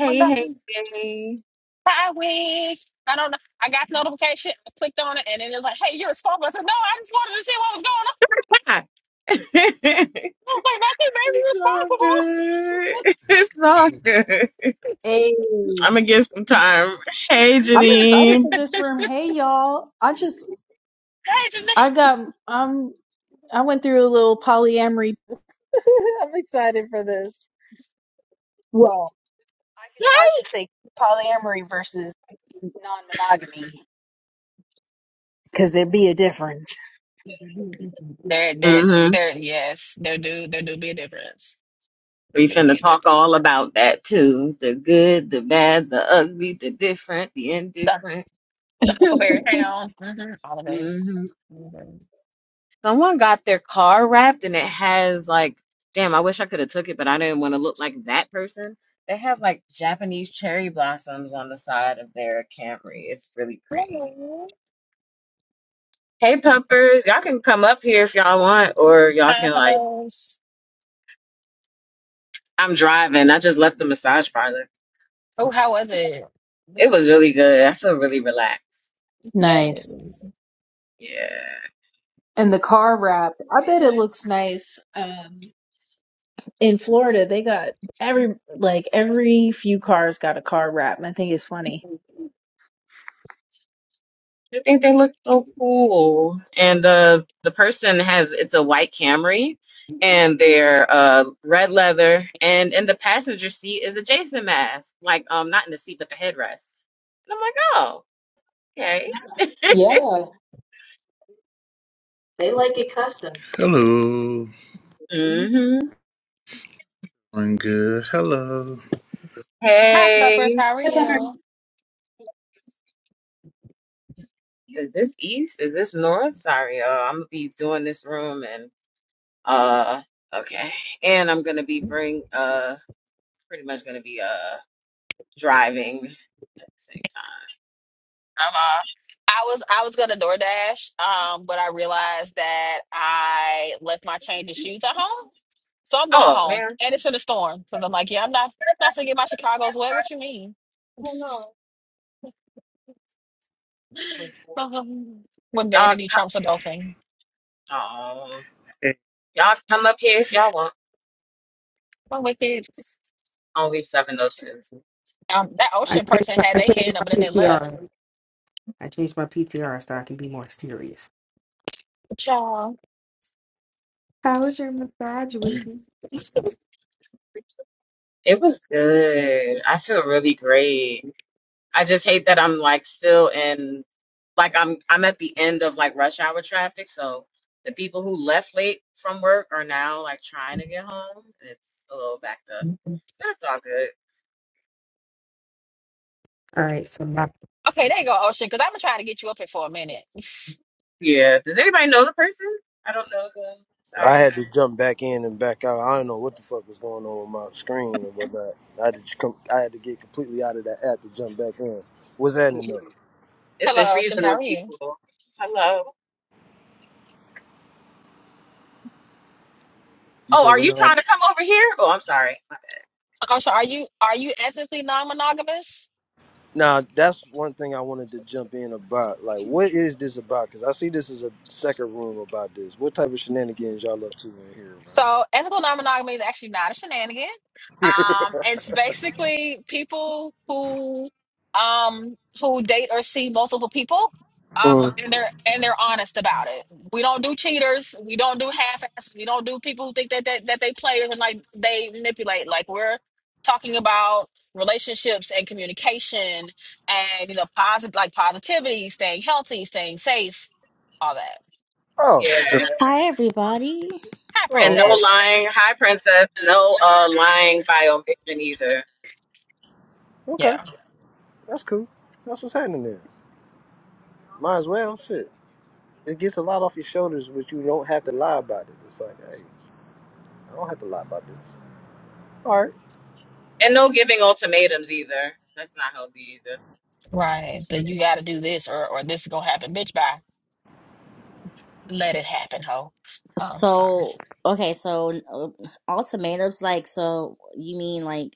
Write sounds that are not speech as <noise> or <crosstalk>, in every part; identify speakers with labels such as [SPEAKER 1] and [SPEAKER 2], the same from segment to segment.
[SPEAKER 1] What did I
[SPEAKER 2] hey,
[SPEAKER 1] do
[SPEAKER 2] hey.
[SPEAKER 1] five week. I don't know. I got the notification. I clicked on it, and then it was like, "Hey, you're responsible." I said, "No, I just wanted to see what was going on."
[SPEAKER 2] Hi. <laughs> it's
[SPEAKER 1] I was like, "Nothing made me
[SPEAKER 2] all good.
[SPEAKER 1] responsible." <laughs>
[SPEAKER 2] <laughs> It's all good.
[SPEAKER 3] Hey,
[SPEAKER 2] I'm gonna give some time. Hey,
[SPEAKER 3] I'm excited
[SPEAKER 2] Janine.
[SPEAKER 3] for this room. Hey, y'all. I just,
[SPEAKER 1] Hey,
[SPEAKER 3] I got, um, I went through a little polyamory. <laughs> I'm excited for this. Well, I should, I should say polyamory versus non-monogamy because there'd be a difference.
[SPEAKER 1] Janae. there, there,
[SPEAKER 2] Mm-hmm.
[SPEAKER 1] there. Yes, there do, there do be a difference. There
[SPEAKER 2] We
[SPEAKER 1] do be
[SPEAKER 2] finna
[SPEAKER 1] a
[SPEAKER 2] talk all
[SPEAKER 1] difference.
[SPEAKER 2] about that too. The good, the bad, the ugly, the different, the
[SPEAKER 1] The
[SPEAKER 2] indifferent.
[SPEAKER 3] <laughs>
[SPEAKER 1] the Huckleberry Hound, hmm all of it.
[SPEAKER 2] Mm-hmm.
[SPEAKER 1] Mhm.
[SPEAKER 2] Someone got their car wrapped and it has like, damn, I wish I could have took it, but I didn't want to look like that person. They have like Japanese cherry blossoms on the side of their Camry. It's really pretty.
[SPEAKER 1] Hello,
[SPEAKER 2] Hey, pumpers, y'all can come up here if y'all want, or y'all
[SPEAKER 1] hi
[SPEAKER 2] can like,
[SPEAKER 1] puppers.
[SPEAKER 2] I'm driving. I just left the massage parlor.
[SPEAKER 1] Oh, how was it?
[SPEAKER 2] It was really good. I feel really relaxed.
[SPEAKER 1] Yes.
[SPEAKER 3] Nice.
[SPEAKER 2] Yeah.
[SPEAKER 3] And the car wrap, I bet it looks nice. Um, in Florida, they got every, like, every few cars got a car wrap. and I think it's funny.
[SPEAKER 2] I think they look so cool. And uh, the person has it's a white Camry and they're uh, red leather and in the passenger seat is a Jason mask. Like um not in the seat but the headrest. And I'm like, oh,
[SPEAKER 3] Oh,
[SPEAKER 2] okay.
[SPEAKER 3] snap. Yeah, they like it custom.
[SPEAKER 4] Hello,
[SPEAKER 3] Hey,
[SPEAKER 2] Mm-hmm.
[SPEAKER 4] I'm good. Hello.
[SPEAKER 1] Hi puppers,
[SPEAKER 2] Hey,
[SPEAKER 1] how are you?
[SPEAKER 3] Peppers.
[SPEAKER 2] is this east? Is this north? Sorry, uh, I'm gonna be doing this room and uh okay. And I'm gonna be bring uh pretty much gonna be uh driving at the same time.
[SPEAKER 1] Uh-huh. I was I was gonna DoorDash, um, but I realized that I left my change of shoes at home, so I'm going
[SPEAKER 2] Oh
[SPEAKER 1] home,
[SPEAKER 2] man.
[SPEAKER 1] and it's in a storm because I'm like, yeah, I'm not not gonna get my Chicago's wet. What you mean? <laughs>
[SPEAKER 2] Y'all
[SPEAKER 1] Um, when
[SPEAKER 2] come,
[SPEAKER 1] vanity trumps adulting,
[SPEAKER 2] oh, y'all come up here if y'all want.
[SPEAKER 1] My am wicked.
[SPEAKER 2] Only 702.
[SPEAKER 1] Um, that
[SPEAKER 5] I
[SPEAKER 1] ocean
[SPEAKER 5] changed
[SPEAKER 1] person
[SPEAKER 5] my,
[SPEAKER 1] had
[SPEAKER 5] I
[SPEAKER 1] their
[SPEAKER 5] changed
[SPEAKER 1] hand up
[SPEAKER 5] my
[SPEAKER 1] and then they left.
[SPEAKER 5] PTR. I changed my PTR so I can be more serious.
[SPEAKER 1] Ciao.
[SPEAKER 5] How was your massage, Wiggy?
[SPEAKER 2] It was good. I feel really great. I just hate that I'm like still in, like I'm I'm at the end of like rush hour traffic. So the people who left late from work are now like trying to get home. It's a little backed up.
[SPEAKER 1] Okay,
[SPEAKER 2] That's all good.
[SPEAKER 5] All right, so my
[SPEAKER 1] there you go, Ocean. Because I've been trying to get you up here for a minute.
[SPEAKER 2] Yeah. Does anybody know the person? I don't know them.
[SPEAKER 6] I had
[SPEAKER 2] Sorry.
[SPEAKER 6] to jump back in and back out. I don't know what the fuck was going on with my screen or whatnot. I had to just come. I had to get completely out of that app to jump back in. What's that in though?
[SPEAKER 2] It's been
[SPEAKER 1] Hello, Ocean.
[SPEAKER 2] freezing
[SPEAKER 1] How
[SPEAKER 2] on
[SPEAKER 1] are you?
[SPEAKER 2] people. Hello.
[SPEAKER 6] You
[SPEAKER 2] Oh,
[SPEAKER 6] said
[SPEAKER 2] are
[SPEAKER 6] well,
[SPEAKER 2] you
[SPEAKER 6] no, I,
[SPEAKER 2] trying to come over here? Oh, I'm sorry. My bad.
[SPEAKER 1] Ocean, are you are you ethically non-monogamous?
[SPEAKER 6] now that's one thing I wanted to jump in about. Like, what is this about? Because I see this is a second room about this. What type of shenanigans y'all up to in here, man?
[SPEAKER 1] So ethical non-monogamy is actually not a shenanigan. Um, it's basically people who um who date or see multiple people. Um,
[SPEAKER 6] Mm.
[SPEAKER 1] and they're and they're honest about it. We don't do cheaters. We don't do half-asses. We don't do people who think that that, that they players and like they manipulate. Like we're talking about relationships and communication and you know positive like positivity, staying healthy, staying safe, all that.
[SPEAKER 6] Oh,
[SPEAKER 2] Yeah.
[SPEAKER 7] Hi everybody.
[SPEAKER 1] Hi,
[SPEAKER 6] oh,
[SPEAKER 2] And no
[SPEAKER 6] okay,
[SPEAKER 1] princess.
[SPEAKER 2] lying. Hi, princess. No uh lying by omission either.
[SPEAKER 1] Yeah.
[SPEAKER 6] okay, that's cool. That's what's happening there. Might as well, shit. It gets a lot off your shoulders, but you don't have to lie about it. It's like, hey, I don't have to lie about this.
[SPEAKER 2] And no giving ultimatums either. That's not healthy either.
[SPEAKER 1] Right. Then you got to do this or or this is gonna happen. Bitch, bye. Let it happen, ho. Um, sorry.
[SPEAKER 7] So okay, so uh, ultimatums like so you mean like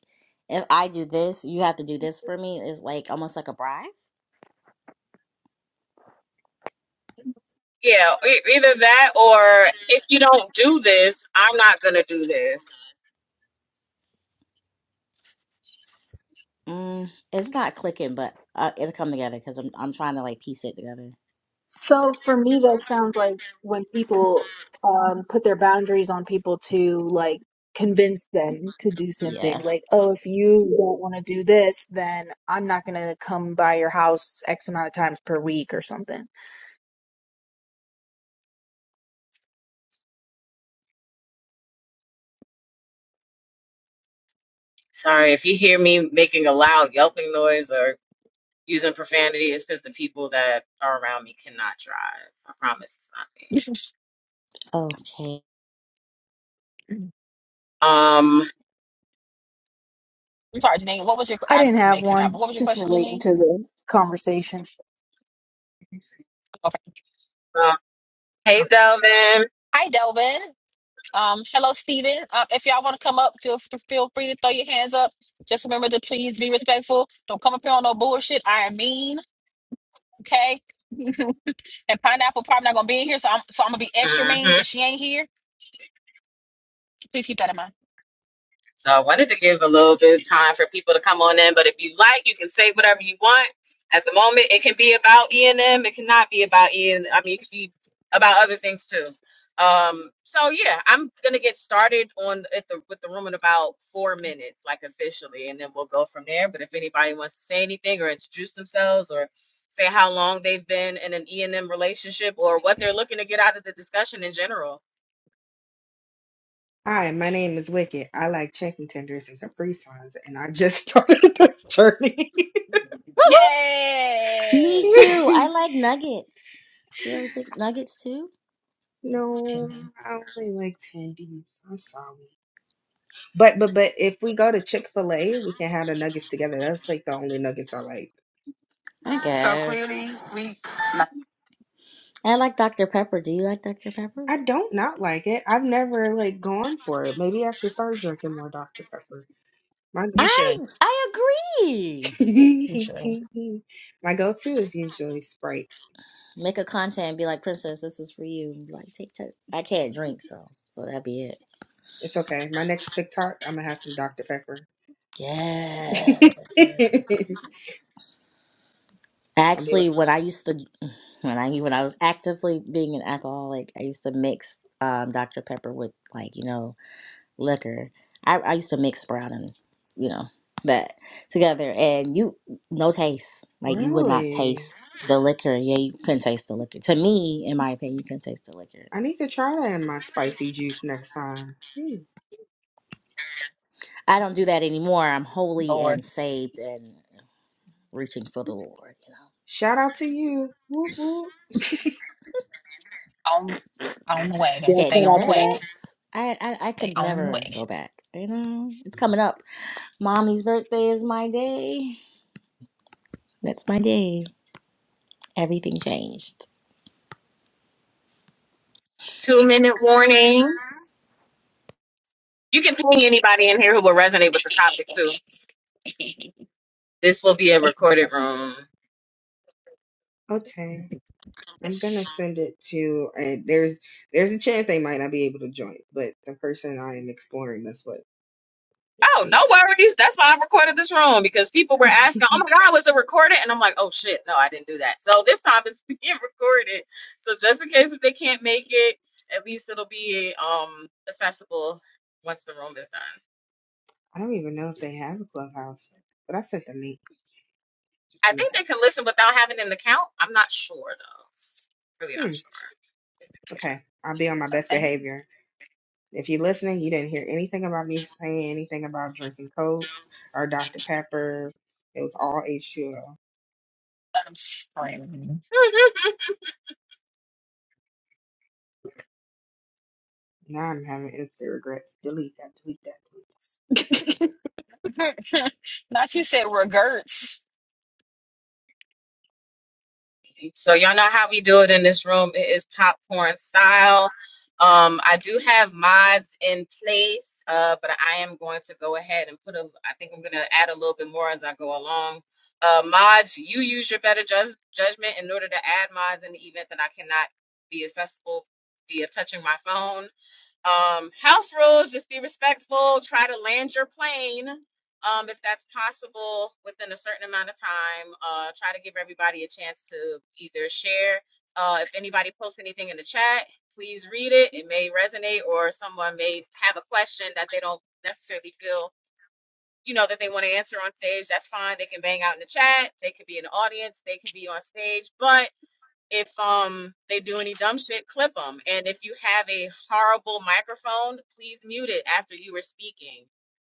[SPEAKER 7] if I do this, you have to do this for me is like almost like a bribe.
[SPEAKER 2] Yeah, e- either that or if you don't do this, I'm not going to do this.
[SPEAKER 7] Mm, it's not clicking, but uh, it'll come together because I'm I'm trying to like piece it together.
[SPEAKER 3] So for me, that sounds like when people um, put their boundaries on people to like convince them to do something.
[SPEAKER 7] Yeah.
[SPEAKER 3] Like, oh, if you don't want to do this, then I'm not gonna come by your house X amount of times per week or something.
[SPEAKER 2] Sorry, if you hear me making a loud yelping noise or using profanity, it's because the people that are around me cannot drive. I promise it's not me.
[SPEAKER 1] <laughs>
[SPEAKER 7] Okay.
[SPEAKER 1] I'm
[SPEAKER 2] Um,
[SPEAKER 1] sorry, Janine. What was your?
[SPEAKER 3] I
[SPEAKER 1] I,
[SPEAKER 3] didn't
[SPEAKER 1] I may
[SPEAKER 3] have
[SPEAKER 1] cut out,
[SPEAKER 3] one.
[SPEAKER 1] but what was your
[SPEAKER 3] Just
[SPEAKER 1] question,
[SPEAKER 3] relating
[SPEAKER 1] Janine?
[SPEAKER 3] to the conversation.
[SPEAKER 1] Okay.
[SPEAKER 2] uh, hey, Delvin.
[SPEAKER 1] Hi, Delvin. Um, hello, Steven. Uh, if y'all want to come up, feel f- feel free to throw your hands up. Just remember to please be respectful. Don't come up here on no bullshit. I am mean, okay? <laughs> and pineapple probably not gonna be in here, so I'm so I'm gonna be extra
[SPEAKER 2] Mm-hmm.
[SPEAKER 1] mean because she ain't here. Please keep that in mind.
[SPEAKER 2] So I wanted to give a little bit of time for people to come on in. But if you like, you can say whatever you want. At the moment, it can be about E and M. It cannot be about E and I mean, it could be about other things too. Um, so yeah, I'm gonna get started on at the with the room in about four minutes, like officially, and then we'll go from there. But if anybody wants to say anything or introduce themselves or say how long they've been in an E and M relationship or what they're looking to get out of the discussion in general.
[SPEAKER 5] Hi, my name is Wicked. I like chicken tenders and Capri Suns, and I just started <laughs> this journey.
[SPEAKER 2] Woohoo!
[SPEAKER 7] Me
[SPEAKER 1] Yay!
[SPEAKER 7] too. I
[SPEAKER 5] <laughs>
[SPEAKER 7] like nuggets. Do you like chick- nuggets too?
[SPEAKER 5] no, I only like tendies. I'm sorry. But but but if we go to Chick-fil-A, we can have the nuggets together. That's like the only nuggets I like.
[SPEAKER 7] I guess. So clearly we. I like Dr Pepper. Do you like Dr Pepper?
[SPEAKER 5] I don't not like it. I've never like gone for it. Maybe I should start drinking more Dr. Pepper.
[SPEAKER 1] You
[SPEAKER 7] I
[SPEAKER 1] should.
[SPEAKER 7] I agree.
[SPEAKER 1] You should.
[SPEAKER 5] <laughs> My go-to is usually Sprite.
[SPEAKER 7] Make a content and be like, Princess, this is for you. And be like, take that. I can't drink, so so that'd be it.
[SPEAKER 5] It's okay. My next TikTok, I'm gonna have some Dr. Pepper. <laughs>
[SPEAKER 7] Yeah.
[SPEAKER 5] I'll be
[SPEAKER 7] Actually,
[SPEAKER 5] like,
[SPEAKER 7] when I used to, when I when I was actively being an alcoholic, I used to mix um, Dr Pepper with like you know liquor. I, I used to mix Sprout and you know that together, and you no taste. Like you would not
[SPEAKER 5] really?
[SPEAKER 7] taste the liquor. Yeah, you couldn't taste the liquor. To me, in my opinion, you couldn't taste the liquor.
[SPEAKER 5] I need to try that in my spicy juice next time. Hmm.
[SPEAKER 7] I don't do that anymore. I'm holy
[SPEAKER 1] Lord,
[SPEAKER 7] and saved, and reaching for the Lord. You know,
[SPEAKER 5] Shout out to you. Woo woo.
[SPEAKER 1] on on the wagon.
[SPEAKER 3] Yeah,
[SPEAKER 7] can't
[SPEAKER 1] Stay
[SPEAKER 7] do
[SPEAKER 3] shout
[SPEAKER 1] on
[SPEAKER 3] out
[SPEAKER 1] the
[SPEAKER 3] to that.
[SPEAKER 7] that.
[SPEAKER 1] wagon.
[SPEAKER 7] I, I I
[SPEAKER 1] Stay
[SPEAKER 7] could
[SPEAKER 1] on the
[SPEAKER 7] never
[SPEAKER 1] wagon.
[SPEAKER 7] go back. You know, it's coming up. Mommy's birthday is my day. That's my day. Everything changed.
[SPEAKER 2] Two minute warning. You can ping anybody in here who will resonate with the topic too.
[SPEAKER 1] <laughs>
[SPEAKER 2] This will be a recorded
[SPEAKER 1] Okay.
[SPEAKER 2] room.
[SPEAKER 5] Okay. I'm gonna
[SPEAKER 1] Yes.
[SPEAKER 5] send it to and there's there's a chance they might not be able to join, but the person I am exploring this with. Let's
[SPEAKER 2] Oh, no
[SPEAKER 5] see.
[SPEAKER 2] worries. That's why I recorded this room because people
[SPEAKER 5] <laughs>
[SPEAKER 2] were asking, "Oh my God, was it recorded?" And I'm like, "Oh shit, no, I didn't do that." So this time it's <laughs> being recorded. So just in case if they can't make it, at least it'll be um accessible once the room is done.
[SPEAKER 5] I don't even know if they have a clubhouse, but I sent the link.
[SPEAKER 2] I
[SPEAKER 5] See what
[SPEAKER 2] think they
[SPEAKER 5] happens.
[SPEAKER 2] can listen without having an account. I'm not sure though. Really not
[SPEAKER 5] Hmm. Okay, I'll be on my
[SPEAKER 1] It's a
[SPEAKER 5] best
[SPEAKER 1] thing.
[SPEAKER 5] behavior. If you're listening, you didn't hear anything about me saying anything about drinking Coke or Dr. Pepper. It was all H2O.
[SPEAKER 1] I'm screaming.
[SPEAKER 2] sure. <laughs>
[SPEAKER 5] Now I'm having instant regrets. Delete that. Delete that.
[SPEAKER 1] <laughs> Not you said regrets.
[SPEAKER 2] So y'all know how we do it in this room. It is popcorn style. Um, I do have mods in place, uh, but I am going to go ahead and put a. I think I'm going to add a little bit more as I go along. Uh, mods, you use your better judge, judgment in order to add mods in the event that I cannot be accessible via touching my phone um, house rules just be respectful try to land your plane um, if that's possible within a certain amount of time uh, try to give everybody a chance to either share uh, if anybody posts anything in the chat please read it it may resonate or someone may have a question that they don't necessarily feel you know that they want to answer on stage that's fine they can bang out in the chat they could be in the audience they could be on stage but if um they do any dumb shit, clip them. And if you have a horrible microphone, please mute it after you were speaking.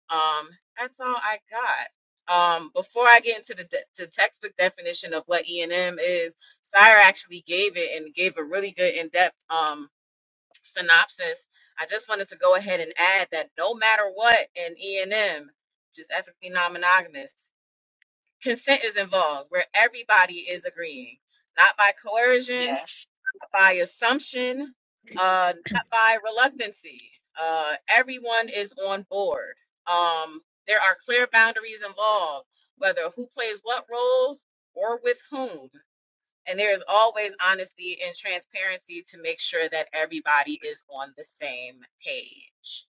[SPEAKER 2] Um, that's all I got. Um, before I get into the, de- the textbook definition of what E and M is, Sire actually gave it and gave a really good in-depth um synopsis. I just wanted to go ahead and add that no matter what in E and M, just ethically non-monogamous, consent is involved where everybody is agreeing, not by coercion,
[SPEAKER 1] Yes.
[SPEAKER 2] by assumption, uh, not by reluctancy. Uh, everyone is on board. Um, there are clear boundaries involved, whether who plays what roles or with whom. And there is always honesty and transparency to make sure that everybody is on the same page.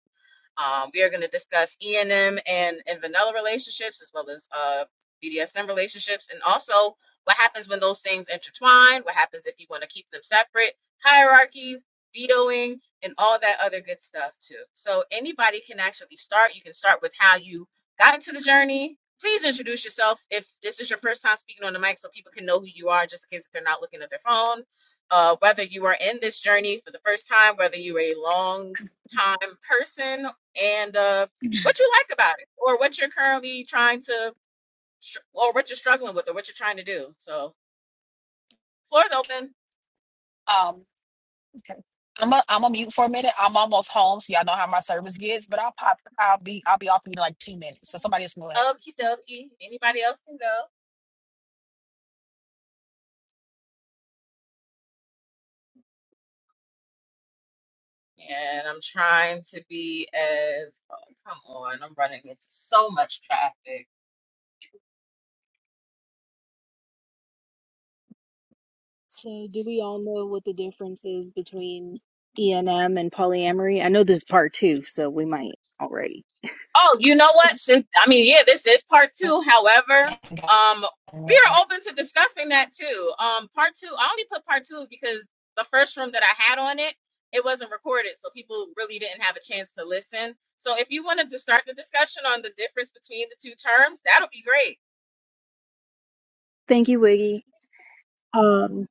[SPEAKER 2] Um, we are going to discuss E and M and and vanilla relationships as well as uh, BDSM relationships, and also what happens when those things intertwine. What happens if you want to keep them separate? Hierarchies, vetoing, and all that other good stuff too. So anybody can actually start. You can start with how you got into the journey. Please introduce yourself if this is your first time speaking on the mic, so people can know who you are, just in case if they're not looking at their phone. Uh, whether you are in this journey for the first time, whether you are a long time person and uh, what you like about it, or what you're currently trying to, str- or what you're struggling with, or what you're trying to do. So, floor's open.
[SPEAKER 1] Um. Okay. I'm a, I'm a mute for a minute. I'm almost home, so y'all know how my service gets. But I'll pop. I'll be I'll be off in like two minutes. So somebody else go
[SPEAKER 2] Okie dokie. Anybody else can go. And I'm trying to be as, oh, come on, I'm running into so much traffic.
[SPEAKER 3] So, do we all know what the difference is between ENM and polyamory? I know this is part two, so we might already.
[SPEAKER 2] Oh, you know
[SPEAKER 3] <laughs>
[SPEAKER 2] what? Since I mean, yeah, this is part two. However,
[SPEAKER 1] ahead.
[SPEAKER 2] um, we
[SPEAKER 1] Okay.
[SPEAKER 2] are open to discussing that too. Um, part two. I only put part two because the first room that I had on it, it wasn't recorded, so people really didn't have a chance to listen. So if you wanted to start the discussion on the difference between the two terms, that'll be great.
[SPEAKER 3] Thank you, Wiggy. Um,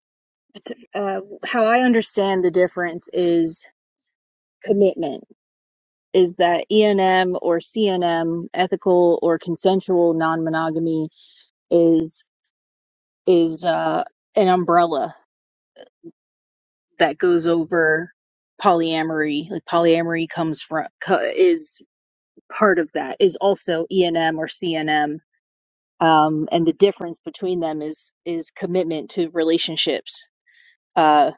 [SPEAKER 3] it's, uh, how I understand the difference is commitment. Is that ENM or CNM, ethical or consensual non-monogamy, is is uh, an umbrella that goes over polyamory. Like polyamory comes from co- is part of that. Is also ENM or CNM. Um, and the difference between them is is commitment to relationships Uh,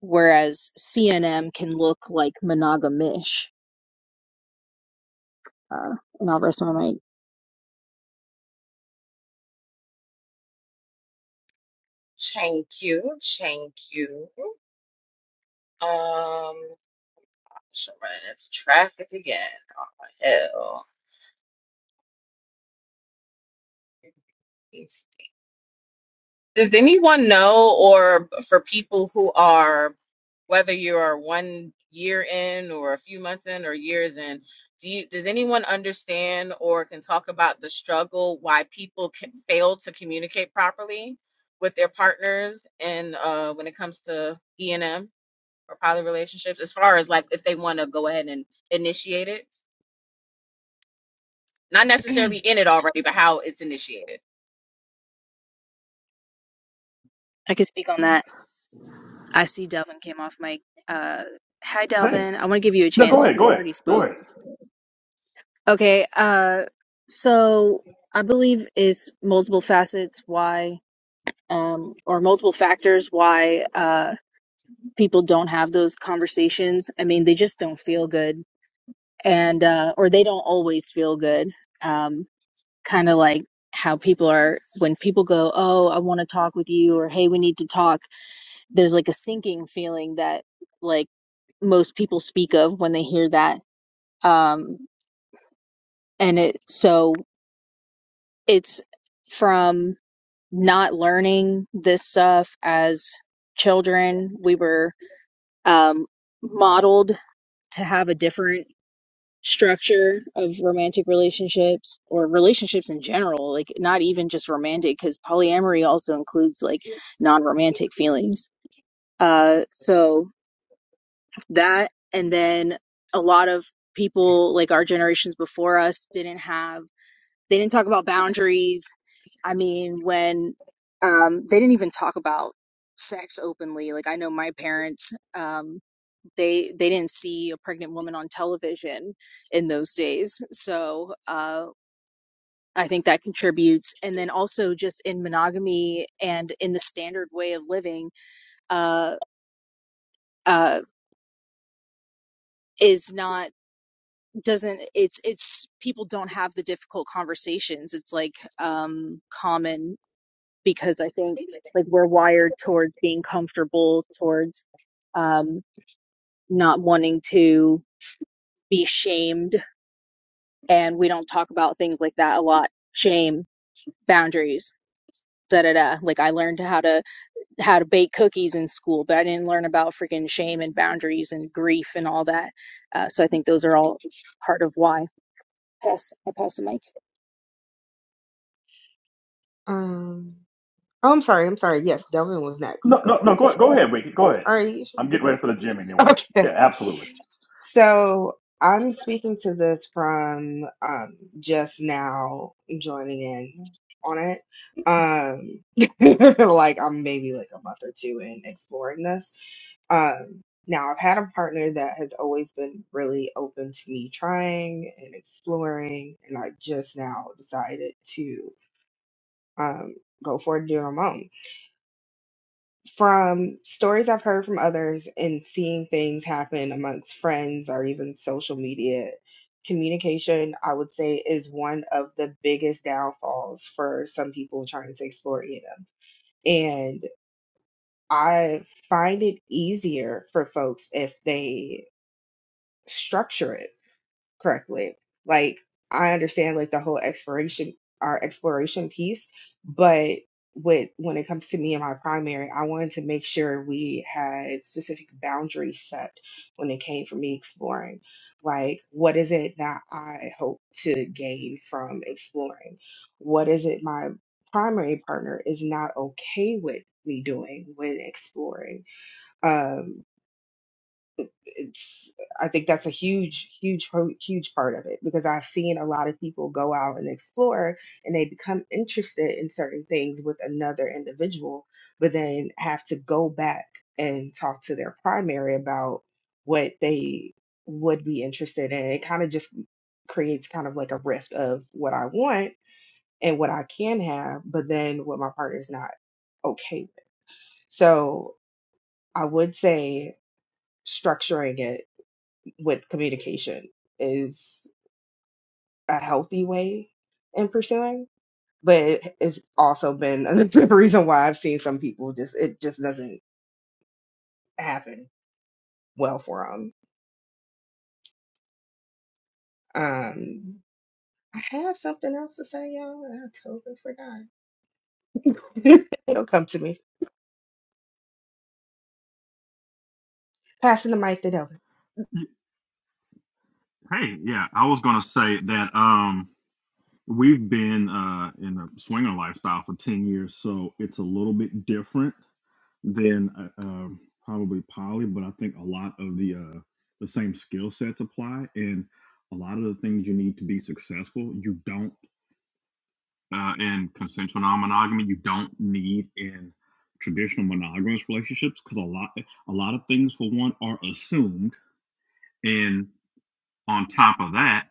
[SPEAKER 3] whereas CNM can look like monogamish. Uh, and I'll rest my mic.
[SPEAKER 2] Thank you. Thank you. Um, should run into traffic again. Oh hell. Does anyone know, or for people who are, whether you are one year in or a few months in or years in, do you, does anyone understand or can talk about the struggle why people can fail to communicate properly with their partners and uh, when it comes to E and M or poly relationships, as far as like if they want to go ahead and initiate it, not necessarily in it already, but how it's initiated.
[SPEAKER 3] I could speak on that. I see Delvin came off mic. Uh, hi,
[SPEAKER 8] Hey,
[SPEAKER 3] Delvin. I want to give you a
[SPEAKER 8] no, go
[SPEAKER 3] chance
[SPEAKER 8] ahead,
[SPEAKER 3] because I
[SPEAKER 8] go ahead,
[SPEAKER 3] already
[SPEAKER 8] go
[SPEAKER 3] spoke.
[SPEAKER 8] ahead.
[SPEAKER 3] Okay. Uh, so I believe it's multiple facets why, um, or multiple factors why uh, people don't have those conversations. I mean, they just don't feel good, and uh, or they don't always feel good. Um, kind of like how people are when people go, "Oh, I want to talk with you," or "Hey, we need to talk." There's like a sinking feeling that like most people speak of when they hear that. Um, and it so it's from not learning this stuff as children. We were um, modeled to have a different structure of romantic relationships or relationships in general, like not even just romantic, because polyamory also includes like non romantic feelings. Uh, so that, and then a lot of people like our generations before us didn't have, they didn't talk about boundaries. I mean, when um, they didn't even talk about sex openly. Like I know my parents. Um, they they didn't see a pregnant woman on television in those days so uh I think that contributes and then also just in monogamy and in the standard way of living uh uh is not doesn't it's it's people don't have the difficult conversations it's like um common because I think like we're wired towards being comfortable towards um not wanting to be shamed and we don't talk about things like that a lot shame boundaries da da da like i learned how to how to bake cookies in school but i didn't learn about freaking shame and boundaries and grief and all that uh, so i think those are all part of why pass i pass the mic
[SPEAKER 5] Um. Oh, I'm sorry. I'm sorry. Yes, Delvin was next.
[SPEAKER 8] No,
[SPEAKER 5] Go
[SPEAKER 8] no,
[SPEAKER 5] for
[SPEAKER 8] no,
[SPEAKER 5] it.
[SPEAKER 8] go go ahead, Ricky, go ahead.
[SPEAKER 5] Are you sure?
[SPEAKER 8] I'm getting ready for the gym
[SPEAKER 5] <laughs>
[SPEAKER 8] anyway.
[SPEAKER 5] Okay.
[SPEAKER 8] Yeah, absolutely.
[SPEAKER 5] So I'm speaking to this from um, just now joining in on it. Um, <laughs> like I'm maybe like a month or two in exploring this. Um, now I've had a partner that has always been really open to me trying and exploring, and I just now decided to um, go for it and do it on my own from stories I've heard from others and seeing things happen amongst friends or even social media, communication, I would say, is one of the biggest downfalls for some people trying to explore EM. And I find it easier for folks if they structure it correctly. Like I understand like the whole exploration our exploration piece, but with when it comes to me and my primary, I wanted to make sure we had specific boundaries set when it came for me exploring. Like what is it that I hope to gain from exploring? What is it my primary partner is not okay with me doing when exploring? Um, it's I think that's a huge, huge, pro- huge part of it because I've seen a lot of people go out and explore and they become interested in certain things with another individual, but then have to go back and talk to their primary about what they would be interested in. It kind of just creates kind of like a rift of what I want and what I can have, but then what my partner's not okay with. So I would say structuring it with communication is a healthy way in pursuing, but it- it's also been <laughs> the reason why I've seen some people just it just doesn't happen well for them. Um, I have something else to say, y'all, and I totally forgot. <laughs> It'll come to me. Passing the mic to Del.
[SPEAKER 8] Y- Hey, yeah, I was gonna say that um we've been uh in a swinger lifestyle for 10 years, so it's a little bit different than uh, um probably poly, but I think a lot of the uh the same skill sets apply and a lot of the things you need to be successful, you don't uh, in consensual non-monogamy you don't need in traditional monogamous relationships because a lot a lot of things for one are assumed and on top of that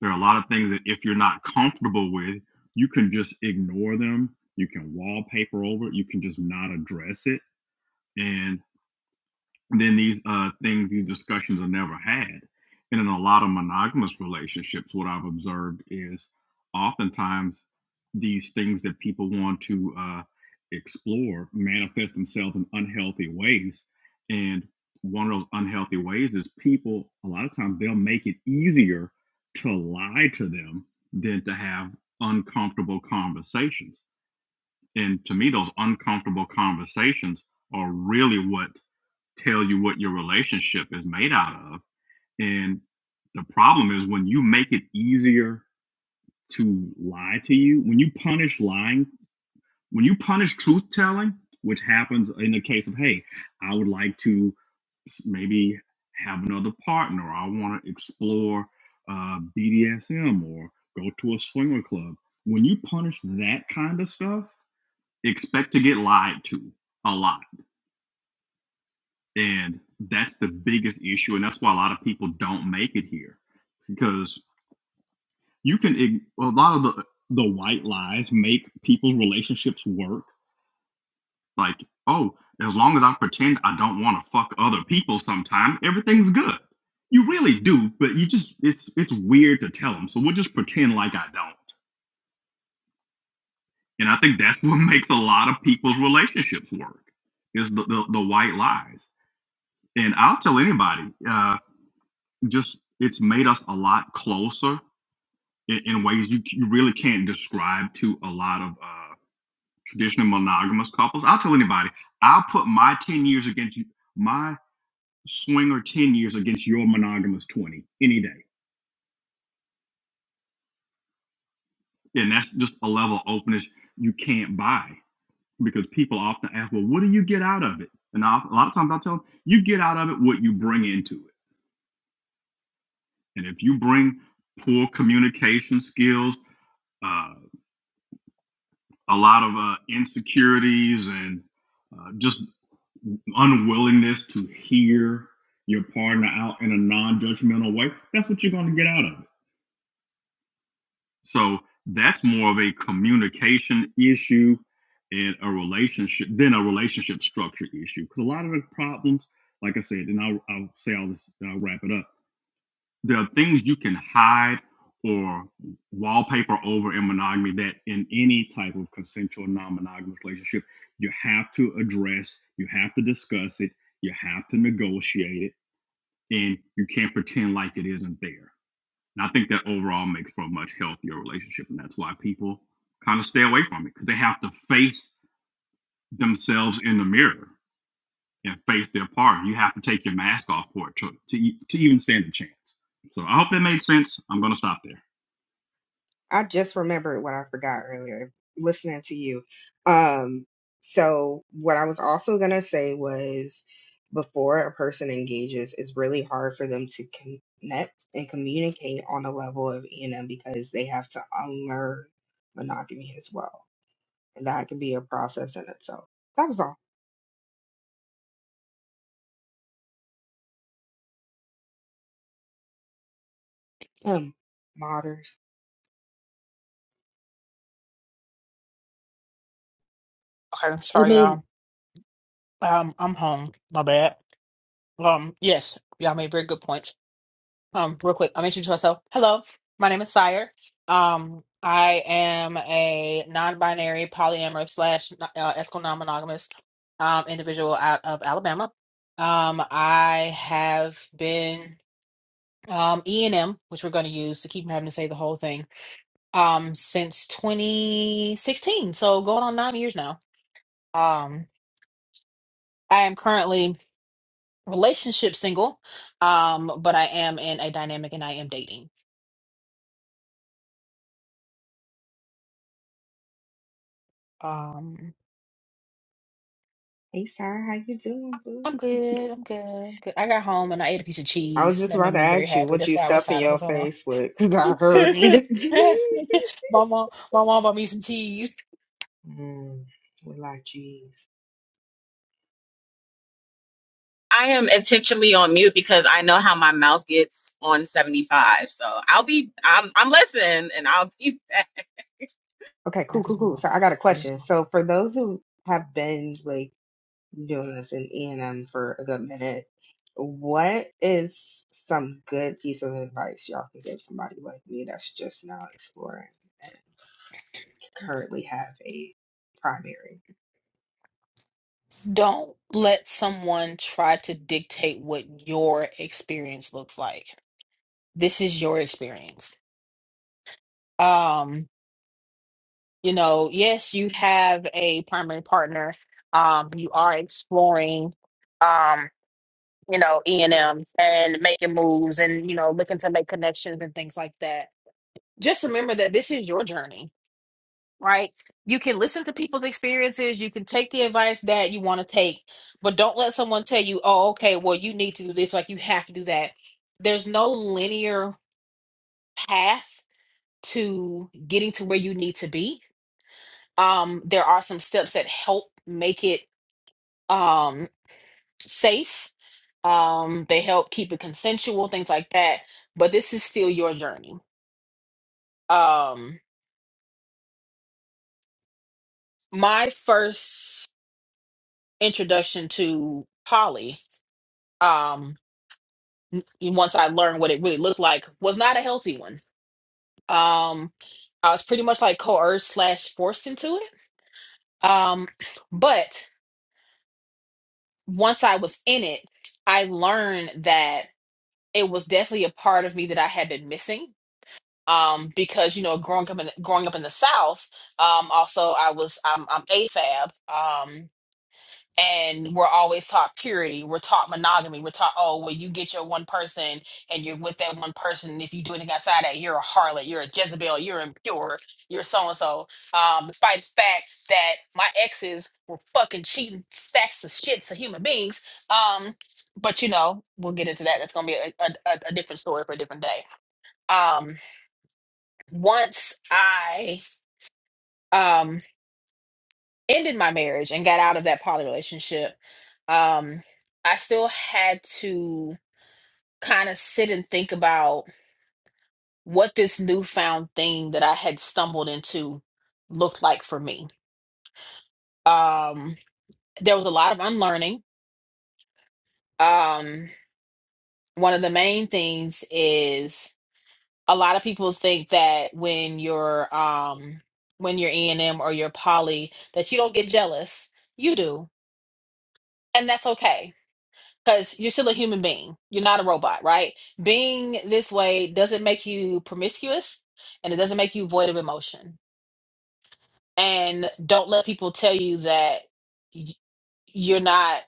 [SPEAKER 8] there are a lot of things that if you're not comfortable with you can just ignore them you can wallpaper over it you can just not address it And then these uh, things, these discussions are never had. And in a lot of monogamous relationships, what I've observed is oftentimes these things that people want to uh, explore manifest themselves in unhealthy ways. And one of those unhealthy ways is people, a lot of times, they'll make it easier to lie to them than to have uncomfortable conversations. And to me, those uncomfortable conversations are really what tell you what your relationship is made out of. And the problem is when you make it easier to lie to you, when you punish lying, when you punish truth telling, which happens in the case of, hey, I would like to maybe have another partner, or I want to explore uh, BDSM or go to a swinger club. When you punish that kind of stuff, expect to get lied to a lot And that's the biggest issue. And that's why a lot of people don't make it here because you can, a lot of the, the white lies make people's relationships work. Like, oh, as long as I pretend I don't want to fuck other people sometime, everything's good. You really do, but you just, it's, it's weird to tell them. So we'll just pretend like I don't. And I think that's <laughs> what makes a lot of people's relationships work is the, the, the white lies. And I'll tell anybody, uh, just it's made us a lot closer in, in ways you you really can't describe to a lot of uh, traditional monogamous couples. I'll tell anybody, I'll put my ten years against you, my swinger ten years against your monogamous twenty any day, and that's just a level of openness you can't buy because people often ask, well, what do you get out of it? And I, a lot of times I tell them, you get out of it what you bring into it, and if you bring poor communication skills uh, a lot of uh, insecurities and uh, just unwillingness to hear your partner out in a non-judgmental way that's what you're going to get out of it so that's more of a communication issue in a relationship than a relationship structure issue because a lot of the problems like i said and i'll, I'll say all this i'll wrap it up there are things you can hide or wallpaper over in monogamy that in any type of consensual non-monogamous relationship you have to address you have to discuss it you have to negotiate it and you can't pretend like it isn't there and i think that overall makes for a much healthier relationship and that's why people kind of stay away from it because they have to face themselves in the mirror and face their part. You have to take your mask off for it to, to, e- to even stand a chance. So I hope that made sense. I'm going to stop there.
[SPEAKER 5] I just remembered what I forgot earlier listening to you. Um, so what I was also gonna say was before a person engages, it's really hard for them to connect and communicate on a level of ENM because they have to unlearn monogamy as well. And that can be a process in itself. That was all. Um modders.
[SPEAKER 3] it
[SPEAKER 1] Sorry,
[SPEAKER 3] made
[SPEAKER 1] y'all. Um. I'm home. My bad. Um. Yes. Y'all made very good points. um, real quick, I'll introduce myself. Hello, my name is Sire. Um, I am a non-binary polyamorous slash uh, ethical non-monogamous um, individual out of Alabama. Um, I have been um, E and M, which we're going to use to keep from having to say the whole thing, um, since 2016. So going on nine years now. Um, I am currently relationship single, um, but I am in a dynamic and I am dating. Um.
[SPEAKER 5] Hey Sarah, how you doing, boo?
[SPEAKER 1] I'm good. I'm good. I'm good. I got home and I ate a piece of
[SPEAKER 5] I was
[SPEAKER 1] cheese.
[SPEAKER 5] just
[SPEAKER 1] That
[SPEAKER 5] about
[SPEAKER 1] made
[SPEAKER 5] to
[SPEAKER 1] me very
[SPEAKER 5] ask you
[SPEAKER 1] happy.
[SPEAKER 5] what
[SPEAKER 1] That's
[SPEAKER 5] you
[SPEAKER 1] why I was
[SPEAKER 5] stuff in
[SPEAKER 1] silent for
[SPEAKER 5] your
[SPEAKER 1] so long.
[SPEAKER 5] face with because I heard it.
[SPEAKER 1] <laughs>
[SPEAKER 5] <laughs>
[SPEAKER 1] my mom, my mom bought me some cheese.
[SPEAKER 5] Mm, we like cheese.
[SPEAKER 2] I am intentionally on mute because I know how my mouth gets on 75. So I'll be I'm I'm listening and I'll be <laughs> back.
[SPEAKER 5] Okay,
[SPEAKER 1] I
[SPEAKER 5] cool, cool,
[SPEAKER 1] just
[SPEAKER 5] cool.
[SPEAKER 1] want-
[SPEAKER 5] So I got a
[SPEAKER 1] I just-
[SPEAKER 5] question. So for those who have been like doing this in E&M for a good minute, what is some good piece of advice y'all can give somebody like me that's just now exploring and currently have a primary?
[SPEAKER 1] Don't let someone try to dictate what your experience looks like. This is your experience. Um, you know, yes, you have a primary partner. Um, you are exploring. Um, you know, E and M and making moves and, you know, looking to make connections and things like that. Just remember that this is your journey, right? You can listen to people's experiences, you can take the advice that you want to take, but don't let someone tell you, oh, okay, well, you need to do this, like you have to do that. There's no linear path to getting to where you need to be. Um, there are some steps that help make it um safe. Um, they help keep it consensual, things like that. But this is still your journey. Um, my first introduction to poly, um, once I learned what it really looked like, was not a healthy one. Um, I was pretty much like coerced slash forced into it. Um, but once I was in it, I learned that it was definitely a part of me that I had been missing um, because you know growing up in growing up in the South, um, also I was I'm, I'm AFAB, um, and we're always taught purity, we're taught monogamy, we're taught oh well you get your one person and you're with that one person. And if you do anything outside that, you're a harlot, you're a Jezebel, you're impure, you're so and so. Um, despite the fact that my exes were fucking cheating stacks of shit to human beings, um, but you know we'll get into that. That's gonna be a, a, a a different story for a different day. Um, once I um ended my marriage and got out of that poly relationship, um, I still had to kind of sit and think about what this newfound thing that I had stumbled into looked like for me. Um, there was a lot of unlearning. Um, one of the main things is a lot of people think that when you're um when you're E and M or you're poly that you don't get jealous. You do, and that's okay because you're still a human being. You're not a robot, right? Being this way doesn't make you promiscuous and it doesn't make you void of emotion. And don't let people tell you that y- you're not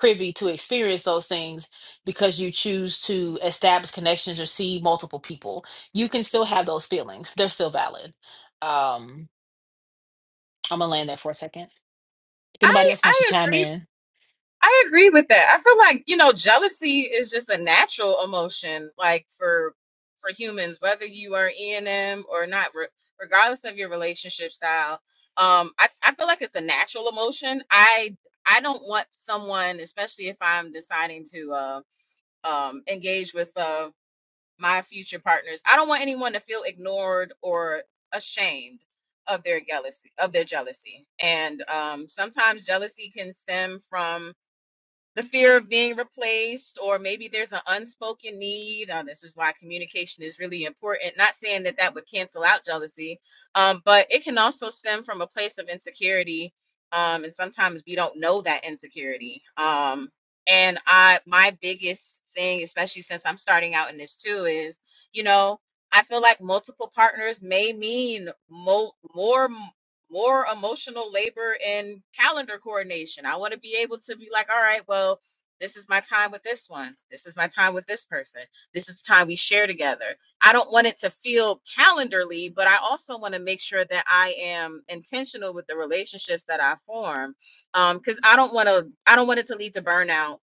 [SPEAKER 1] privy to experience those things because you choose to establish connections or see multiple people. You can still have those feelings, they're still valid. Um, I'm gonna land there for a second. Anybody
[SPEAKER 2] I
[SPEAKER 1] else wants to
[SPEAKER 2] I
[SPEAKER 1] chime
[SPEAKER 2] agree.
[SPEAKER 1] in?
[SPEAKER 2] I agree with that. I feel like, you know, jealousy is just a natural emotion like for for humans whether you are in them or not re- regardless of your relationship style. Um I I feel like it's a natural emotion. I I don't want someone, especially if I'm deciding to uh, um engage with uh, my future partners. I don't want anyone to feel ignored or ashamed of their jealousy of their jealousy. And um, sometimes jealousy can stem from the fear of being replaced, or maybe there's an unspoken need. Uh, this is why communication is really important. Not saying that that would cancel out jealousy, um, but it can also stem from a place of insecurity, um, and sometimes we don't know that insecurity. Um, and I, my biggest thing, especially since I'm starting out in this too, is you know. I feel like multiple partners may mean mo- more more emotional labor and calendar coordination. I want to be able to be like, all right, well, this is my time with this one. This is my time with this person. This is the time we share together. I don't want it to feel calendarly, but I also want to make sure that I am intentional with the relationships that I form. Um, because I don't want to, I don't want it to lead to burnout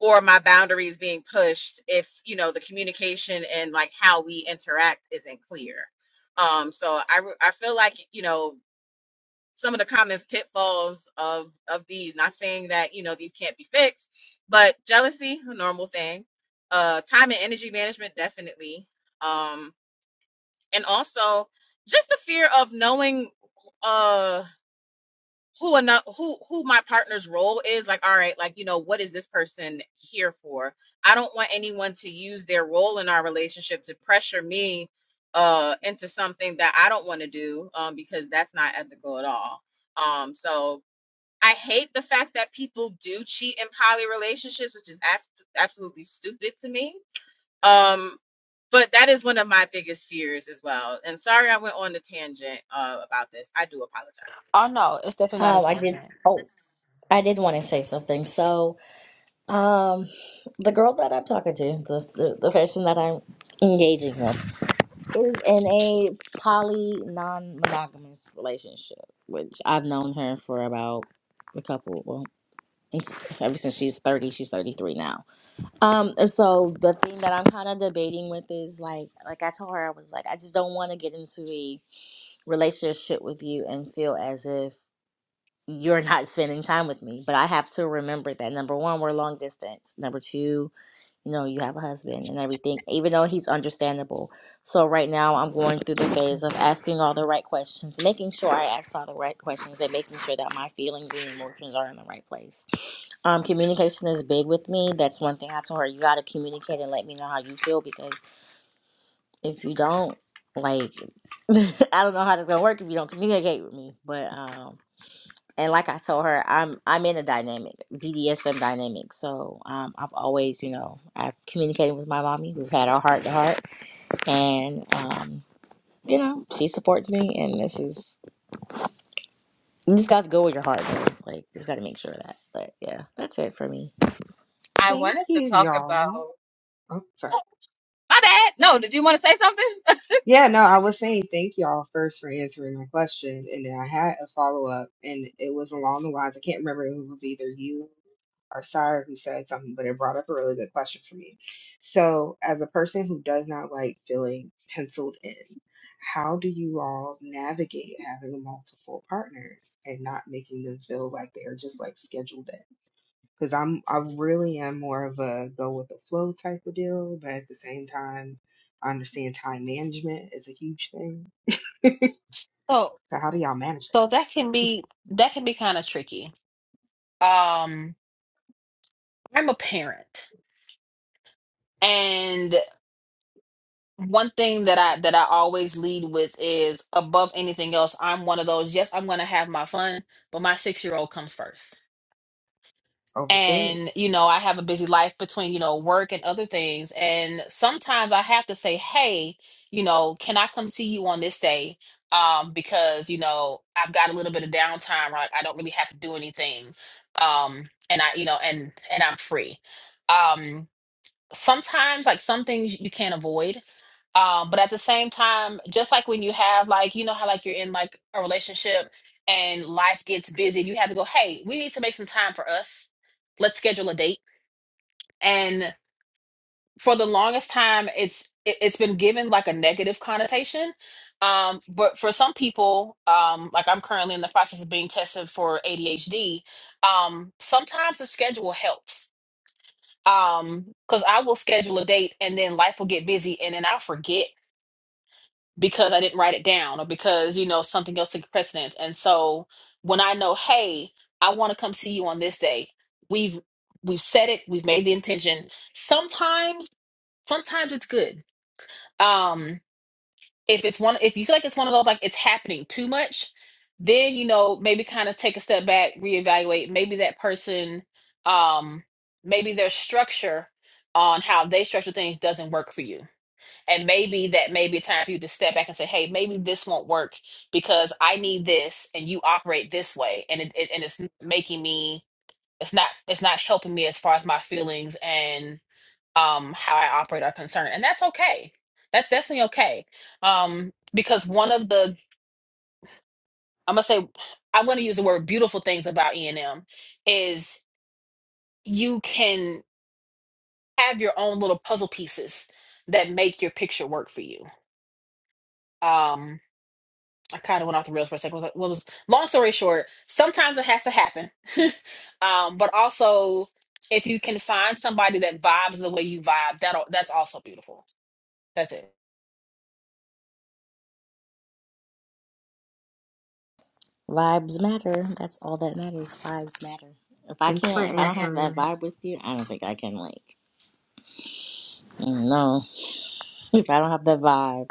[SPEAKER 2] or my boundaries being pushed if, you know, the communication and like how we interact isn't clear. Um, so I, re- I feel like, you know, some of the common pitfalls of of these not saying that you know these can't be fixed but jealousy a normal thing uh time and energy management definitely um and also just the fear of knowing uh who enough who who my partner's role is like all right like you know what is this person here for i don't want anyone to use their role in our relationship to pressure me uh into something that i don't want to do um because that's not ethical at all um so I hate the fact that people do cheat in poly relationships, which is abs- absolutely stupid to me. Um, but that is one of my biggest fears as well. And sorry, I went on a tangent uh, about this. I do apologize.
[SPEAKER 1] Oh no, it's definitely not a
[SPEAKER 7] Um, I did.
[SPEAKER 1] tangent.
[SPEAKER 7] Oh, I did want to say something. So, um, the girl that I'm talking to, the the, the person that I'm engaging with, is in a poly non-monogamous relationship, which I've known her for about a couple. Well, it's- ever since she's 30, she's 33 now Um, and so the thing that I'm kind of debating with is like, like I told her, I was like, I just don't want to get into a relationship with you and feel as if you're not spending time with me. But I have to remember that number one, we're long distance. Number two, you know, you have a husband and everything, even though he's understandable. So right now, I'm going through the phase of asking all the right questions, making sure I ask all the right questions, and making sure that my feelings and emotions are in the right place. Um, communication is big with me. That's one thing I told her. You got to communicate and let me know how you feel because if you don't, like, <laughs> I don't know how this gonna work if you don't communicate with me. But um, and like I told her, I'm I'm in a dynamic BDSM dynamic. So um, I've always, you know, I've communicated with my mommy. We've had our heart to heart, and um, you know, she supports me. And this is you just got to go with your heart goes. Like just got to make sure of that. But yeah, that's it for me.
[SPEAKER 2] I
[SPEAKER 5] Thank
[SPEAKER 2] wanted to
[SPEAKER 5] you,
[SPEAKER 2] talk
[SPEAKER 5] y'all.
[SPEAKER 2] about.
[SPEAKER 5] Oh, sorry.
[SPEAKER 2] Oh, my bad. No, did you want to say something? <laughs>
[SPEAKER 5] Yeah, no, I was saying thank y'all first for answering my question. And then I had a follow up, and it was along the lines I can't remember if it was either you or Sire who said something, but it brought up a really good question for me. So, as a person who does not like feeling penciled in, how do you all navigate having multiple partners and not making them feel like they are just like scheduled in? because I'm I really am more of a go with the flow type of deal, but at the same time, I understand time management is a huge thing. <laughs>
[SPEAKER 1] So
[SPEAKER 5] So how do y'all manage it?
[SPEAKER 1] so that can be that can be kind of tricky. Um I'm a parent and one thing that I that I always lead with is above anything else, I'm one of those, yes, I'm gonna have my fun, but my six year old comes first.
[SPEAKER 5] Overstood.
[SPEAKER 1] and you know i have a busy life between you know work and other things and sometimes i have to say hey you know can i come see you on this day um because you know i've got a little bit of downtime right i don't really have to do anything um and i you know and and i'm free um sometimes like some things you can't avoid um but at the same time just like when you have like you know how like you're in like a relationship and life gets busy you have to go hey we need to make some time for us let's schedule a date and for the longest time it's it, it's been given like a negative connotation um but for some people um like i'm currently in the process of being tested for adhd um sometimes the schedule helps um because i will schedule a date and then life will get busy and then i'll forget because i didn't write it down or because you know something else took precedence and so when i know hey i want to come see you on this day we've we've said it we've made the intention sometimes sometimes it's good um if it's one if you feel like it's one of those like it's happening too much then you know maybe kind of take a step back reevaluate maybe that person um maybe their structure on how they structure things doesn't work for you and maybe that may be a time for you to step back and say hey maybe this won't work because i need this and you operate this way and it, it and it's making me it's not it's not helping me as far as my feelings and um how I operate are concerned. And that's okay. That's definitely okay. Um because one of the I'm gonna say I'm gonna use the word beautiful things about E and M is you can have your own little puzzle pieces that make your picture work for you. Um I kind of went off the rails for a second. What was what was long story short, sometimes it has to happen. <laughs> um, but also if you can find somebody that vibes the way you vibe, that'll that's also beautiful. That's it.
[SPEAKER 7] Vibes matter. That's all that matters. Vibes matter. If I
[SPEAKER 5] Thanks for
[SPEAKER 7] can't, if I don't have that
[SPEAKER 5] answering.
[SPEAKER 7] vibe with you, I don't think I can like. mm, No, <laughs> if I don't have that vibe.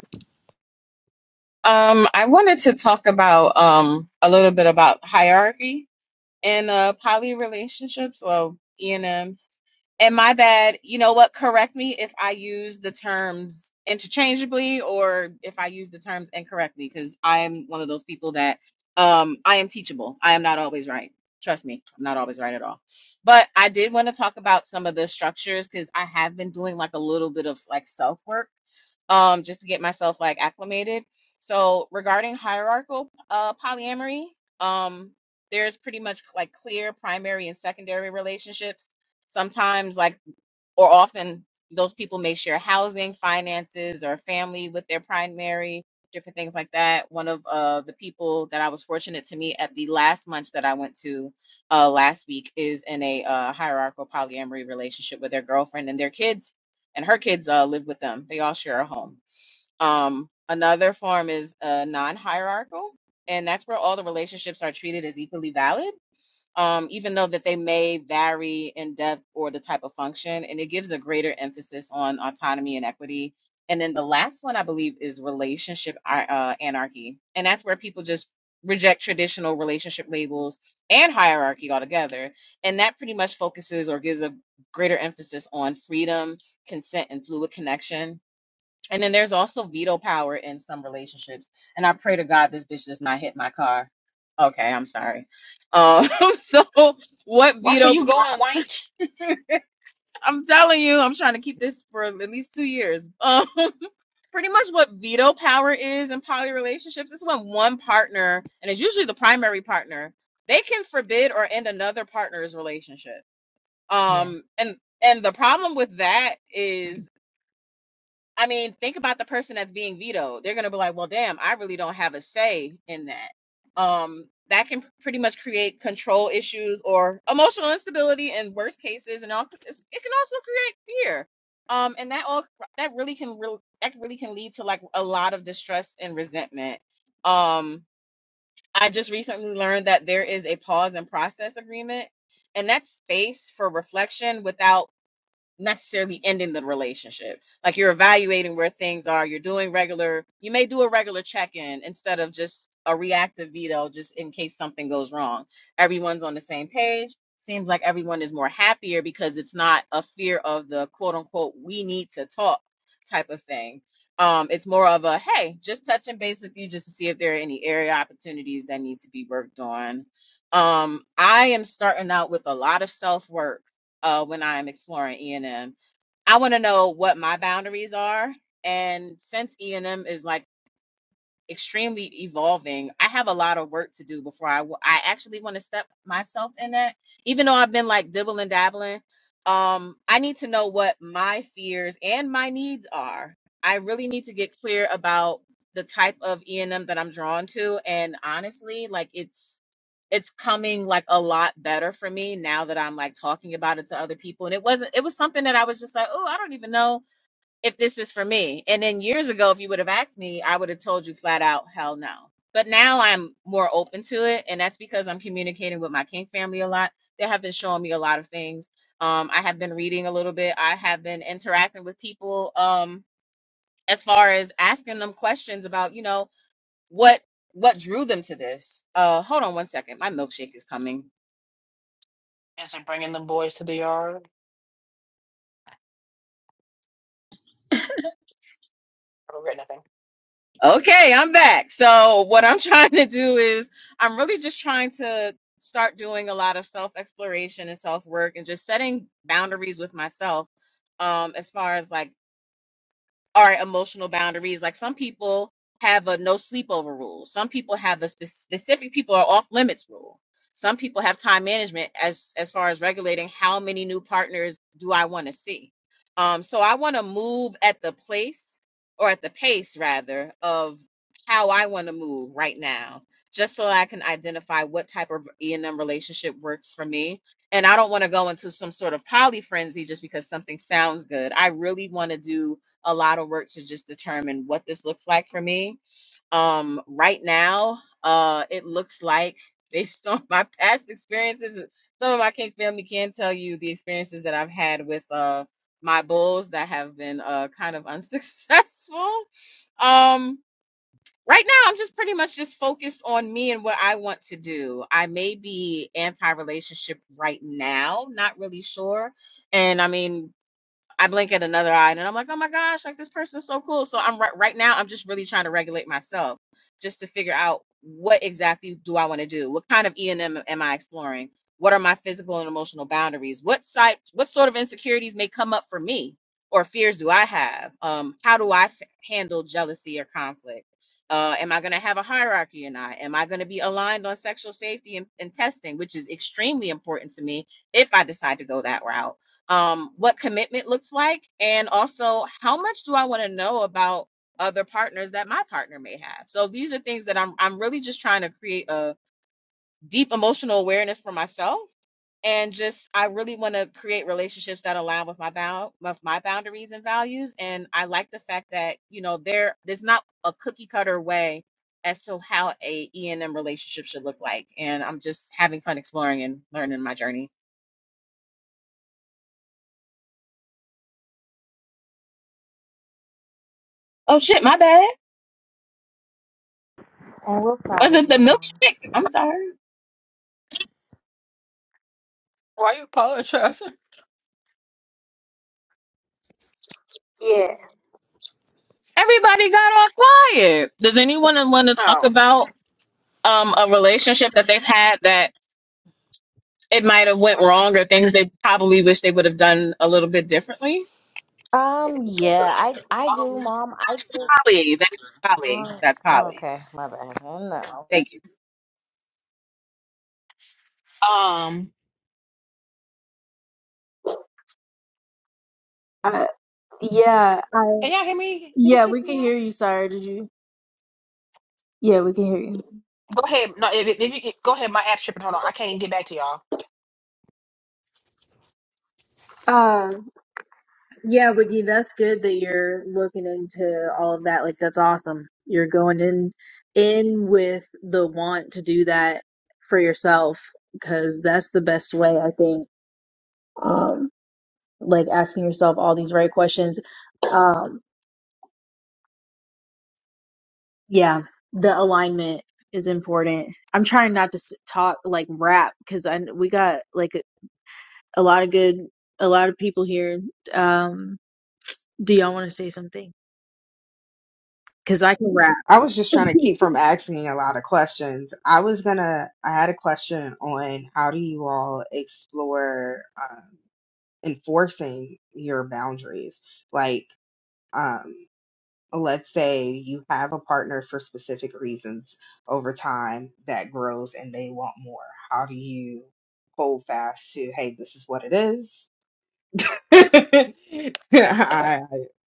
[SPEAKER 2] um, I wanted to talk about um a little bit about hierarchy in uh poly relationships. Well, E and M And my bad, you know what? Correct me if I use the terms interchangeably or if I use the terms incorrectly, because I am one of those people that um, I am teachable. I am not always right. Trust me, I'm not always right at all. But I did want to talk about some of the structures because I have been doing like a little bit of like self work um, just to get myself like acclimated. So regarding hierarchical uh, polyamory, um, there's pretty much like clear primary and secondary relationships sometimes like or often those people may share housing finances or family with their primary different things like that one of uh, the people that i was fortunate to meet at the last lunch that i went to uh, last week is in a uh, hierarchical polyamory relationship with their girlfriend and their kids and her kids uh, live with them they all share a home um, another form is uh, non-hierarchical and that's where all the relationships are treated as equally valid um, even though that they may vary in depth or the type of function, and it gives a greater emphasis on autonomy and equity. And then the last one I believe is relationship ar- uh, anarchy, and that's where people just reject traditional relationship labels and hierarchy altogether. And that pretty much focuses or gives a greater emphasis on freedom, consent, and fluid connection and then there's also veto power in some relationships. And I pray to God this bitch does not hit my car. Okay, I'm sorry. Um, <laughs> so what
[SPEAKER 1] Watch where
[SPEAKER 2] veto?
[SPEAKER 1] you going, Wanch.
[SPEAKER 2] I'm telling you, I'm trying to keep this for at least two years. Um, <laughs> pretty much what veto power is in poly relationships is when one partner, and it's usually the primary partner, they can forbid or end another partner's relationship. Um, and and the problem with that
[SPEAKER 1] Is
[SPEAKER 2] is. I mean, think about the person that's being vetoed. They're going to be like, well, damn, I really don't have a say in that. Um, that can pretty much create control issues or emotional instability in worst cases, and all. it's- It can also create fear. Um, and that all that really can real that really can lead to like a lot of distress and resentment. Um, I just recently learned that there is a pause and process agreement, and that's space for reflection without necessarily ending the relationship. Like you're evaluating where things are. You're doing regular, you may do a regular check in instead of just a reactive veto, just in case something goes wrong. Everyone's on the same page. Seems like everyone is more happier because it's not a fear of the quote unquote, we need to talk type of thing. Um, it's more of a hey, just touching base with you just to see if there are any area opportunities that need to be worked on. Um, I am starting out with a lot of self work uh, when I am exploring E and M. I want to know what my boundaries are. And since E and M is like extremely evolving. I have a lot of work to do before I w- I actually want to step myself in that. Even though I've been like dibbling dabbling, um, I need to know what my fears and my needs are. I really need to get clear about the type of E&M that I'm drawn to, and honestly, like it's it's coming like a lot better for me now that I'm like talking about it to other people. And it wasn't it was something that I was just like, oh, I don't even know if this is for me. And then years ago, if you would have asked me, I would have told you flat out, hell no. But now I'm more open to it. And that's because I'm communicating with my King family a lot. They have been showing me a lot of things. Um, I have been reading a little bit. I have been interacting with people um, as far as asking them questions about, you know, what what drew them to this. Uh, hold on one second. My milkshake is coming.
[SPEAKER 1] it bring the yard? I think.
[SPEAKER 2] Okay, I'm back. So, what I'm <laughs> trying to do is, I'm really just trying to start doing a lot of self exploration and self work and just setting boundaries with myself. Um, as far as like are emotional boundaries. Like some people have a no sleepover rule. Some people have a spe- specific people are off limits rule. Some people have time management as as far as regulating how many new partners do I want to see. Um, so I want to move at the place or at the pace rather of how I want to move right now, just so I can identify what type of E and M relationship works for me. And I don't want to go into some sort of poly frenzy just because something sounds good. I really want to do a lot of work to just determine what this looks like for me. Um, right now, uh, it looks like <laughs> based on my past experiences, some of my kin family can tell you the experiences that I've had with uh my bulls that have been uh kind of <laughs> unsuccessful. Um, right now I'm just pretty much just focused on me and what I want to do. I may be anti-relationship right now, not really sure. And I mean, I blink at another eye and I'm like, oh my gosh, like this person's so cool. So I'm right right now, I'm just really trying to regulate myself just to figure out what exactly do I want to do? What kind of E and M am I exploring? What are my physical and emotional boundaries? What site what sort of insecurities may come up for me or fears do I have? Um, how do I f- handle jealousy or conflict? Uh, am I going to have a hierarchy or not? Am I going to be aligned on sexual safety and, and testing, which is extremely important to me if I decide to go that route? um, what commitment looks like, and also how much do I want to know about other partners that my partner may have. So these are things that I'm I'm really just trying to create a deep emotional awareness for myself, and just I really want to create relationships that align with my bound with my boundaries and values. And I like the fact that you know there there's not a cookie cutter way as to how a E&M relationship should look like. And I'm just having fun exploring and learning my journey. Oh shit, my bad.
[SPEAKER 7] And we're proud
[SPEAKER 2] Was
[SPEAKER 7] of
[SPEAKER 2] it the
[SPEAKER 7] you, Mom.
[SPEAKER 2] milkshake? I'm sorry.
[SPEAKER 1] Why you apologizing? <laughs>
[SPEAKER 3] Yeah.
[SPEAKER 2] Everybody got all quiet. Does anyone want to talk
[SPEAKER 1] Oh.
[SPEAKER 2] about um a relationship that they've had that it might have went wrong or things they probably wish they would have done a little bit differently?
[SPEAKER 7] Um. Yeah. I. I
[SPEAKER 1] Um.
[SPEAKER 7] do, Mom. I do.
[SPEAKER 2] Polly, that's
[SPEAKER 7] Um,
[SPEAKER 2] Polly. That's Polly.
[SPEAKER 7] okay, my bad. Oh, No.
[SPEAKER 2] Thank you.
[SPEAKER 1] Um.
[SPEAKER 3] Uh, yeah. I,
[SPEAKER 1] Can y'all hear me? Did it
[SPEAKER 3] yeah,
[SPEAKER 1] kick
[SPEAKER 3] we can
[SPEAKER 1] me out?
[SPEAKER 3] hear you. Sorry, did you? Yeah, we can hear you.
[SPEAKER 1] Go ahead. No, if, if you go ahead, my app tripping. Hold on, I can't even get back to y'all.
[SPEAKER 3] Uh, Yeah, Wiggy, that's good that you're looking into all of that. Like, that's awesome. You're going in in with the want to do that for yourself because that's the best way, I think. Um, like asking yourself all these right questions. Um, yeah, the alignment is important. I'm trying not to s- talk like rap because I we got like a, a lot of good, a lot of people here. Um, do y'all want to say something? Because I can rap.
[SPEAKER 5] I was just trying to keep from
[SPEAKER 3] <laughs>
[SPEAKER 5] asking a lot of questions. I was gonna. I had a question on how do you all explore um, enforcing your boundaries, like. Um, let's say you have a partner for specific reasons over time that grows and they want more how do you hold fast to hey this is what it is <laughs> I, I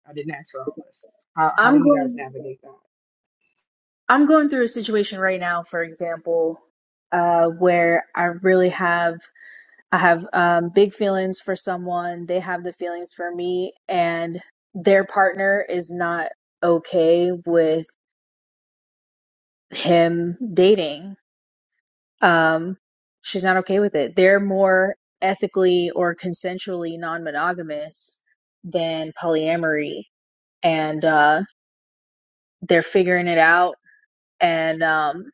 [SPEAKER 5] i didn't ask for all this how, how do
[SPEAKER 3] I'm
[SPEAKER 5] you guys
[SPEAKER 3] going
[SPEAKER 5] navigate that
[SPEAKER 3] I'm going through a situation right now, for example, uh, where I really have I have um, big feelings for someone. They have the feelings for me, and their partner is not okay with him dating. Um, she's not okay with it. They're more ethically or consensually non-monogamous than polyamory, and uh, they're figuring it out. And um,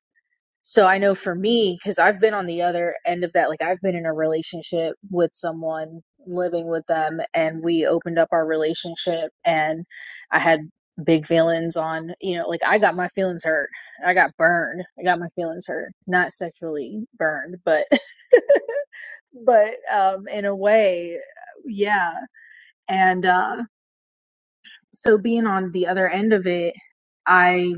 [SPEAKER 3] So I know for me, because I've been on the other end of that, like I've been in a relationship with someone, living with them, and we opened up our relationship, and I had big feelings on, you know, like I got my feelings hurt. I got burned. I got my feelings hurt. Not sexually burned, but, <laughs> but, um, in a way, yeah. And, uh so being on the other end of it, I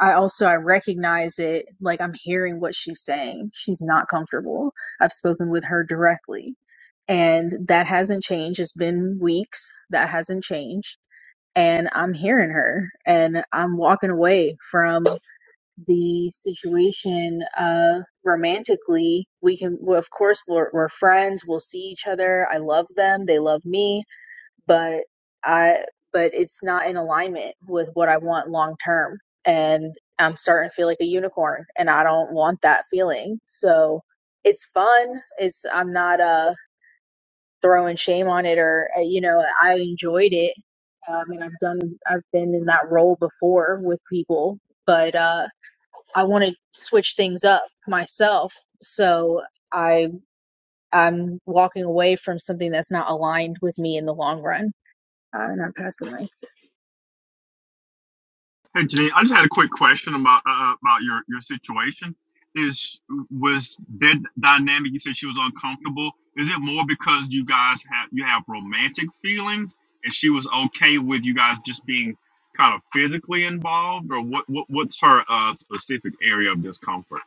[SPEAKER 3] I also I recognize it like I'm hearing what she's saying. She's not comfortable. I've spoken with her directly and that hasn't changed. It's been weeks. That hasn't changed. And I'm hearing her and I'm walking away from the situation uh romantically. We can well, of course we're we're friends. We'll see each other. I love them. They love me but I but it's not in alignment with what I want long term and I'm starting to feel like a unicorn and I don't want that feeling. So it's fun. It's I'm not uh throwing shame on it or uh, you know I enjoyed it. Um, and I've done I've been in that role before with people, but uh I want to switch things up myself. So I I'm walking away from something that's not aligned with me in the long run. Uh, and I passed the mic.
[SPEAKER 8] Hey, Janine, I just had a quick question about uh, uh, about your your situation. Is was that dynamic? You said she was uncomfortable. Is it more because you guys have you have romantic feelings, and she was okay with you guys just being kind of physically involved, or what? what what's her uh, specific area of discomfort?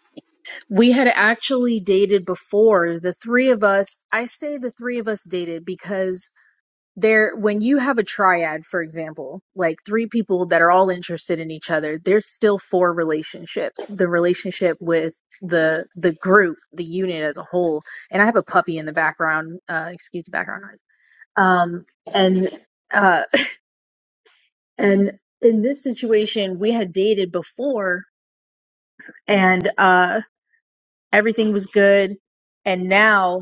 [SPEAKER 3] We had actually dated before. The three of us, I say the three of us dated because there, when you have a triad, for example, like three people that are all interested in each other, there's still four relationships. The relationship with the the group, the unit as a whole. And I have a puppy in the background. Uh, excuse the background noise. Um, and uh, and in this situation, we had dated before, and uh, everything was good. And now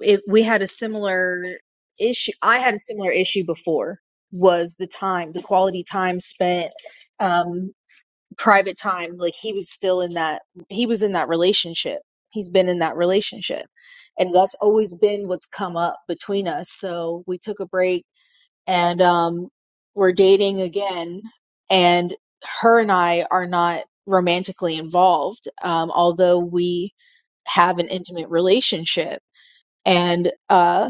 [SPEAKER 3] It, we had a similar issue. I had a similar issue before was the time, the quality time spent, um, private time. Like he was still in that, he was in that relationship. He's been in that relationship. And that's always been what's come up between us. So we took a break and, um, we're dating again. And her and I are not romantically involved, um, although we have an intimate relationship. And, uh,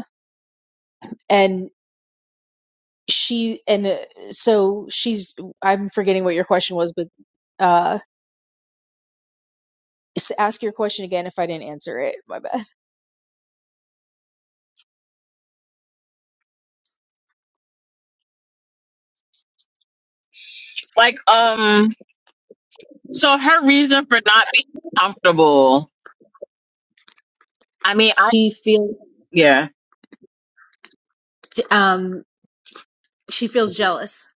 [SPEAKER 3] and she and uh, so she's i'm forgetting what your question was but uh s- ask your question again if i didn't answer it my bad
[SPEAKER 2] Like um so her reason for not being comfortable. I mean, I
[SPEAKER 3] she feels
[SPEAKER 2] yeah.
[SPEAKER 3] um she feels jealous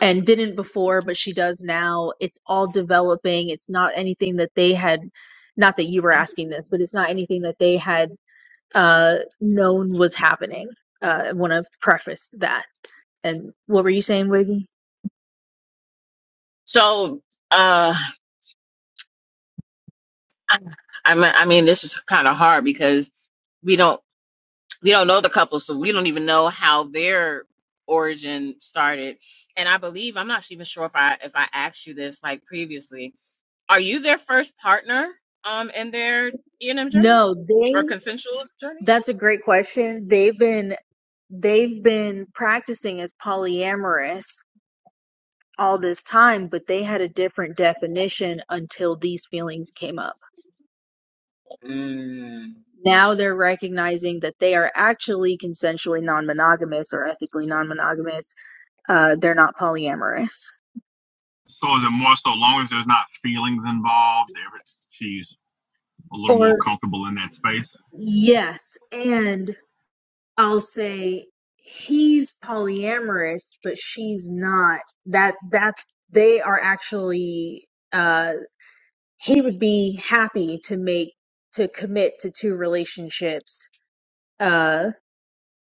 [SPEAKER 3] and didn't before but she does now it's all developing it's not anything that they had not that you were asking this but it's not anything that they had uh known was happening uh i want to preface that and what were you saying wiggy
[SPEAKER 2] So uh I I mean, I mean this is kind of hard because we don't. we don't know the couple, so we don't even know how their origin started. And I believe I'm not even sure if I if I asked you this like previously. Are you their first partner um in their E and M journey
[SPEAKER 3] no
[SPEAKER 2] or
[SPEAKER 3] they
[SPEAKER 2] consensual journey?
[SPEAKER 3] That's a great question. They've been they've been practicing as polyamorous all this time, but they had a different definition until these feelings came up.
[SPEAKER 2] Mm.
[SPEAKER 3] Now they're recognizing that they are actually consensually non-monogamous or ethically non-monogamous. Uh, they're not polyamorous.
[SPEAKER 8] So is it more so long as there's not feelings involved? every- She's a little more
[SPEAKER 3] Or
[SPEAKER 8] comfortable in that space.
[SPEAKER 3] yes, and I'll say he's polyamorous, but she's not. That that's they are actually uh he would be happy to make to commit to two relationships uh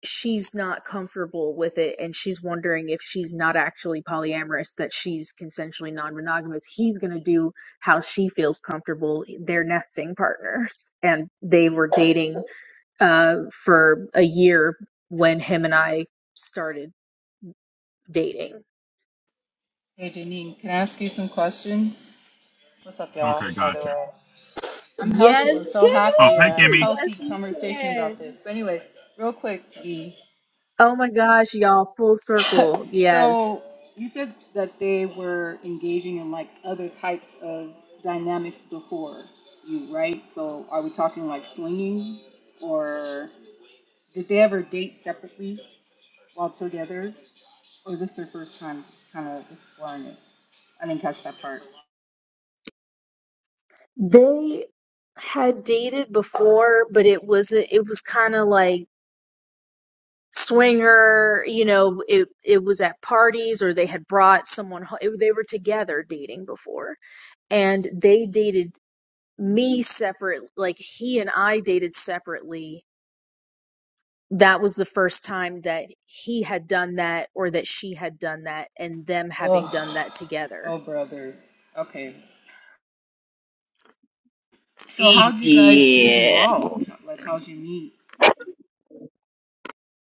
[SPEAKER 3] she's not comfortable with it and she's wondering if she's not actually polyamorous that she's consensually non-monogamous he's going to do how she feels comfortable They're nesting partners and they were dating uh for a year when him and I started dating
[SPEAKER 9] Hey Janine, can I ask you some questions? What's up, y'all?
[SPEAKER 8] Okay,
[SPEAKER 9] By the
[SPEAKER 8] gotcha.
[SPEAKER 9] way, I'm
[SPEAKER 3] yes
[SPEAKER 9] healthy. I'm so
[SPEAKER 8] Oh,
[SPEAKER 9] happy.
[SPEAKER 8] hey,
[SPEAKER 9] A
[SPEAKER 3] kimmy
[SPEAKER 8] Kimmy.
[SPEAKER 3] yes
[SPEAKER 9] healthy
[SPEAKER 3] you
[SPEAKER 9] conversation
[SPEAKER 3] can
[SPEAKER 9] about this. But anyway, real quick, E.
[SPEAKER 3] Oh my gosh, y'all, full circle.
[SPEAKER 9] <laughs>
[SPEAKER 3] Yes.
[SPEAKER 9] so you said that they were engaging in like other types of dynamics before you, right? So are we talking like swinging, or did they ever date separately while together, or is this their first time kind of exploring it? I didn't catch that part.
[SPEAKER 3] They had dated before, but it was it was kind of like swinger, you know, it it was at parties or they had brought someone ho- it, they were together dating before. And they dated me separate, like he and I dated separately. That was the first time that he had done that or that she had done that and them having done
[SPEAKER 9] Oh,
[SPEAKER 3] that together.
[SPEAKER 9] oh, brother. Okay. So, how'd you guys get
[SPEAKER 2] Yeah,
[SPEAKER 9] involved? Like, how'd you meet?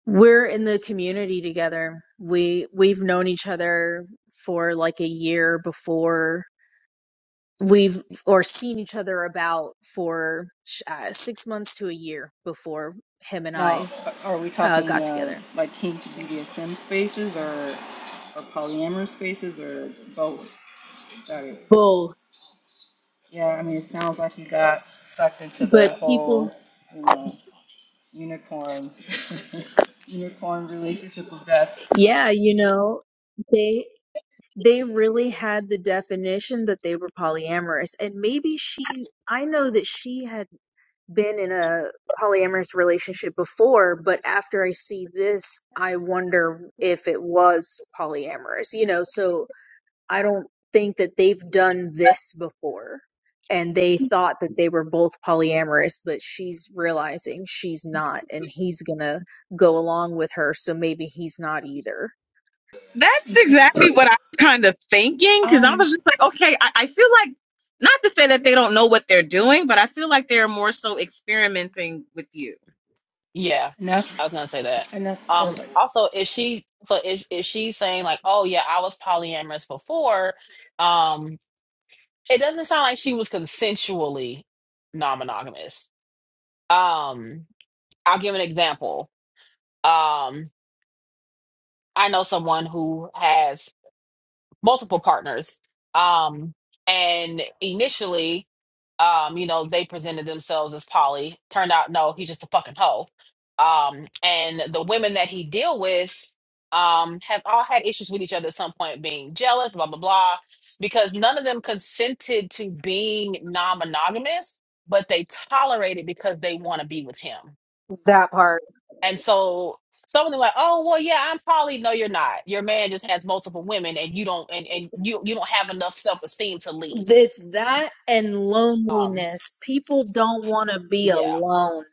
[SPEAKER 3] We're in the community together. We we've known each other for like a year before we've or seen each other about for uh, six months to a year before him and
[SPEAKER 9] Now,
[SPEAKER 3] I
[SPEAKER 9] are we
[SPEAKER 3] uh,
[SPEAKER 9] talking
[SPEAKER 3] got
[SPEAKER 9] uh,
[SPEAKER 3] together.
[SPEAKER 9] like kink BDSM spaces or, or polyamorous spaces or both? Got it.
[SPEAKER 3] Both,
[SPEAKER 9] Yeah, I mean, it sounds like you got sucked into the
[SPEAKER 3] but people,
[SPEAKER 9] whole, you know, unicorn, <laughs> unicorn relationship of death.
[SPEAKER 3] yeah, you know, they they really had the definition that they were polyamorous, and maybe she. I know that she had been in a polyamorous relationship before, but after I see this, I wonder if it was polyamorous, you know, so I don't think that they've done this before. And they thought that they were both polyamorous, but she's realizing she's not, and he's gonna go along with her, so maybe he's not either.
[SPEAKER 2] that's exactly what I was kind of thinking because I
[SPEAKER 1] Um.
[SPEAKER 2] was just like, okay, I, I feel like not to say that they don't know what they're doing, but I feel like they're more so experimenting with you.
[SPEAKER 1] Yeah,
[SPEAKER 9] Enough,
[SPEAKER 1] I was gonna say that. Um.
[SPEAKER 9] enough.
[SPEAKER 1] Also, if she, so if if she's saying like, oh yeah, I was polyamorous before, um, it doesn't sound like she was consensually non-monogamous. Um. I'll give an example. Um. I know someone who has multiple partners. Um, and initially, um, you know, they presented themselves as poly. Turned out, no, he's just a fucking hoe. Um, and the women that he deal with um, have all had issues with each other at some point, being jealous, blah blah blah, because none of them consented to being non-monogamous, but they tolerate it because they want to be with him
[SPEAKER 3] That part.
[SPEAKER 1] and so someone like, oh well, yeah, I'm probably no, you're not. Your man just has multiple women, and you don't, and, and you you don't have enough self esteem to leave.
[SPEAKER 3] It's that and
[SPEAKER 1] Um,
[SPEAKER 3] loneliness. People don't want to be
[SPEAKER 1] yeah,
[SPEAKER 3] alone.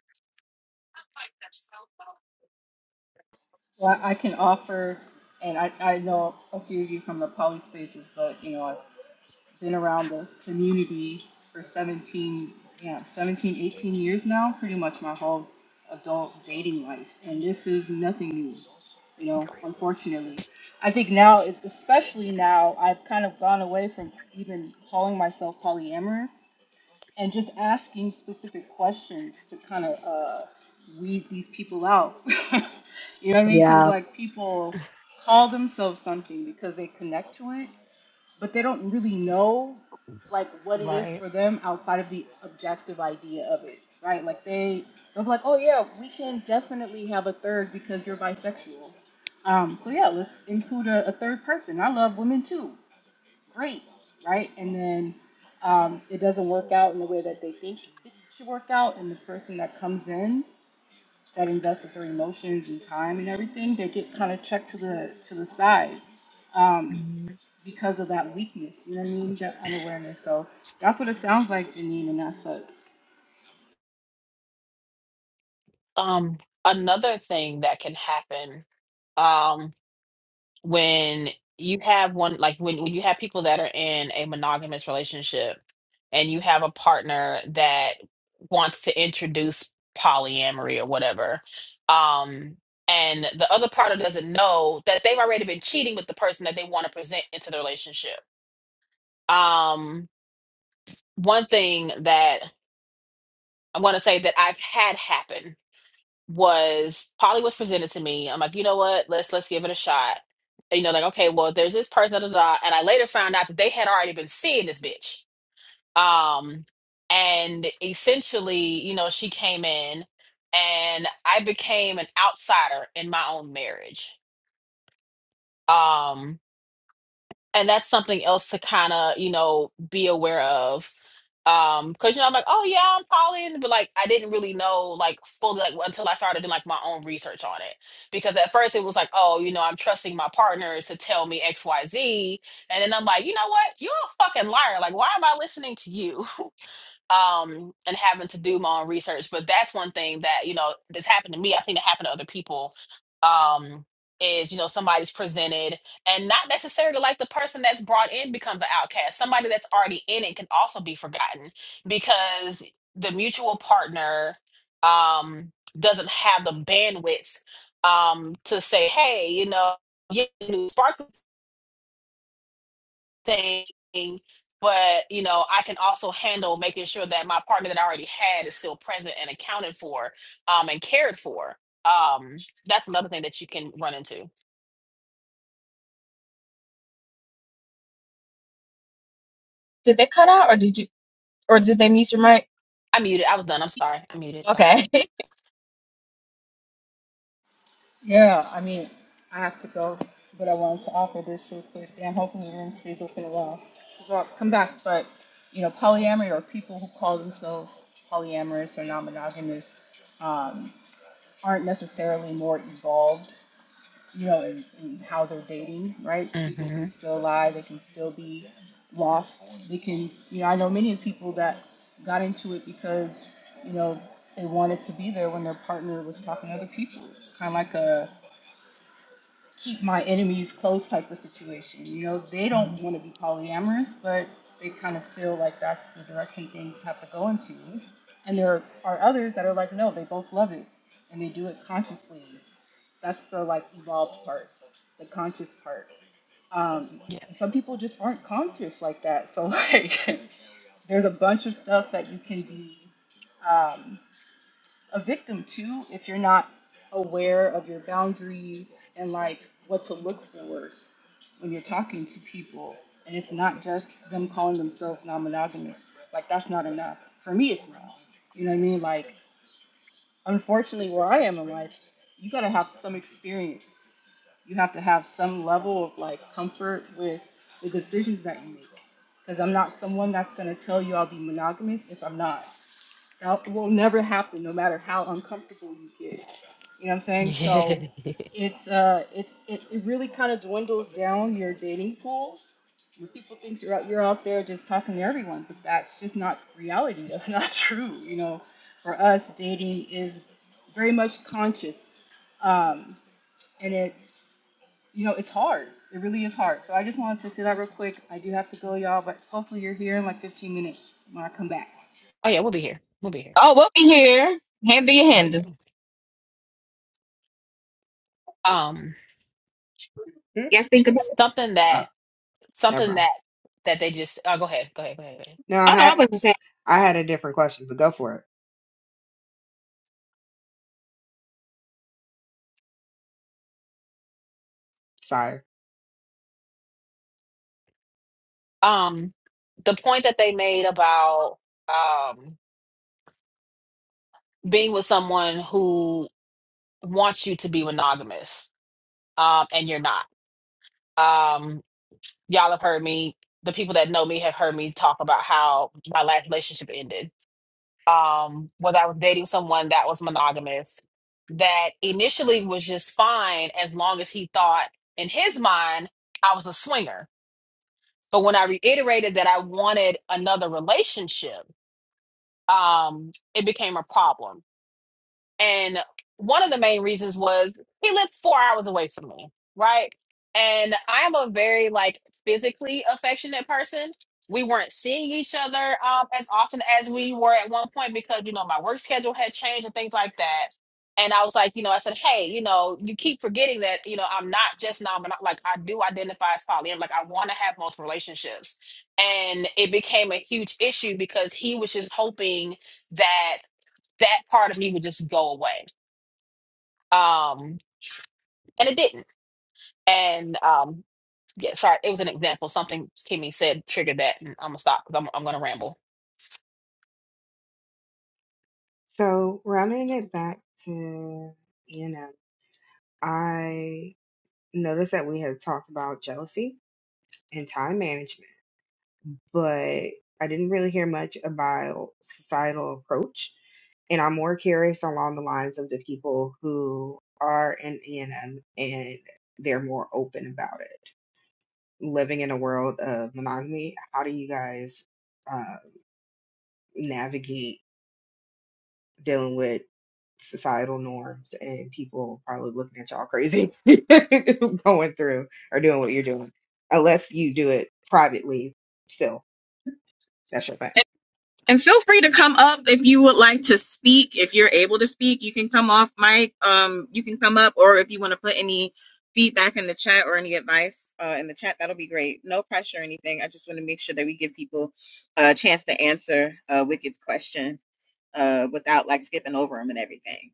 [SPEAKER 9] Well, I can offer, and I, I know a few of you from the poly spaces, but you know, I've been around the community for 17, yeah, 17, 18 years now, pretty much my whole adult dating life. And this is nothing new, you know, unfortunately. I think now, especially now, I've kind of gone away from even calling myself polyamorous and just asking specific questions to kind of uh, weed these people out. <laughs> you know what I mean? Because
[SPEAKER 3] Yeah.
[SPEAKER 9] like people call themselves something because they connect to it, but they don't really know like what it is
[SPEAKER 1] right.
[SPEAKER 9] for them outside of the objective idea of it, right? Like they they're like, oh yeah, we can definitely have a third because you're bisexual. Um, so yeah, let's include a, a third person. I love women too great, right? And then um, it doesn't work out in the way that they think it should work out, and the person that comes in that invested their emotions and time and everything, they get kind of checked to the to the side um,
[SPEAKER 1] Mhm.
[SPEAKER 9] because of that weakness. You know what I mean? That unawareness. So that's what it sounds like, Janine, and that sucks.
[SPEAKER 1] Um, another thing that can happen. Um, when you have one like when, when you have people that are in a monogamous relationship and you have a partner that wants to introduce polyamory or whatever um and the other partner doesn't know that they've already been cheating with the person that they want to present into the relationship um one thing that i want to say that i've had happen was Polly was presented to me. I'm like, you know what? Let's let's give it a shot. And, you know, like, okay, well, there's this person, da, da, da. And I later found out that they had already been seeing this bitch. Um, and essentially, you know, she came in and I became an outsider in my own marriage. Um, and that's something else to kind of you know be aware of um because you know i'm like oh yeah i'm poly but like i didn't really know like fully like until i started doing like my own research on it because at first it was like oh you know i'm trusting my partner to tell me xyz and then i'm like you know what you're a fucking liar like why am i listening to you um, and having to do my own research. But that's one thing that you know that's happened to me. I think it happened to other people. Um, is you know somebody's presented and not necessarily like the person that's brought in becomes an outcast. Somebody that's already in it can also be forgotten because the mutual partner um, doesn't have the bandwidth um, to say, hey, you know. Yeah, thing, but you know, I can also handle making sure that my partner that I already had is still present and accounted for, um, and cared for. Um, that's another thing that you can run into.
[SPEAKER 2] Did they cut out or did you? Or did they mute your mic?
[SPEAKER 1] I muted. I was done. I'm sorry. I muted. Sorry.
[SPEAKER 2] Okay. <laughs>
[SPEAKER 9] Yeah, I mean, I have to go, but I wanted to offer this real quick. Damn, hopefully the room stays open a while. So I'll come back, but you know, polyamory or people who call themselves polyamorous or non-monogamous um, aren't necessarily more evolved, you know, in, in how they're dating, right? People
[SPEAKER 1] Mm-hmm.
[SPEAKER 9] can still lie, they can still be lost, they can, you know, I know many people that got into it because, you know, they wanted to be there when their partner was talking to other people, kind of like a keep my enemies close type of situation. You know, they
[SPEAKER 1] hmm
[SPEAKER 9] don't want to be polyamorous, but they kind of feel like that's the direction things have to go into. And there are others that are like, no, they both love it and they do it consciously. That's the like evolved part, the conscious part. Um,
[SPEAKER 1] Yeah.
[SPEAKER 9] and some people just aren't conscious like that. So like, <laughs> there's a bunch of stuff that you can be um, a victim too if you're not aware of your boundaries and like what to look for when you're talking to people. And it's not just them calling themselves non monogamous. Like, that's not enough. For me, it's not. You know what I mean? Like, unfortunately, where I am in life, you gotta have some experience. You have to have some level of like comfort with the decisions that you make. Because I'm not someone that's gonna tell you I'll be monogamous if I'm not. That will never happen, no matter how uncomfortable you get. You know what I'm saying?
[SPEAKER 1] Yeah.
[SPEAKER 9] So
[SPEAKER 1] <laughs>
[SPEAKER 9] it's uh it's it, it really kind of dwindles down your dating pool. When people think you're out you're out there just talking to everyone, but that's just not reality. That's not <laughs> true. You know, for us dating is very much conscious. Um and it's you know, it's hard. It really is hard. So I just wanted to say that real quick. I do have to go, y'all, but hopefully you're here in like 15 minutes when I come back.
[SPEAKER 1] oh yeah, we'll be here. We'll be here.
[SPEAKER 2] Oh, we'll be here. Handle your
[SPEAKER 1] We'll be here.
[SPEAKER 2] handle.
[SPEAKER 1] Um,
[SPEAKER 5] Hmm?
[SPEAKER 2] Yes, think about it.
[SPEAKER 1] something that
[SPEAKER 5] oh never
[SPEAKER 1] something
[SPEAKER 5] mind
[SPEAKER 1] that that they just. Uh, go ahead. Go ahead. Go ahead. Go ahead.
[SPEAKER 5] no i
[SPEAKER 2] Oh no, I
[SPEAKER 5] had
[SPEAKER 2] wasn't saying.
[SPEAKER 5] i had a different question but go for it sire
[SPEAKER 1] Um, the point that they made about um being with someone who wants you to be monogamous um and you're not um y'all have heard me the people that know me have heard me talk about how my last relationship ended um whether i was dating someone that was monogamous that initially was just fine as long as he thought in his mind i was a swinger but when i reiterated that i wanted another relationship um it became a problem And one of the main reasons was he lived four hours away from me, right? And I am a very like physically affectionate person. We weren't seeing each other um, as often as we were at one point because you know my work schedule had changed and things like that. And I was like, you know, I said, hey, you know, you keep forgetting that, you know, I'm not just non-monogamous. Like I do identify as poly. I'm Like I want to have multiple relationships, and it became a huge issue because he was just hoping that that part of me would just go away. Um, and it didn't. And um, yeah, sorry, it was an example. Something Kimmy said triggered that, and I'm gonna stop because I'm I'm gonna ramble.
[SPEAKER 5] so rounding it back to you know i noticed that we had talked about jealousy and time management but I didn't really hear much about societal approach. And I'm more curious along the lines of the people who are in ENM and M and they're more open about it. Living in a world of monogamy, how do you guys uh, navigate dealing with societal norms and people probably looking at y'all crazy <laughs> going through or doing what you're doing? Unless you do it privately, still, that's your thing.
[SPEAKER 2] And and feel free to come up if you would like to speak. If you're able to speak, you can come off mic. Um, you can come up, or if you want to put any feedback in the chat or any advice uh, in the chat, that'll be great. No pressure or anything. I just want to make sure that we give people a chance to answer uh, Wicked's question uh, without like skipping over them and everything.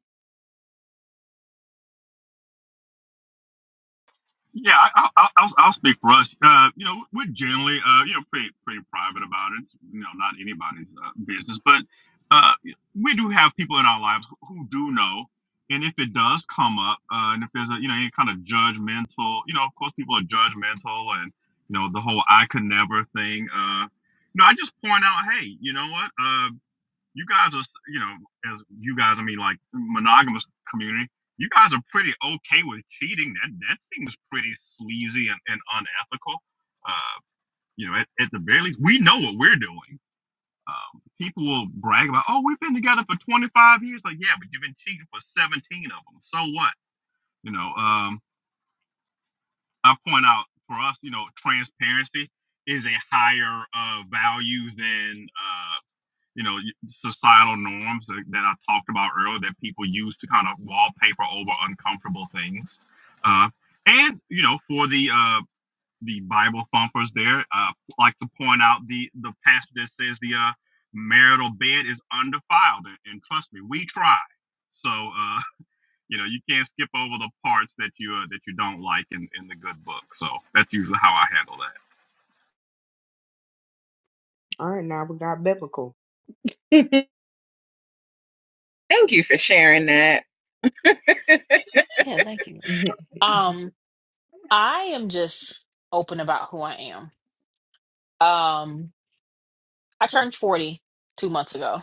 [SPEAKER 8] Yeah, I, I, I'll, I'll I'll speak for us. Uh, you know, we're generally, uh, you know, pretty, pretty private about it. you know, not anybody's uh, business, but uh, we do have people in our lives who do know. And if it does come up, uh, and if there's a, you know, any kind of judgmental, you know, of course people are judgmental and, you know, the whole I could never thing. Uh, you know, I just point out, hey, you know what? Uh, you guys are, you know, as you guys, I mean, like monogamous community, you guys are pretty okay with cheating. That that seems pretty sleazy and, and unethical. Uh, you know, at, at the very least, we know what we're doing. Um, people will brag about, oh, we've been together for 25 years. Like, yeah, but you've been cheating for 17 of them. So what? You know, um, I point out for us, you know, transparency is a higher uh, value than uh, you know societal norms that, that I talked about earlier that people use to kind of wallpaper over uncomfortable things, uh, and you know for the uh, the Bible thumpers there, uh, I like to point out the the passage that says the uh, marital bed is undefiled, and, and trust me, we try. So uh, <laughs> you know you can't skip over the parts that you uh, that you don't like in in the good book. So that's usually how I handle that.
[SPEAKER 5] All right, now we got biblical. <laughs>
[SPEAKER 2] Thank you for sharing that. <laughs>
[SPEAKER 1] Yeah, thank you.
[SPEAKER 5] <laughs> Mhm.
[SPEAKER 1] Um, I am just open about who I am. Um, I turned forty two months ago,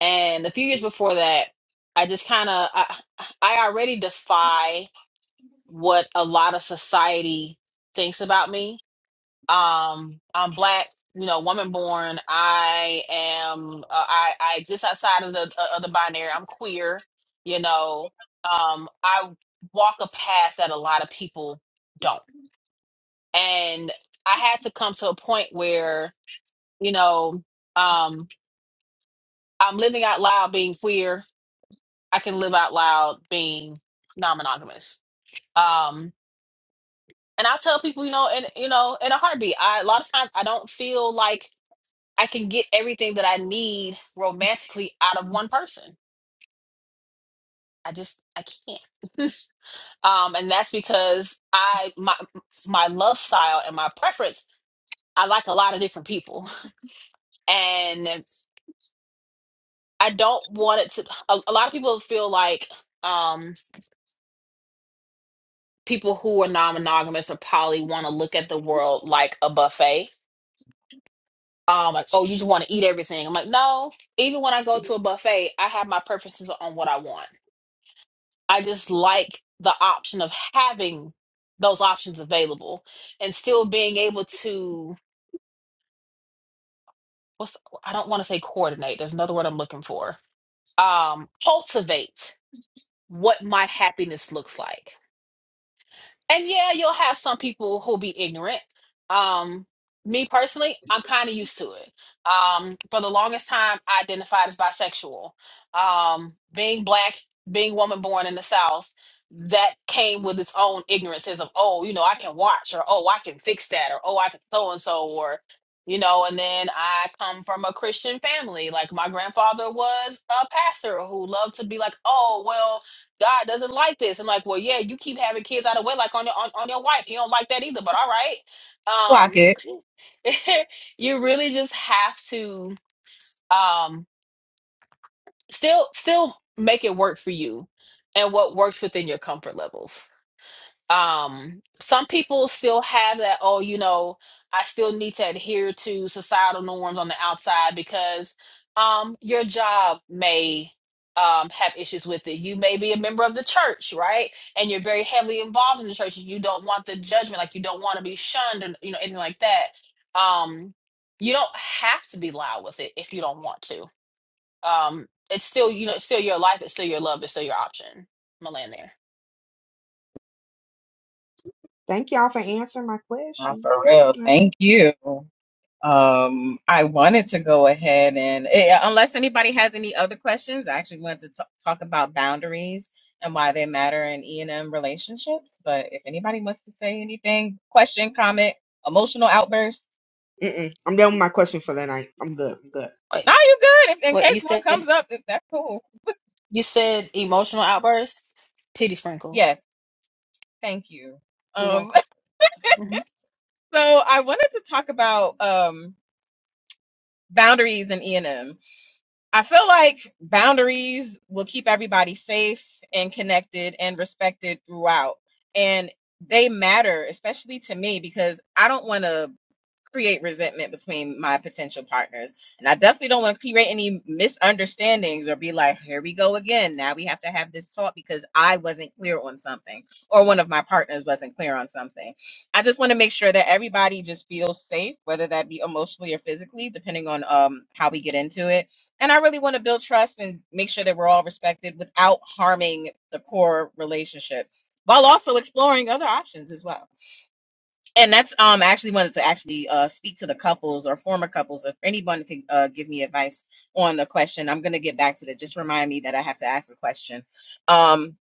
[SPEAKER 1] and a few years before that, I just kind of I I already defy what a lot of society thinks about me um i'm black you know woman born i am uh, i i exist outside of the uh, of the binary i'm queer you know um i walk a path that a lot of people don't and i had to come to a point where you know um i'm living out loud being queer i can live out loud being non-monogamous um and i tell people you know and you know in a heartbeat i a lot of times i don't feel like I can get everything that I need romantically out of one person. I just I can't. <laughs> um, and that's because I my my love style and my preference. I like a lot of different people, <laughs> and I don't want it to. A, a lot of people feel like um, people who are non-monogamous or poly want to look at the world like a buffet. Um, like oh, you just want to eat everything. I'm like, no. Even when I go to a buffet, I have my preferences on what I want I just like the option of having those options available and still being able to what's I don't want to say coordinate. There's another word I'm looking for. Um, cultivate what my happiness looks like. And yeah, you'll have some people who'll be ignorant. Um, me personally, I'm kind of used to it. Um, for the longest time, I identified as bisexual. Um, being black, being woman born in the South, that came with its own ignorances of, oh, you know, I can watch, or oh, I can fix that, or oh, I can so and so, or you know. And then I come from a Christian family. Like my grandfather was a pastor who loved to be like, oh, well God doesn't like this. And like, well, yeah, you keep having kids out of wedlock on your on, on your wife. He don't like that either, but all
[SPEAKER 2] Lock
[SPEAKER 1] right.
[SPEAKER 2] it.
[SPEAKER 1] Um <laughs> you really just have to um still still make it work for you and what works within your comfort levels um some people still have that oh you know i still need to adhere to societal norms on the outside because um your job may um have issues with it you may be a member of the church right and you're very heavily involved in the church and you don't want the judgment like you don't want to be shunned and you know anything like that um you don't have to be loud with it if you don't want to um it's still you know it's still your life it's still your love it's still your option i'm gonna land there
[SPEAKER 5] Thank y'all for answering my
[SPEAKER 2] Nah,
[SPEAKER 5] question.
[SPEAKER 2] for real.
[SPEAKER 5] Wow.
[SPEAKER 2] Thank you. Um, I wanted to go ahead and, eh, yeah, unless anybody has any other questions, I actually wanted to t- talk about boundaries and why they matter in E&M relationships. But if anybody wants to say anything, question, comment, emotional outburst,
[SPEAKER 5] Mm-mm. I'm done with my question for the night. I'm good. I'm good.
[SPEAKER 1] Wait,
[SPEAKER 2] no, you good. If in
[SPEAKER 1] what you
[SPEAKER 2] case one
[SPEAKER 1] said?
[SPEAKER 2] comes up, that- that's cool.
[SPEAKER 1] You said emotional outbursts, titty sprinkles.
[SPEAKER 2] Yes, thank you.
[SPEAKER 1] You're
[SPEAKER 2] Um,
[SPEAKER 1] welcome.
[SPEAKER 2] <laughs>
[SPEAKER 1] hmm
[SPEAKER 2] so I wanted to talk about um boundaries in E&M. I feel like boundaries will keep everybody safe and connected and respected throughout. And they matter, especially to me, because I don't want to create resentment between my potential partners. And I definitely don't want to create any misunderstandings or be like, here we go again. Now we have to have this talk because I wasn't clear on something or one of my partners wasn't clear on something. I just want to make sure that everybody just feels safe, whether that be emotionally or physically, depending on um how we get into it. And I really want to build trust and make sure that we're all respected without harming the core relationship while also exploring other options as well and that's um I actually wanted to actually uh speak to the couples or former couples if anyone can uh give me advice on the question i'm gonna get back to that just remind me that i have to ask a question um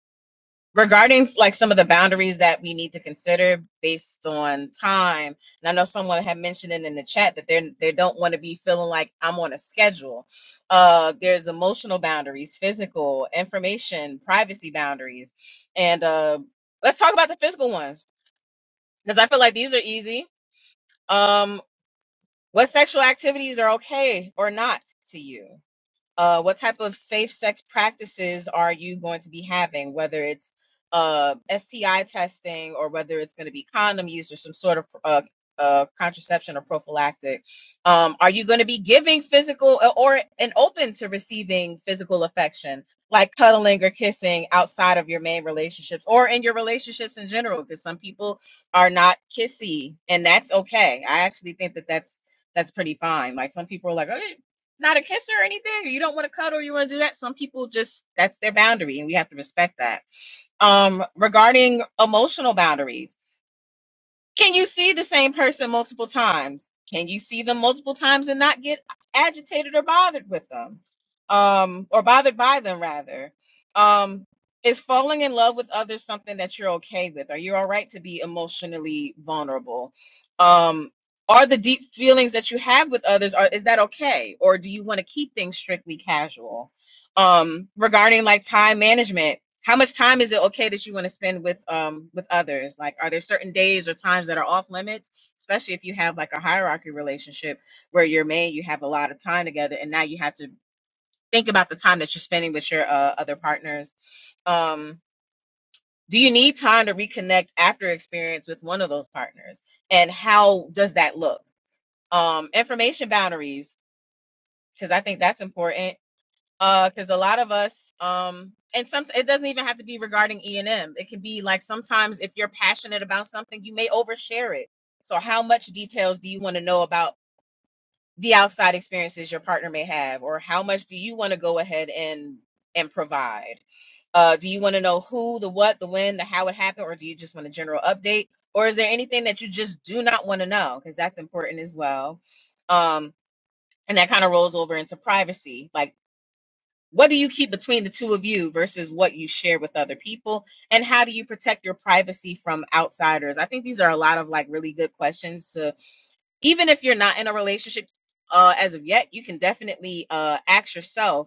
[SPEAKER 2] regarding like some of the boundaries that we need to consider based on time and i know someone had mentioned it in the chat that they're they don't want to be feeling like i'm on a schedule uh there's emotional boundaries physical information privacy boundaries and uh let's talk about the physical ones because i feel like these are easy um, what sexual activities are okay or not to you? uh, what type of safe sex practices are you going to be having, whether it's uh, STI testing or whether it's going to be condom use or some sort of uh, uh, contraception or prophylactic. Um, are you going to be giving physical uh, or and open to receiving physical affection, like cuddling or kissing outside of your main relationships or in your relationships in general? Because some people are not kissy, and that's okay. I actually think that that's that's pretty fine. Like some people are like, "Oh, not a kisser or anything, or you don't want to cuddle, or you want to do that. Some people just that's their boundary, and we have to respect that. Um, regarding emotional boundaries. Can you see the same person multiple times? Can you see them multiple times and not get agitated or bothered with them? Um, or bothered by them, rather? Um, is falling in love with others something that you're okay with? Are you all right to be emotionally vulnerable? Um, are the deep feelings that you have with others are is that okay or do you want to keep things strictly casual um regarding like time management how much time is it okay that you want to spend with um with others like are there certain days or times that are off limits especially if you have like a hierarchy relationship where you're married you have a lot of time together and now you have to think about the time that you're spending with your uh, other partners um do you need time to reconnect after experience with one of those partners and how does that look um information boundaries because i think that's important uh, because a lot of us um and some it doesn't even have to be regarding e&m it can be like sometimes if you're passionate about something you may overshare it so how much details do you want to know about the outside experiences your partner may have or how much do you want to go ahead and and provide uh do you want to know who the what the when the how it happened or do you just want a general update or is there anything that you just do not want to know because that's important as well um and that kind of rolls over into privacy like what do you keep between the two of you versus what you share with other people? And how do you protect your privacy from outsiders? I think these are a lot of like really good questions to, even if you're not in a relationship uh, as of yet, you can definitely uh, ask yourself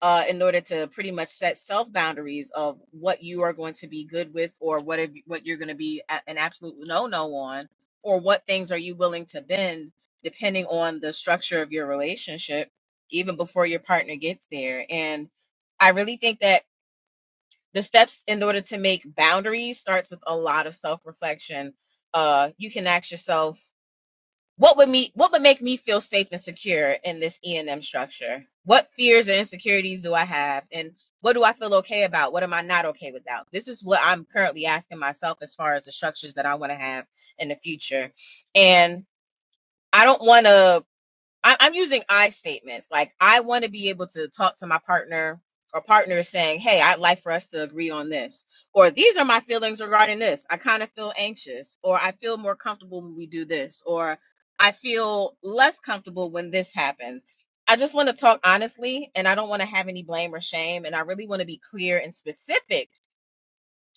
[SPEAKER 2] uh, in order to pretty much set self boundaries of what you are going to be good with or what if, what you're going to be a- an absolute no no on or what things are you willing to bend depending on the structure of your relationship even before your partner gets there and i really think that the steps in order to make boundaries starts with a lot of self reflection uh you can ask yourself what would me what would make me feel safe and secure in this E&M structure? What fears and insecurities do I have and what do I feel okay about? What am I not okay without? This is what I'm currently asking myself as far as the structures that I want to have in the future. And I don't want to I, I'm using I statements. Like I want to be able to talk to my partner or partners, saying, "Hey, I'd like for us to agree on this," or "These are my feelings regarding this. I kind of feel anxious," or "I feel more comfortable when we do this," or "I feel less comfortable when this happens." I just want to talk honestly, and I don't want to have any blame or shame, and I really want to be clear and specific,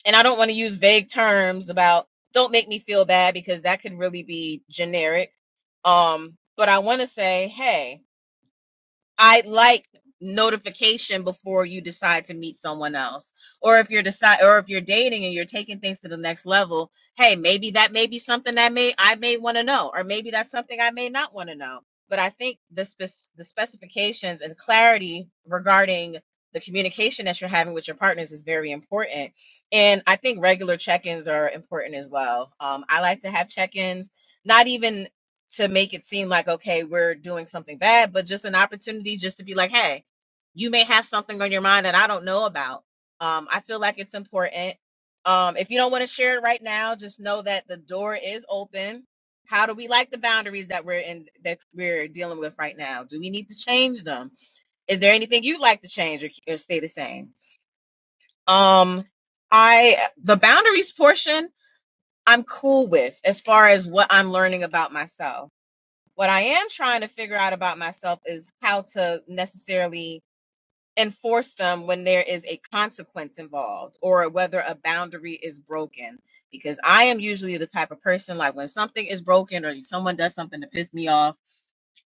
[SPEAKER 2] and I don't want to use vague terms about "Don't make me feel bad" because that could really be generic. Um, but I want to say, "Hey." I like notification before you decide to meet someone else. Or if you're decide or if you're dating and you're taking things to the next level, hey, maybe that may be something that may I may want to know, or maybe that's something I may not want to know. But I think the spec the specifications and clarity regarding the communication that you're having with your partners is very important. And I think regular check-ins are important as well. Um, I like to have check-ins, not even to make it seem like okay we're doing something bad but just an opportunity just to be like hey you may have something on your mind that i don't know about um i feel like it's important um if you don't want to share it right now just know that the door is open how do we like the boundaries that we're in that we're dealing with right now do we need to change them is there anything you'd like to change or, or stay the same um i the boundaries portion i'm cool with as far as what i'm learning about myself what I am trying to figure out about myself is how to necessarily enforce them when there is a consequence involved or whether a boundary is broken. Because I am usually the type of person like when something is broken or someone does something to piss me off.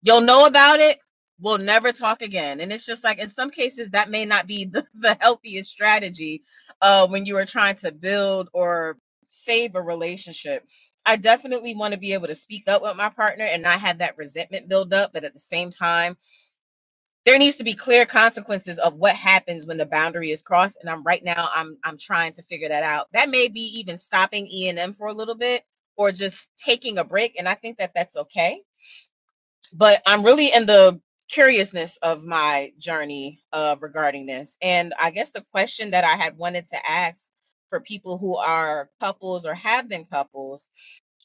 [SPEAKER 2] You'll know about it. We'll never talk again. And it's just like in some cases that may not be <laughs> the, the healthiest strategy uh, when you are trying to build or save a relationship. I definitely want to be able to speak up with my partner and not have that resentment build up. But at the same time, there needs to be clear consequences of what happens when the boundary is crossed. And I'm right now I'm I'm trying to figure that out. That may be even stopping E and M for a little bit or just taking a break. And I think that that's okay but I'm really in the curiousness of my journey uh, regarding this. And I guess the question that I had wanted to ask for people who are couples or have been couples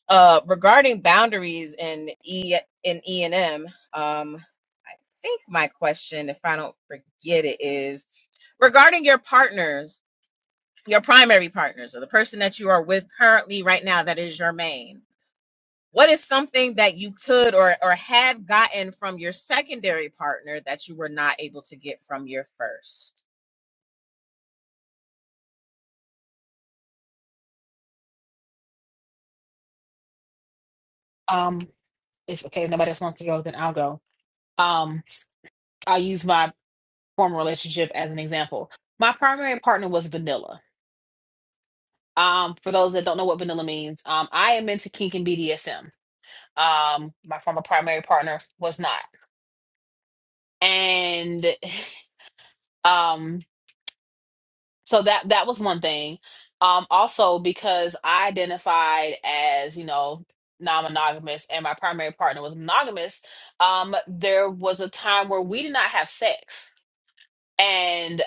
[SPEAKER 2] uh, regarding boundaries in E in E and M. Um, I think my question, if I don't forget it, is regarding your partners, your primary partners, or the person that you are with currently right now that is your main. What is something that you could or or have gotten from your secondary partner that you were not able to get from your first?
[SPEAKER 1] Um, if okay, if nobody else wants to go, then I'll go. Um, I'll use my former relationship as an example. My primary partner was vanilla. Um, for those that don't know what vanilla means, um, I am into kink and BDSM. Um, my former primary partner was not, and <sighs> um so that that was one thing um also because i identified as you know non-monogamous and my primary partner was monogamous um there was a time where we did not have sex And.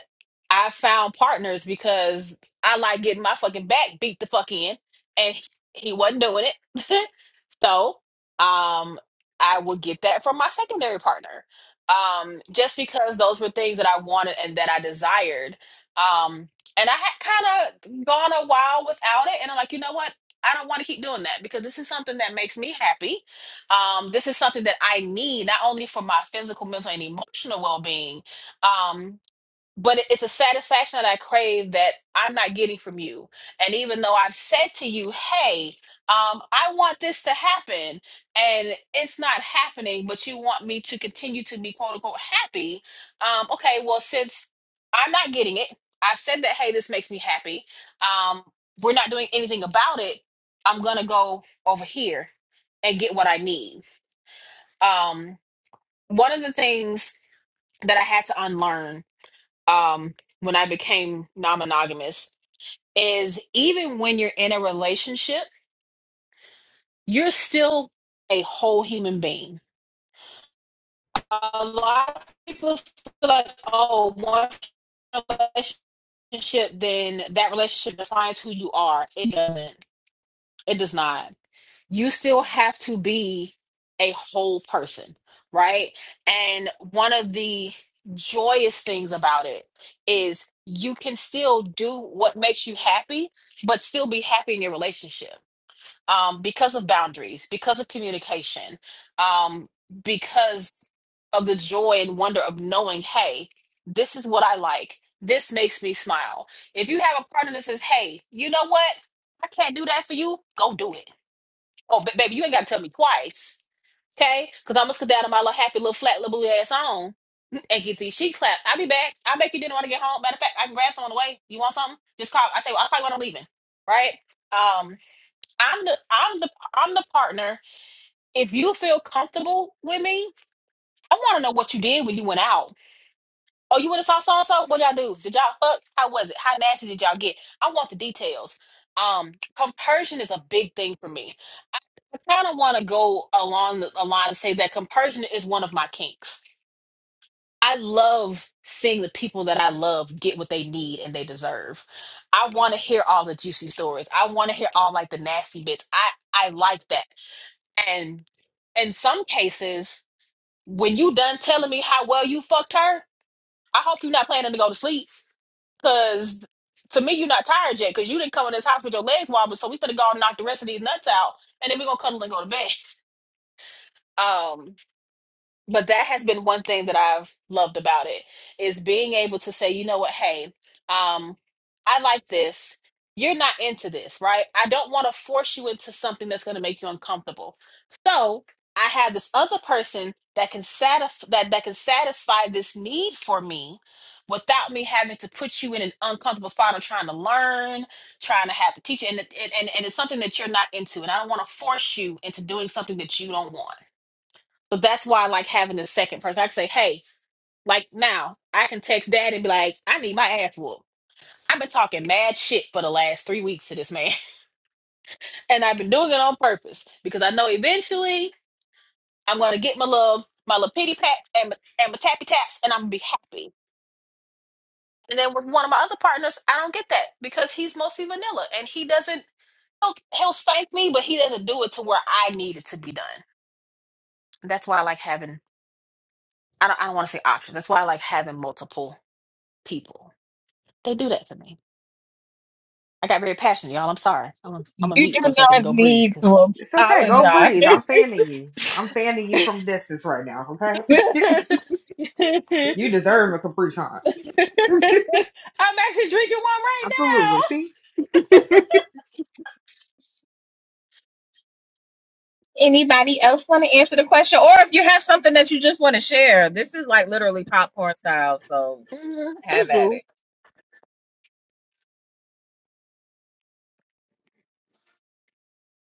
[SPEAKER 1] I found partners because I like getting my fucking back beat the fuck in, and he he wasn't doing it. <laughs> so, um, I would get that from my secondary partner, um, just because those were things that I wanted and that I desired. Um, and I had kind of gone a while without it, and I'm like, you know what? I don't want to keep doing that because this is something that makes me happy. Um, this is something that I need not only for my physical, mental, and emotional well being, um, but it- it's a satisfaction that I crave that I'm not getting from you. And even though I've said to you, hey, um, I want this to happen, and it's not happening, but you want me to continue to be quote unquote happy. Um, okay, well, since I'm not getting it, I've said that, hey, this makes me happy. Um, we're not doing anything about it. I'm going to go over here and get what I need. Um, one of the things that I had to unlearn um, when I became non monogamous is even when you're in a relationship, you're still a whole human being. A lot of people feel like, oh, once you're in a relationship, then that relationship defines who you are. It doesn't. It does not. you still have to be a whole person, right? And one of the joyous things about it is you can still do what makes you happy, but still be happy in your relationship um, because of boundaries, because of communication, um, because of the joy and wonder of knowing, hey, this is what I like. This makes me smile. If you have a partner that says, hey, you know what? I can't do that for you, go do it Oh, ba- baby, you ain't got to tell me twice, okay? Because I'm gonna sit down in my little happy little flat little blue ass on and get these sheets clapped. I'll be back. I'll make you dinner when I get home. Matter of fact, I can grab some on the way. You want something? Just call. I tell you, I'll call you when I'm leaving. Right? Um, I'm the I'm the I'm the partner. If you feel comfortable with me, I want to know what you did when you went out. Oh, you went and saw so and so. What y'all do? Did y'all fuck? How was it? How nasty did y'all get? I want the details. Um, compersion is a big thing for me I kind of want to go along the a line and say that compersion is one of my kinks. I love seeing the people that I love get what they need and they deserve. I want to hear all the juicy stories. I want to hear all like the nasty bits. I I like that. And in some cases, when you done telling me how well you fucked her, I hope you're not planning to go to sleep because to me you're not tired yet because you didn't come in this house with your legs wobbled. So we finna go and knock the rest of these nuts out and then we are gonna cuddle and go to bed. <laughs> Um, but that has been one thing that I've loved about it is being able to say, you know what, hey, um, I like this. You're not into this, right? I don't want to force you into something that's going to make you uncomfortable. So I have this other person that can satisfy that that can satisfy this need for me without me having to put you in an uncomfortable spot of trying to learn, trying to have to teach, you. and it- and and it's something that you're not into, and I don't want to force you into doing something that you don't want. So that's why I like having a second person. I can say, hey, like now I can text dad and be like, I need my ass whooped. I've been talking mad shit for the last three weeks to this man. <laughs> And I've been doing it on purpose because I know eventually I'm gonna get my little my little pity pats and my, and my tappy taps and I'm gonna be happy. And then with one of my other partners, I don't get that because he's mostly vanilla and he doesn't he'll, he'll spank me, but he doesn't do it to where I need it to be done. That's why I like having I don't I don't want to say options. That's why I like having multiple people They do that for me. I got very passionate, y'all. I'm sorry. I'm i am sorry i am i am a
[SPEAKER 2] You
[SPEAKER 1] mute
[SPEAKER 2] do
[SPEAKER 1] for a second and
[SPEAKER 2] not
[SPEAKER 1] go breathe
[SPEAKER 2] need
[SPEAKER 1] because
[SPEAKER 2] to
[SPEAKER 5] It's okay. Go breathe. I'm
[SPEAKER 2] apologize.
[SPEAKER 5] fanning you. I'm fanning you from distance right now. Okay.
[SPEAKER 1] <laughs>
[SPEAKER 2] <laughs>
[SPEAKER 1] I'm
[SPEAKER 5] <laughs> you deserve a Capri Sun. <laughs>
[SPEAKER 1] actually drinking one right now.
[SPEAKER 5] Absolutely. See?
[SPEAKER 2] Anybody else want to answer the question? Or if you have something that you just want to share, this is like literally popcorn style, so
[SPEAKER 1] Mhm. Hey,
[SPEAKER 2] have at
[SPEAKER 1] boo.
[SPEAKER 2] it.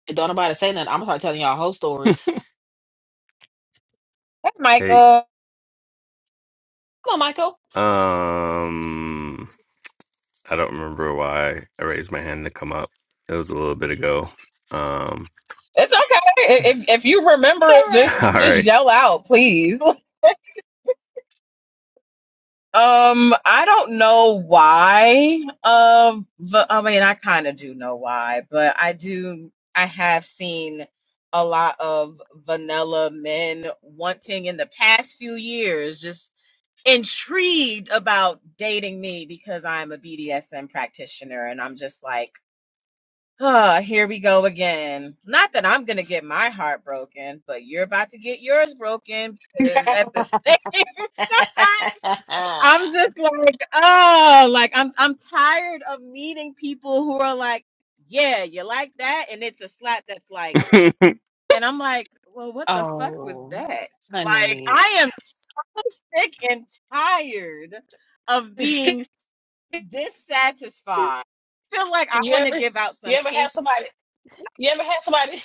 [SPEAKER 1] Don't nobody say nothing. I'm gonna start telling y'all whole stories.
[SPEAKER 2] Hey,
[SPEAKER 10] Hey,
[SPEAKER 2] Michael.
[SPEAKER 1] Come on, Michael.
[SPEAKER 10] um, I don't remember why I raised my hand to come up. It was a little bit ago. Um,
[SPEAKER 2] It's okay. If if you
[SPEAKER 1] It's
[SPEAKER 2] remember it,
[SPEAKER 10] <laughs>
[SPEAKER 2] just
[SPEAKER 10] all
[SPEAKER 2] just
[SPEAKER 10] right.
[SPEAKER 2] yell out, please. <laughs> Um, I don't know why. Um, but I mean, I kind of do know why, but I do. I have seen a lot of vanilla men wanting in the past few years, just intrigued about dating me because I'm a BDSM practitioner, and I'm just like, oh, here we go again. Not that I'm gonna get my heart broken, but you're about to get yours broken because at
[SPEAKER 1] all
[SPEAKER 2] the <laughs>
[SPEAKER 1] right. Yeah.
[SPEAKER 2] same time
[SPEAKER 1] <laughs>
[SPEAKER 2] I'm just like, oh, like I'm I'm tired of meeting people who are like, yeah, you like that, and it's a slap that's like, and I'm like, well, what the fuck was
[SPEAKER 1] Oh,
[SPEAKER 2] that? Like,
[SPEAKER 1] honey.
[SPEAKER 2] I am so sick and tired
[SPEAKER 1] <laughs>
[SPEAKER 2] of
[SPEAKER 1] you
[SPEAKER 2] being s- dissatisfied. feel like I want to
[SPEAKER 1] ever
[SPEAKER 2] give out
[SPEAKER 1] you
[SPEAKER 2] some
[SPEAKER 1] ever
[SPEAKER 2] pink.
[SPEAKER 1] have somebody you ever have somebody <laughs>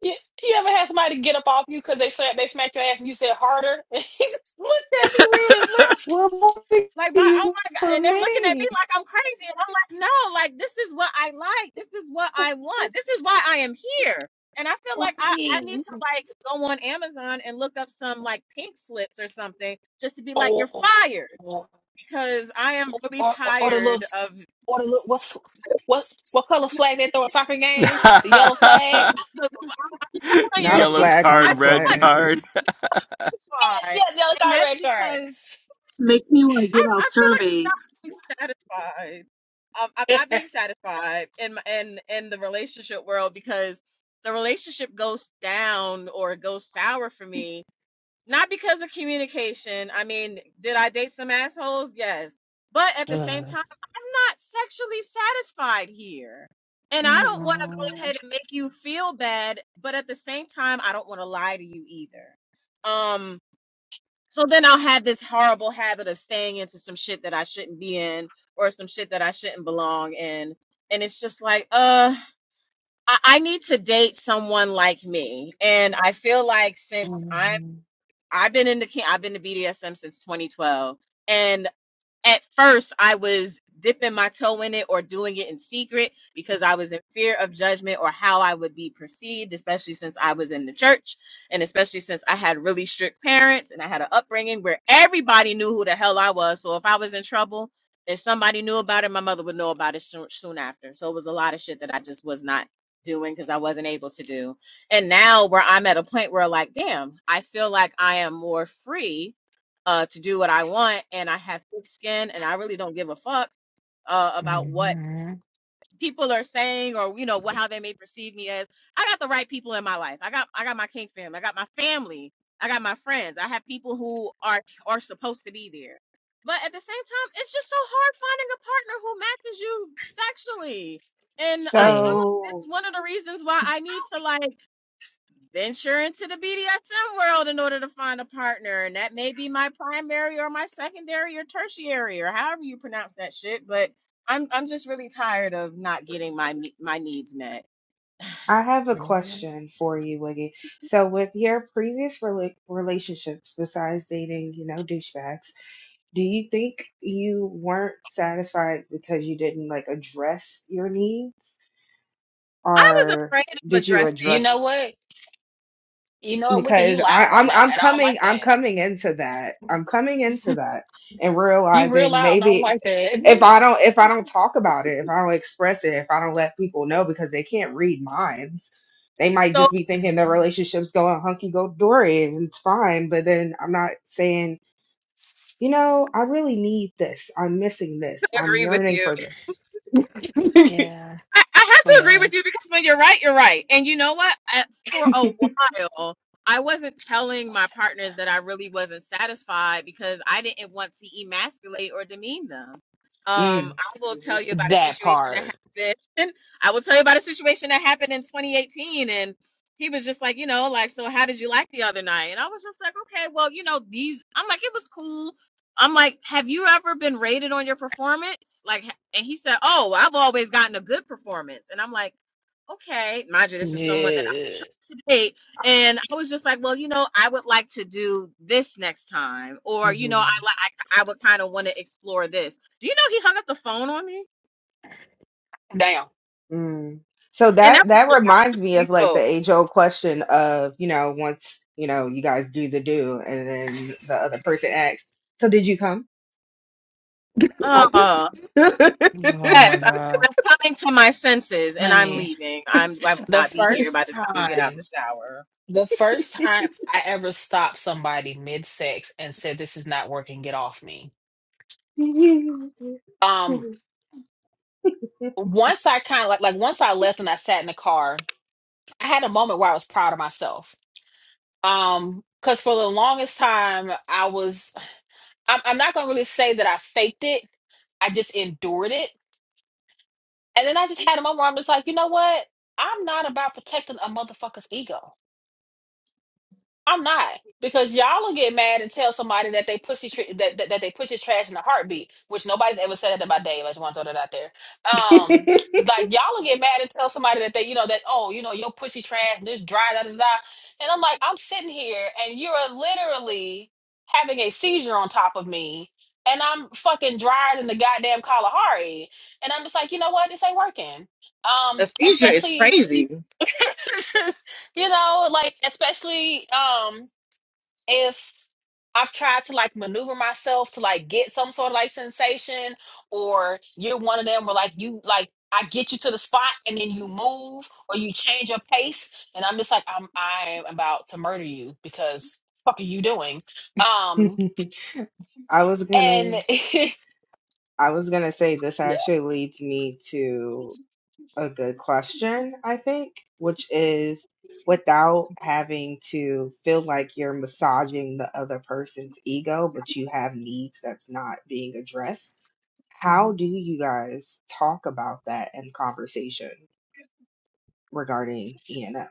[SPEAKER 1] You, you ever had somebody get up off you because they said they smacked your ass and you said harder? <laughs> And he just looked at me weird and left.
[SPEAKER 5] What more do
[SPEAKER 2] Like my
[SPEAKER 5] you
[SPEAKER 2] oh
[SPEAKER 5] want
[SPEAKER 2] my god, and
[SPEAKER 5] from
[SPEAKER 2] they're looking at me
[SPEAKER 5] me?
[SPEAKER 2] like I'm crazy, and I'm like, no, like this is what I like, this is what I want, this is why I am here, and I feel like I I need
[SPEAKER 1] Right.
[SPEAKER 2] to like go on Amazon and look up some like pink slips or something just to be like, you're
[SPEAKER 1] Oh,
[SPEAKER 2] fired
[SPEAKER 1] or,
[SPEAKER 2] because I am really
[SPEAKER 1] or, or the little,
[SPEAKER 2] tired of.
[SPEAKER 1] or the little, what's, what's, what color flag they throw at soccer game? The yellow flag?
[SPEAKER 2] <laughs> I'm
[SPEAKER 10] <laughs>
[SPEAKER 2] telling
[SPEAKER 5] Not
[SPEAKER 2] you,
[SPEAKER 5] a
[SPEAKER 10] Yellow
[SPEAKER 2] <laughs>
[SPEAKER 5] flag on
[SPEAKER 10] card,
[SPEAKER 2] I
[SPEAKER 5] the
[SPEAKER 2] feel
[SPEAKER 10] red
[SPEAKER 2] like
[SPEAKER 5] play.
[SPEAKER 2] I'm
[SPEAKER 10] card.
[SPEAKER 1] Yes,
[SPEAKER 2] satisfied,
[SPEAKER 1] yes, yellow
[SPEAKER 2] and
[SPEAKER 1] card,
[SPEAKER 2] that's
[SPEAKER 1] red card.
[SPEAKER 2] because
[SPEAKER 3] Makes me want to give
[SPEAKER 2] I
[SPEAKER 3] out
[SPEAKER 2] I feel like I'm
[SPEAKER 3] surveys.
[SPEAKER 2] not being satisfied. Um, I'm not
[SPEAKER 1] <laughs>
[SPEAKER 2] being satisfied in my, in in the relationship world because the relationship goes down or goes sour for me not because of communication. I mean, did I date some assholes? Yes, but at the same
[SPEAKER 1] Ugh.
[SPEAKER 2] time, I'm not sexually satisfied here. And I don't want to go ahead
[SPEAKER 1] Mm-mm.
[SPEAKER 2] and make you feel bad, but at the same time, I don't want to lie to you either. Um. So then I'll have this horrible habit of staying into some shit that I shouldn't be in or some shit that I shouldn't belong in. And it's just like, uh, I, I need to date someone like me. And I feel like since I'm
[SPEAKER 1] Mm-mm.
[SPEAKER 2] I've been in the I've been to BDSM since 2012. and at first I was dipping my toe in it or doing it in secret because I was in fear of judgment or how I would be perceived, especially since I was in the church and especially since I had really strict parents and I had an upbringing where everybody knew who the hell I was. So if I was in trouble, if somebody knew about it, my mother would know about it soon, soon after. So it was a lot of shit that I just was not doing because I wasn't able to do. And now where I'm at a point where like, damn, I feel like I am more free uh, to do what I want, and I have thick skin, and I really don't give a fuck uh, about what
[SPEAKER 1] Mm-mm.
[SPEAKER 2] people are saying or you know what how they may perceive me as. I got the right people in my life. I got I got my king fam. I got my family. I got my friends. I have people who are are supposed to be there. But at the same time, it's just so hard finding a partner who matches you sexually. And
[SPEAKER 1] It
[SPEAKER 2] I feel
[SPEAKER 1] ain't.
[SPEAKER 2] like it's
[SPEAKER 5] So
[SPEAKER 2] one of the reasons why I need to like venture into the BDSM world in order to find a partner. And that may be my primary or my secondary or tertiary or however you pronounce that shit. But I'm I'm just really tired of not getting my my needs met.
[SPEAKER 5] I have a question for you, Wiggy. So with your previous rela- relationships, besides dating, you know, douchebags. Do you think you weren't satisfied because you didn't like address your needs,
[SPEAKER 2] I was
[SPEAKER 5] or
[SPEAKER 2] afraid of
[SPEAKER 5] did you
[SPEAKER 1] You
[SPEAKER 2] addressing.
[SPEAKER 5] address?
[SPEAKER 1] know what? You know what, Wicked, you
[SPEAKER 5] Because I,
[SPEAKER 1] loud right
[SPEAKER 5] I'm
[SPEAKER 1] now,
[SPEAKER 5] I'm
[SPEAKER 1] and I don't
[SPEAKER 5] coming
[SPEAKER 1] like
[SPEAKER 5] I'm
[SPEAKER 1] that.
[SPEAKER 5] coming into that I'm coming into that and
[SPEAKER 1] You real
[SPEAKER 5] realizing
[SPEAKER 1] loud, and I don't
[SPEAKER 5] maybe
[SPEAKER 1] like
[SPEAKER 5] if I don't if I don't talk about it if I don't express it if I don't let people know because they can't read minds they might
[SPEAKER 2] So I
[SPEAKER 5] just be thinking
[SPEAKER 1] that.
[SPEAKER 5] their
[SPEAKER 1] <laughs>
[SPEAKER 5] relationship's going hunky dory and it's fine but then I'm not saying you know, I really need this. I'm missing this.
[SPEAKER 2] totally
[SPEAKER 5] I'm
[SPEAKER 2] agree with
[SPEAKER 5] yearning
[SPEAKER 2] you.
[SPEAKER 5] for this. <laughs> mm.
[SPEAKER 1] Yeah.
[SPEAKER 2] I, I have
[SPEAKER 1] Oh,
[SPEAKER 2] to agree
[SPEAKER 1] yeah.
[SPEAKER 2] with you because when you're right, you're right. And you know what? I, for a while, I wasn't telling my partners that I really wasn't satisfied because I didn't want to emasculate or demean them. Um, I will tell you
[SPEAKER 5] Mm-hmm.
[SPEAKER 2] about a
[SPEAKER 1] That
[SPEAKER 2] situation that
[SPEAKER 1] part.
[SPEAKER 2] happened. <laughs> I will tell you about a situation that happened in 2018, and he was just like, you know, like, so how did you like the other night? And I was just like, okay, well, you know, these. I'm like, it was cool. I'm like, have you ever been rated on your performance? Like, and he said, oh, I've always gotten a good performance. And I'm like, okay, mind you, this is someone that I
[SPEAKER 1] Yeah.
[SPEAKER 2] chose to date. And I was just like, well, you know, I would like to do this next time. Or, you know, I
[SPEAKER 5] Mm-hmm.
[SPEAKER 2] like, I, I would kind of want to explore this. Do you know he hung up the phone on me?
[SPEAKER 1] Damn.
[SPEAKER 5] Mm. So
[SPEAKER 2] And that
[SPEAKER 5] that
[SPEAKER 2] was
[SPEAKER 5] that
[SPEAKER 2] the last
[SPEAKER 5] reminds
[SPEAKER 2] time
[SPEAKER 5] me
[SPEAKER 2] we
[SPEAKER 5] of like the
[SPEAKER 2] spoke.
[SPEAKER 5] age old question of, you know, once, you know, you guys do the do and then the other person asks, so did you come? <laughs>
[SPEAKER 2] Uh,
[SPEAKER 1] Oh my
[SPEAKER 2] yes, I-
[SPEAKER 1] God.
[SPEAKER 2] I'm coming to my senses and I'm
[SPEAKER 1] Honey,
[SPEAKER 2] leaving. I'm, I will
[SPEAKER 1] the
[SPEAKER 2] not be here by
[SPEAKER 1] first
[SPEAKER 2] the time you get out the
[SPEAKER 1] time,
[SPEAKER 2] shower.
[SPEAKER 1] the first time I ever stopped somebody mid-sex and said, This is not working, get off me. Um, once I kind of like like once I left and I sat in the car, I had a moment where I was proud of myself. Um, because for the longest time I was I'm, I'm not gonna really say that I faked it. I just endured it And then I just had a moment where I'm just like, you know what? I'm not about protecting a motherfucker's ego. I'm not because y'all will get mad and tell somebody that they pussy tr- that, that that they push his trash in a heartbeat, which nobody's ever said that about Dave. I just want to throw that out there. Um, like y'all will get mad and tell somebody that they you know that oh you know your pussy trash this dry da da da, and I'm like I'm sitting here and you're literally having a seizure on top of me. And I'm fucking drier than the goddamn Kalahari, and I'm just like, you know what? This ain't working. Um,
[SPEAKER 2] A seizure is
[SPEAKER 1] especially,
[SPEAKER 2] crazy.
[SPEAKER 1] <laughs> you know, like especially, um, if I've tried to like maneuver myself to like get some sort of like sensation, or you're one of them where like you like I get you to the spot and then you move or you change your pace, and I'm just like I'm I'm about to murder you because fuck are you doing? Um
[SPEAKER 5] I was
[SPEAKER 1] and
[SPEAKER 5] gonna
[SPEAKER 1] <laughs>
[SPEAKER 5] I was gonna say this
[SPEAKER 1] yeah,
[SPEAKER 5] actually leads me to. a good question, I think, which is without having to feel like you're massaging the other person's ego, but you have needs that's not being addressed. How
[SPEAKER 1] mhm.
[SPEAKER 5] do you guys talk about that in conversation regarding ENF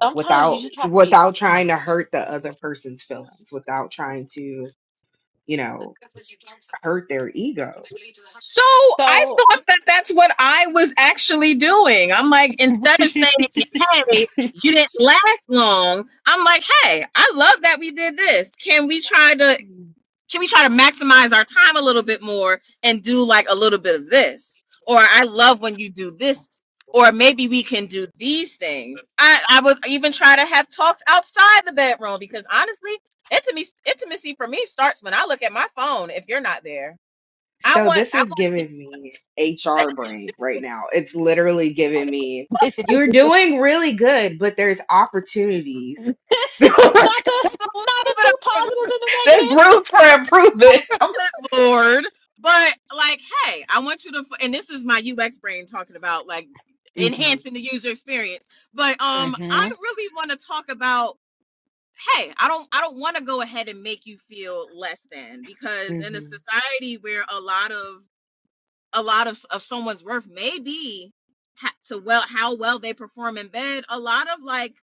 [SPEAKER 1] sometimes you
[SPEAKER 5] without
[SPEAKER 1] just have to be
[SPEAKER 5] without trying to
[SPEAKER 1] honest.
[SPEAKER 5] hurt the other person's feelings, without trying to, you know, hurt their ego?
[SPEAKER 2] So I
[SPEAKER 1] So
[SPEAKER 2] thought that that's what I was actually doing. I'm like, instead of saying, hey, you didn't last long, I'm like, hey, I love that we did this. Can we try to can we try to maximize our time a little bit more and do like a little bit of this? Or I love when you do this, or maybe we can do these things. I, I would even try to have talks outside the bedroom because honestly, intimacy intimacy for me starts when I look at my phone if you're not there. I
[SPEAKER 5] So
[SPEAKER 2] want
[SPEAKER 5] this
[SPEAKER 2] I
[SPEAKER 5] is
[SPEAKER 2] want
[SPEAKER 5] giving me HR brain right now. It's literally giving me you're doing really good, but there's opportunities.
[SPEAKER 1] <laughs>
[SPEAKER 5] <laughs> there's
[SPEAKER 1] not the
[SPEAKER 2] a little
[SPEAKER 1] not the
[SPEAKER 2] bit
[SPEAKER 1] two
[SPEAKER 2] of
[SPEAKER 1] positives and the negative.
[SPEAKER 5] room for improvement. <laughs>
[SPEAKER 2] a clipboard, but like, hey, I want you to, f- and this is my UX brain talking about like
[SPEAKER 5] hmm
[SPEAKER 2] enhancing the user experience. But um, I
[SPEAKER 1] Mm-hmm.
[SPEAKER 2] really want to talk about, hey, I don't, I don't want to go ahead and make you feel less than because in a
[SPEAKER 5] hmm
[SPEAKER 2] society where a lot of a lot of of someone's worth may be ha- to well how well they perform in bed, a lot of like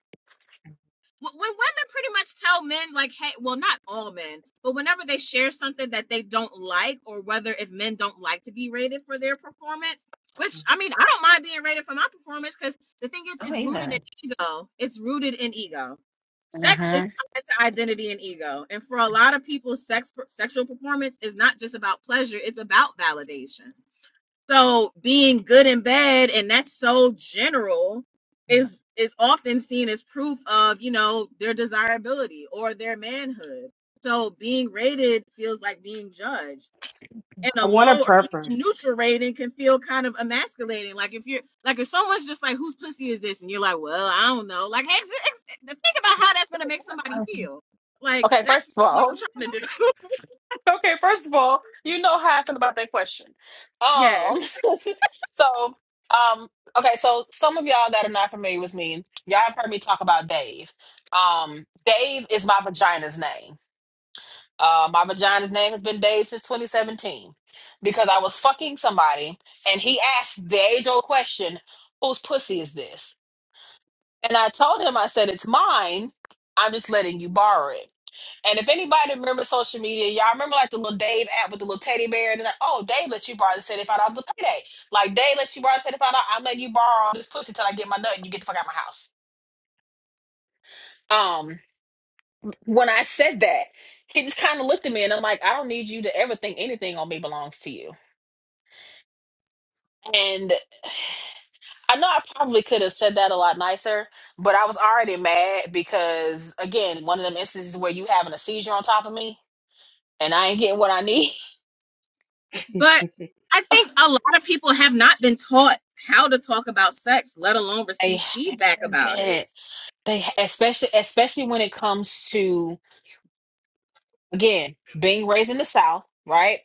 [SPEAKER 2] when women pretty much tell men like hey well not all men but whenever they share something that they don't like or whether if men don't like to be rated for their performance which i mean i don't mind being rated for my performance because the thing is
[SPEAKER 1] Oh
[SPEAKER 2] it's rooted
[SPEAKER 1] yeah.
[SPEAKER 2] in ego it's rooted in ego sex is
[SPEAKER 1] Mm-hmm.
[SPEAKER 2] tied to identity and ego and for a lot of people sex sexual performance is not just about pleasure it's about validation so being good and bad, and that's so general, is is often seen as proof of you know their desirability or their manhood. So being rated feels like being judged, and
[SPEAKER 5] I
[SPEAKER 2] a
[SPEAKER 5] want a
[SPEAKER 2] low or even
[SPEAKER 5] preference,
[SPEAKER 2] neutral rating can feel kind of emasculating. Like if you're like if someone's just like, "Whose pussy is this?" and you're like, "Well, I don't know." Like, ex- ex- think about how that's gonna make somebody feel. Like
[SPEAKER 1] Okay,
[SPEAKER 2] that's
[SPEAKER 1] first of
[SPEAKER 2] what
[SPEAKER 1] all.
[SPEAKER 2] I'm trying to do.
[SPEAKER 1] Okay, first of all, you know how I feel about that question.
[SPEAKER 2] <laughs> yes.
[SPEAKER 1] Um, <laughs> so, um, okay, so some of y'all that are not familiar with me, y'all have heard me talk about Dave. Um, Dave is my vagina's name. Uh, my vagina's name has been Dave since 2017 because I was fucking somebody and he asked the age old question, whose pussy is this? And I told him, I said, it's mine. I'm just letting you borrow it. And if anybody remembers social media, y'all remember like the little Dave app with the little teddy bear, and they're like, "Oh, Dave lets you borrow the seventy-five dollars to payday." Like Dave lets you borrow the seventy-five dollars. I'm letting you borrow this pussy till I get my nut, and you get the fuck out of my house. Um, when I said that, he just kind of looked at me, and I'm like, "I don't need you to ever think anything on me belongs to you." And I know I probably could have said that a lot nicer, but I was already mad because again, one of them instances where you having a seizure on top of me, and I ain't getting what I need.
[SPEAKER 2] But
[SPEAKER 5] <laughs>
[SPEAKER 2] I think a lot of people have not been taught how to talk about sex, let alone
[SPEAKER 1] <laughs> I
[SPEAKER 2] receive feedback about it.
[SPEAKER 1] haven't. They especially especially when it comes to again being raised in the South, right?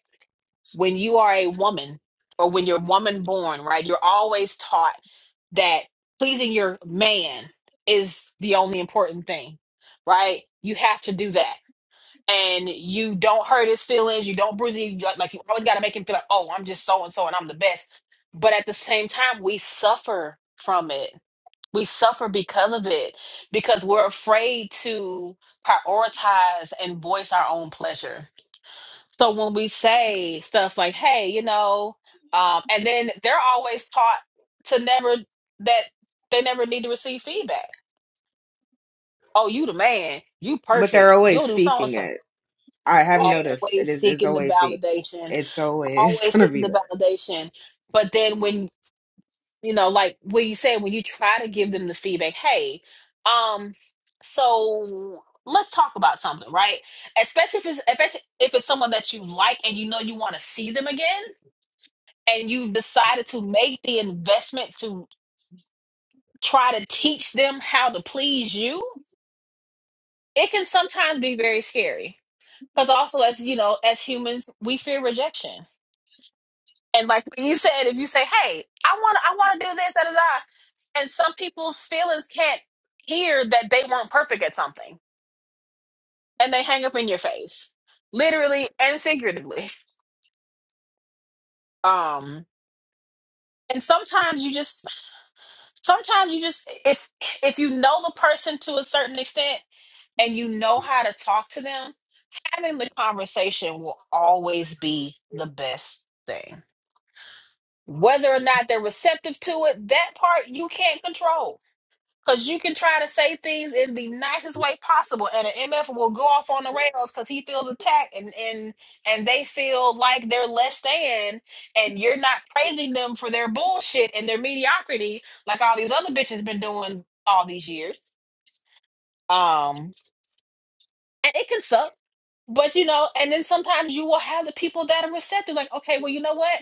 [SPEAKER 1] When you are a woman or when you're woman born, right? You're always taught that pleasing your man is the only important thing, right? You have to do that. And you don't hurt his feelings, you don't bruise him, like like you always gotta make him feel like, oh, I'm just so and so and I'm the best. But at the same time, we suffer from it we suffer because of it because we're afraid to prioritize and voice our own pleasure so when we say stuff like hey you know um, and then they're always taught to never that they never need to receive feedback oh you the man you
[SPEAKER 5] but
[SPEAKER 1] perfect
[SPEAKER 5] they're always
[SPEAKER 1] you'll do so and
[SPEAKER 5] seeking
[SPEAKER 1] so
[SPEAKER 5] it. I have
[SPEAKER 2] Yeah.
[SPEAKER 5] noticed it
[SPEAKER 1] always
[SPEAKER 5] is it's
[SPEAKER 1] seeking the
[SPEAKER 5] always seek.
[SPEAKER 1] validation
[SPEAKER 5] It's always <laughs>
[SPEAKER 1] always
[SPEAKER 5] gonna
[SPEAKER 1] seeking
[SPEAKER 5] be
[SPEAKER 1] the
[SPEAKER 5] there.
[SPEAKER 1] validation but then when you know, like what you said when you try to give them the feedback, hey, um, so let's talk about something, right? Especially if it's if it's, if it's someone that you like and you know you want to see them again, and you've decided to make the investment to try to teach them how to please you, it can sometimes be very scary. Because also, as you know, as humans, we fear rejection And like you said, if you say, "Hey, I want I want to do this," da, da, da, and some people's feelings can't hear that they weren't perfect at something, and they hang up in your face, literally and figuratively. Um, and sometimes you just, sometimes you just, if if you know the person to a certain extent and you know how to talk to them, having the conversation will always be the best thing. Whether or not they're receptive to it, that part you can't control Cause you can try to say things in the nicest way possible, and an MF will go off on the rails because he feels attacked, and and and they feel like they're less than, and you're not praising them for their bullshit and their mediocrity, like all these other bitches been doing all these years. Um, and it can suck, but you know, and then sometimes you will have the people that are receptive, like, okay, well, you know what?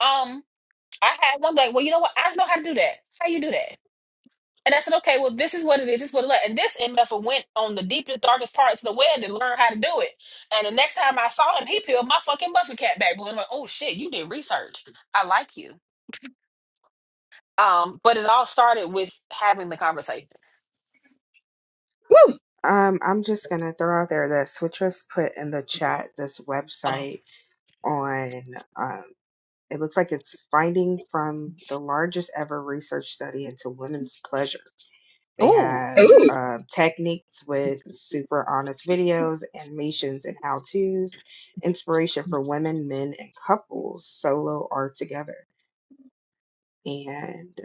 [SPEAKER 1] Um, I had one like, well, you know what? I don't know how to do that. How you do that? And I said, okay, well, this is what it is. This is what it is. And this MF went on the deepest, darkest parts of the web and learned how to do it. And the next time I saw him, he peeled my fucking buffer cap back. Blue. And I'm like, oh shit, you did research. I like you. Um, but it all started with having the conversation.
[SPEAKER 2] Woo.
[SPEAKER 5] Um, I'm just gonna throw out there that Switchers put in the chat this
[SPEAKER 1] Hold on.
[SPEAKER 5] website on It looks like it's finding from the largest ever research study into women's pleasure. They
[SPEAKER 1] Ooh.
[SPEAKER 5] have
[SPEAKER 2] Ooh.
[SPEAKER 5] uh, techniques with super honest videos, animations, and how to's, inspiration for women, men, and couples, solo or together. And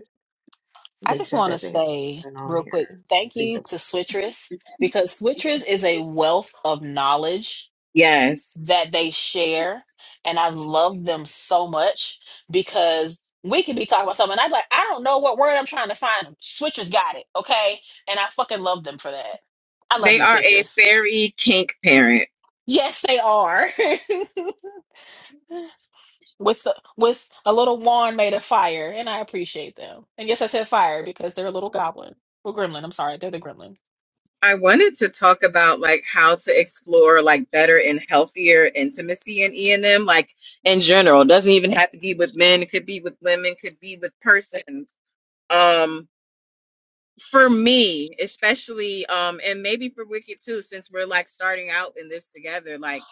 [SPEAKER 1] I
[SPEAKER 5] they
[SPEAKER 1] just
[SPEAKER 5] said
[SPEAKER 1] want to
[SPEAKER 5] that they've
[SPEAKER 1] say
[SPEAKER 5] been on
[SPEAKER 1] real quick,
[SPEAKER 5] here since
[SPEAKER 1] thank you
[SPEAKER 5] season
[SPEAKER 1] to Switchers because Switchers is a wealth of knowledge
[SPEAKER 2] Yes.
[SPEAKER 1] that they share, and I love them so much because we could be talking about something. And I'm like, I don't know what word I'm trying to find. Switchers got it, okay? And I fucking love them for that. I love
[SPEAKER 2] They
[SPEAKER 1] you,
[SPEAKER 2] are a
[SPEAKER 1] Switchers.
[SPEAKER 2] very kink parent.
[SPEAKER 1] Yes, they are. <laughs> with a, with a little wand made of fire, and I appreciate them. And yes, I said fire because they're a little goblin. Well, gremlin. I'm sorry, they're the gremlin.
[SPEAKER 2] I wanted to talk about like how to explore like better and healthier intimacy in E and M, like in general. It doesn't even have to be with men, it could be with women, could be with persons. Um. for me especially um and maybe for wicked too since we're like starting out in this together like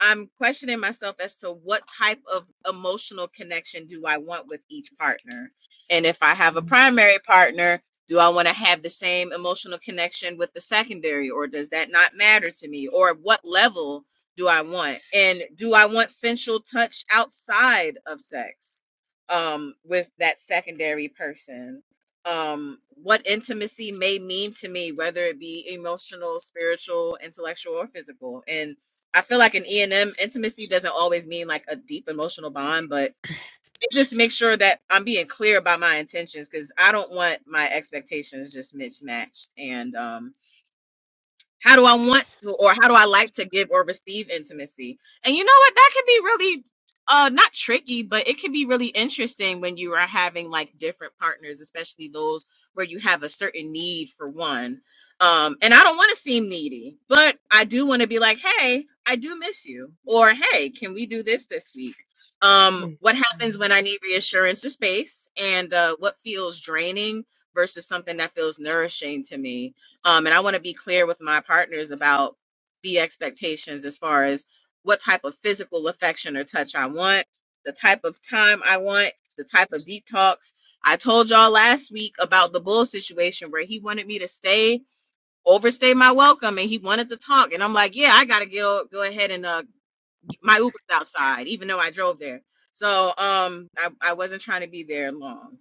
[SPEAKER 2] I'm questioning myself as to what type of emotional connection do I want with each partner. And if I have a primary partner, do I want to have the same emotional connection with the secondary, or does that not matter to me? Or what level do I want? And do I want sensual touch outside of sex um, with that secondary person? Um, what intimacy may mean to me, whether it be emotional, spiritual, intellectual, or physical. And I feel like in E and M intimacy doesn't always mean like a deep emotional bond, but it just makes sure that I'm being clear about my intentions because I don't want my expectations just mismatched. And um, how do I want to, or how do I like to give or receive intimacy? And you know what? That can be really uh not tricky, but it can be really interesting when you are having like different partners, especially those where you have a certain need for one. Um, and I don't want to seem needy, but I do want to be like, hey, I do miss you, or hey, can we do this this week? Um,
[SPEAKER 5] one.
[SPEAKER 2] what happens when I need reassurance or space, and uh, what feels draining versus something that feels nourishing to me um, and I want to be clear with my partners about the expectations as far as what type of physical affection or touch I want, the type of time I want, the type of deep talks. I told y'all last week about the bull situation where he wanted me to stay, overstay my welcome, and he wanted to talk. And I'm like, yeah, I gotta get o- go ahead and uh, my Uber's outside, even though I drove there. So um, I, I wasn't trying to be there long.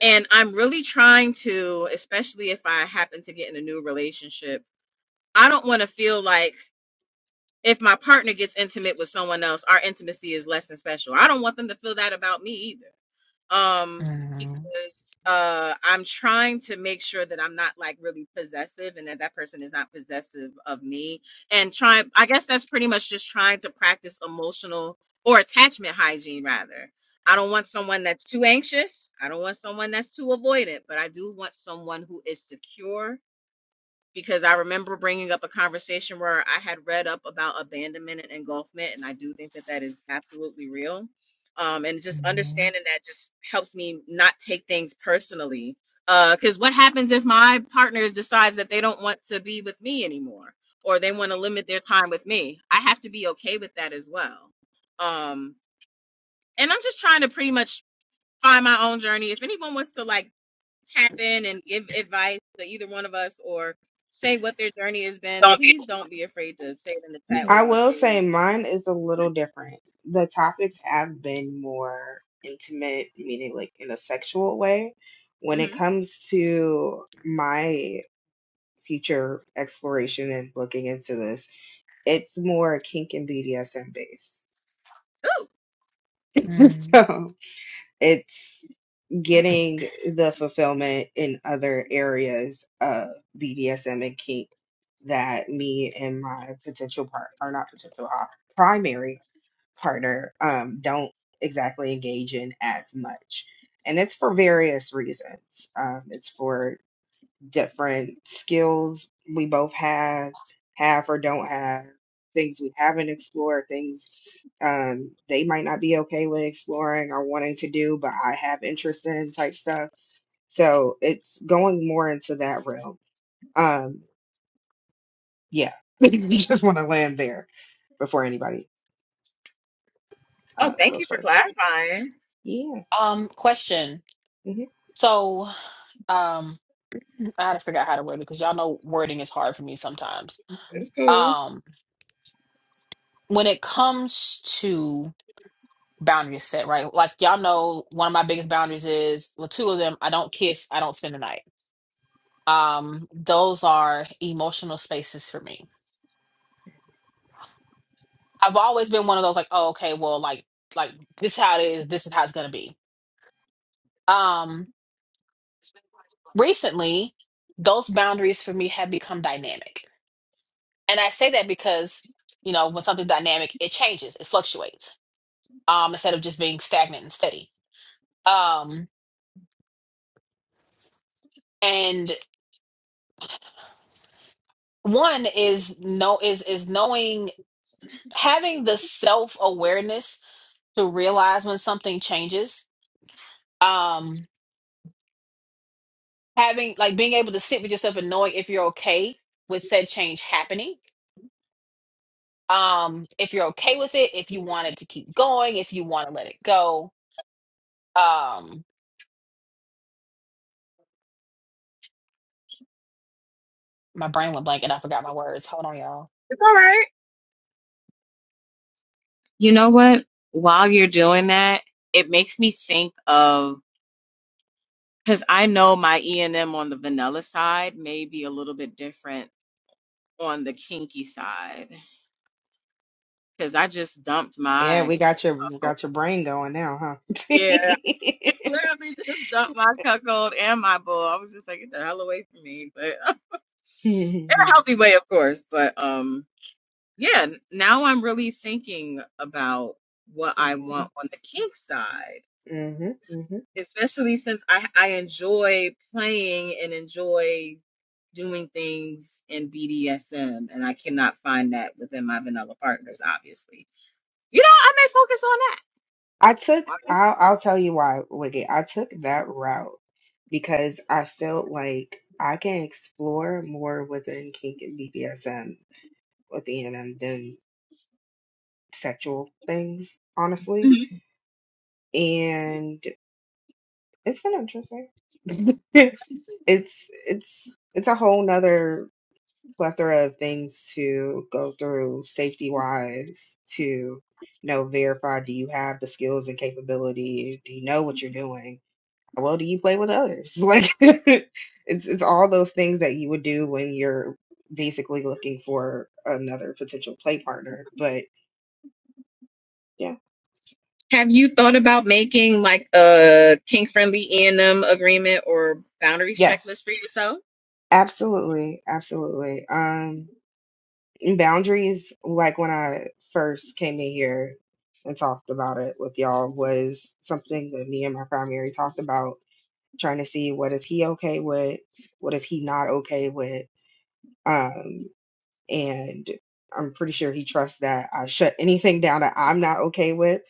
[SPEAKER 2] And I'm really trying to, especially if I happen to get in a new relationship I don't want to feel like if my partner gets intimate with someone else, our intimacy is less than special. I don't want them to feel that about me either. Um,
[SPEAKER 1] Mhm.
[SPEAKER 2] because uh, I'm trying to make sure that I'm not like really possessive and that that person is not possessive of me. And trying, I guess that's pretty much just trying to practice emotional or attachment hygiene rather. I don't want someone that's too anxious. I don't want someone that's too avoidant, but I do want someone who is secure because I remember bringing up a conversation where I had read up about abandonment and engulfment, and I do think that that is absolutely real. Um, and just understanding that just helps me not take things personally. Because what happens if my partner decides that they don't want to be with me anymore, or they want to limit their time with me? I have to be okay with that as well. Um, and I'm just trying to pretty much find my own journey. If anyone wants to like Tap in and give advice to either one of us or say what their journey has
[SPEAKER 10] <laughs>
[SPEAKER 2] been,
[SPEAKER 10] Donkey.
[SPEAKER 2] please don't be afraid to say it in the chat
[SPEAKER 5] I
[SPEAKER 2] or on
[SPEAKER 5] will say
[SPEAKER 2] stage.
[SPEAKER 5] mine is a little different. The topics have been more intimate, meaning like in a sexual way. When it
[SPEAKER 2] hmm
[SPEAKER 5] comes to my future exploration and looking into this, it's more kink and BDSM based.
[SPEAKER 2] Ooh.
[SPEAKER 5] <laughs> So it's getting the fulfillment in other areas of BDSM and kink that me and my potential part are not potential uh, primary partner um, don't exactly engage in as much. And it's for various reasons. Um, it's for different skills we both have, have or don't have, things we haven't explored, things um, they might not be okay with exploring or wanting to do, but I have interest in type stuff. So it's going more into that realm. Um, yeah, <laughs> you just want to land there before anybody uh,
[SPEAKER 2] Oh, thank
[SPEAKER 5] goes
[SPEAKER 2] you for
[SPEAKER 5] further.
[SPEAKER 2] clarifying.
[SPEAKER 5] Yeah.
[SPEAKER 1] Um, question.
[SPEAKER 5] hmm
[SPEAKER 1] So, um, I had to figure out how to word it because y'all know wording is hard for me sometimes.
[SPEAKER 2] It's cool.
[SPEAKER 1] Um, when it comes to boundaries set, right? Like y'all know one of my biggest boundaries is well, two of them, I don't kiss, I don't spend the night. Um, those are emotional spaces for me. I've always been one of those like, oh, okay, well, like like this is how it is, this is how it's gonna be. Um, recently, those boundaries for me have become dynamic And I say that because, you know, when something's dynamic, it changes, it fluctuates, um, instead of just being stagnant and steady. Um, and one is no is is knowing having the self-awareness to realize when something changes. Um, having like being able to sit with yourself and knowing if you're okay with said change happening. Um, if you're okay with it, if you want it to keep going, if you want to let it go. Um, My brain went blank and I forgot my words. Hold on, y'all.
[SPEAKER 2] It's all right. You know what? While you're doing that, it makes me think of because I know my E and M on the vanilla side may be a little bit different on the kinky side because I just dumped
[SPEAKER 5] Yeah,
[SPEAKER 2] my.
[SPEAKER 5] we got your we got your brain going now, huh?
[SPEAKER 2] Yeah.
[SPEAKER 5] <laughs>
[SPEAKER 2] Literally just dumped my cuckold and my bull. I was just like, get the hell away from me. But <laughs> in a
[SPEAKER 5] Mhm,
[SPEAKER 2] healthy way, of course. But um, yeah, n- now I'm really thinking about what I want on the kink side,
[SPEAKER 5] mhm, mhm.
[SPEAKER 2] especially since I I enjoy playing and enjoy doing things in BDSM, and I cannot find that within my vanilla partners, obviously. You know, I may focus
[SPEAKER 5] I took
[SPEAKER 2] on
[SPEAKER 5] I'll I'll tell you why, Wicked. I took that route because I felt like I can explore more within kink and BDSM within them than sexual things,
[SPEAKER 2] that.
[SPEAKER 5] honestly. And it's been interesting. <laughs> it's it's it's a whole nother plethora of things to go through safety wise to you know verify do you have the skills and capability do you know what you're doing how well do you play with others <laughs> like <laughs> it's it's all those things that you would do when you're basically looking for another potential play partner but yeah
[SPEAKER 2] Have you thought about making like a kink friendly E&M agreement or boundaries
[SPEAKER 5] yes
[SPEAKER 2] checklist for yourself?
[SPEAKER 5] absolutely absolutely um boundaries like when i first came in here and talked about it with y'all was something that me and my primary talked about trying to see what is he okay with what is he not okay with um and I'm pretty sure he trusts that I shut anything down that I'm not okay with.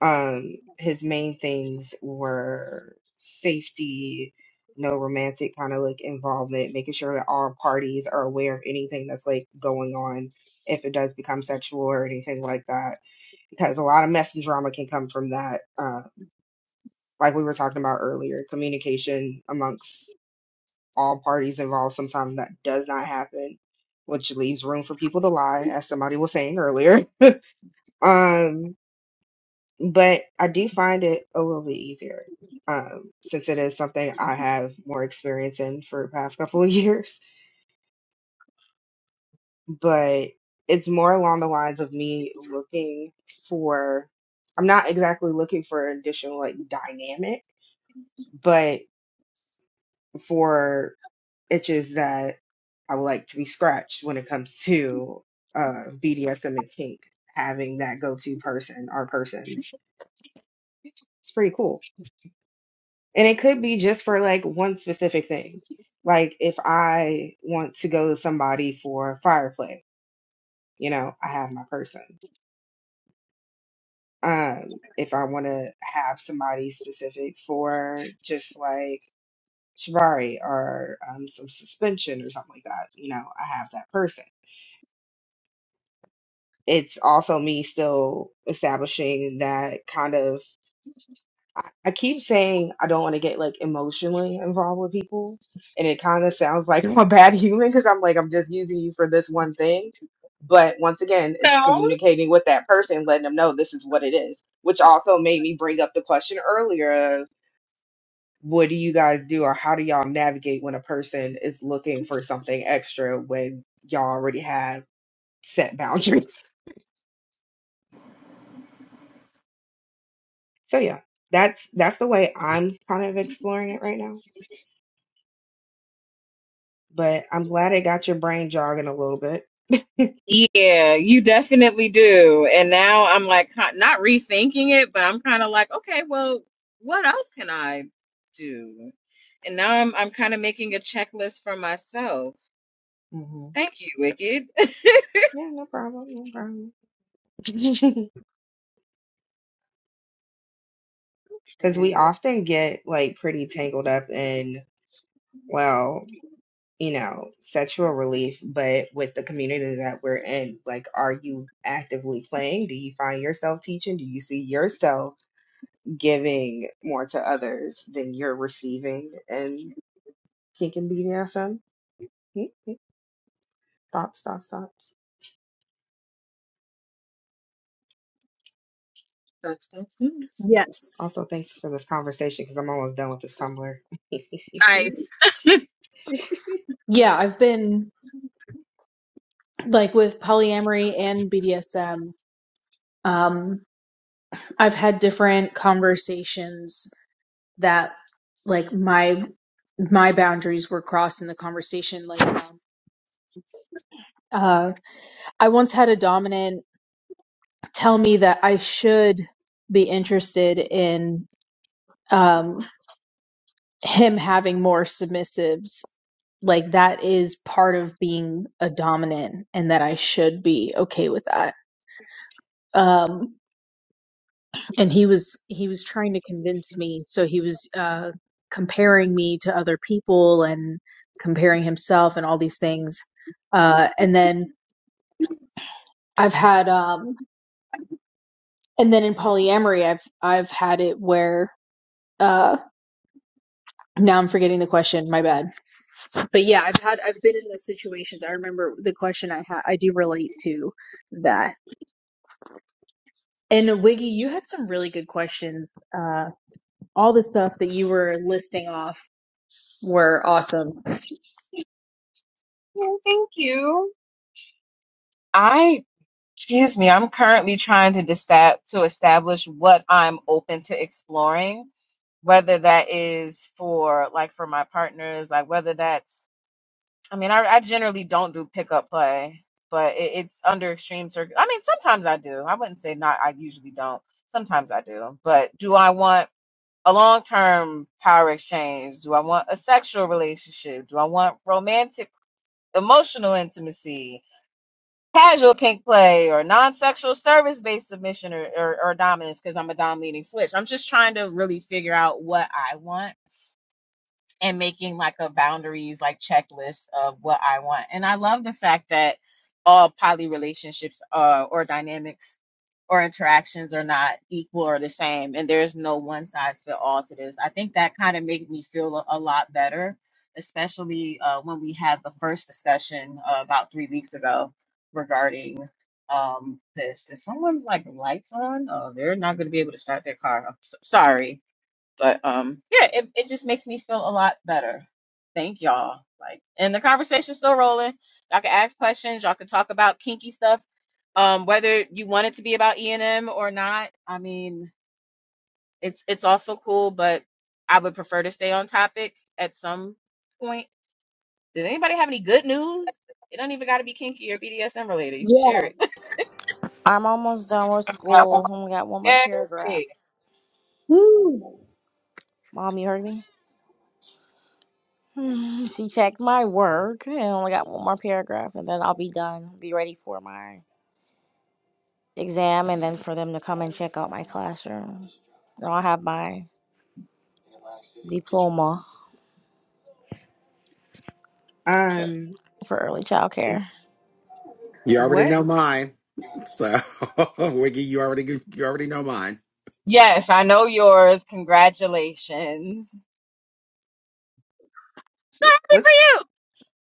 [SPEAKER 5] Um, his main things were safety, no romantic kind of like involvement, making sure that all parties are aware of anything that's like going on if it does become sexual or anything like that because a lot of mess and drama can come from that. Uh, like we were talking about earlier, communication amongst all parties involved. Sometimes that does not happen, which leaves room for people to lie, as somebody was saying earlier. <laughs> Um, but I do find it a little bit easier um, since it is something I have more experience in for the past couple of <laughs> years. But it's more along the lines of me looking for, I'm not exactly looking for additional like dynamic, but for itches that I would like to be scratched when it comes to uh, BDSM and kink. Having that go-to person or persons, it's pretty cool. And it could be just for like one specific thing. Like if I want to go to somebody for fire play, you know, I have my person. Um, if I want to have somebody specific for just like shibari or um, some suspension or something like that, you know, I have that person it's also me still establishing that kind of I I keep saying I don't want to get like emotionally involved with people and it kind of sounds like I'm a bad <laughs> human because I'm like I'm just using you for this one thing but once again it's
[SPEAKER 2] No.
[SPEAKER 5] communicating with that person letting them know this is what it is which also made me bring up the question earlier of what do you guys do or how do y'all navigate when a person is looking for something extra when y'all already have set <laughs> boundaries so yeah that's that's the way i'm kind of exploring it right now but i'm glad it got your brain jogging a little bit <laughs>
[SPEAKER 2] Yeah, you definitely do. And now I'm like ki- not rethinking it, but I'm kind of like, okay, well, what else can I do? And now I'm I'm kind of making a checklist for myself.
[SPEAKER 5] hmm
[SPEAKER 2] Thank you, Wicked. <laughs>
[SPEAKER 5] yeah no problem no problem <laughs> because we
[SPEAKER 2] Okay.
[SPEAKER 5] often get like pretty tangled up in well you know sexual relief but with the community that we're in like are you actively playing do you find yourself teaching do you see yourself giving more to others than you're receiving in kink and bdsm Thoughts, thoughts, thoughts.
[SPEAKER 2] That's that's nice.
[SPEAKER 3] Yes.
[SPEAKER 5] Also, thanks for this conversation because I'm almost done with this Tumblr.
[SPEAKER 2] Nice.
[SPEAKER 3] Yeah, I've been like with polyamory and BDSM. Um, I've had different conversations that like my my boundaries were crossed in the conversation. Like, um, uh, I once had a dominant tell me that I should be interested in. um him having more submissives like that is part of being a dominant and that I should be okay with that um and he was he was trying to convince me so he was uh comparing me to other people and comparing himself and all these things uh and then I've had um and then in polyamory I've I've had it where uh now I'm forgetting the question my bad But yeah, I've had I've been in those situations. I remember the question I had. I do relate to that. And Wiggy, you had some really good questions. Uh, all the stuff that you were listing off were awesome.
[SPEAKER 2] Well, thank you. I. Excuse me, I'm currently trying to desta- to establish what I'm open to exploring, whether that is for like for my partners, like whether that's I mean, I, I generally don't do pickup play, but it, it's under extreme circ. I mean, sometimes I do. I wouldn't say not. I usually don't. Sometimes I do. But do I want a long term power exchange? Do I want a sexual relationship? Do I want romantic, emotional intimacy? casual kink play or non-sexual service-based submission or, or, or dominance because I'm a dom leading switch. I'm just trying to really figure out what I want and making like a boundaries like checklist of what I want. And I love the fact that all poly relationships uh, or dynamics or interactions are not equal or the same, and there's no one size fit all to this. I think that kind of made me feel a, a lot better, especially uh, when we had the first discussion uh, about three weeks ago regarding um this if someone's like lights on oh they're not going to be able to start their car I'm so sorry but um, yeah, it, it just makes me feel a lot better. Thank y'all. Like, and the conversation's still rolling. Y'all can ask questions. Y'all can talk about kinky stuff, um, whether you want it to be about E and M or not. I mean, it's it's also cool, but I would prefer to stay on topic at some point. Does anybody have any good news? It don't even got to be kinky or BDSM related.
[SPEAKER 3] Yeah.
[SPEAKER 2] Share
[SPEAKER 7] I'm almost done with school. Only got one more
[SPEAKER 2] it. <laughs>
[SPEAKER 7] paragraph.
[SPEAKER 2] Yay.
[SPEAKER 3] Woo.
[SPEAKER 7] Mom, you heard me? <laughs> Hmm, she checked my work and only got one more paragraph, and then I'll be done. Be ready for my exam, and then for them to come and check out my classroom. Then I'll have my diploma
[SPEAKER 5] <laughs> um,
[SPEAKER 7] for early child care.
[SPEAKER 11] You already
[SPEAKER 5] what
[SPEAKER 11] know mine. So <laughs> Wiggy, you already you already know mine.
[SPEAKER 2] Yes, I know yours. Congratulations. I'm So happy for
[SPEAKER 5] what's
[SPEAKER 2] you.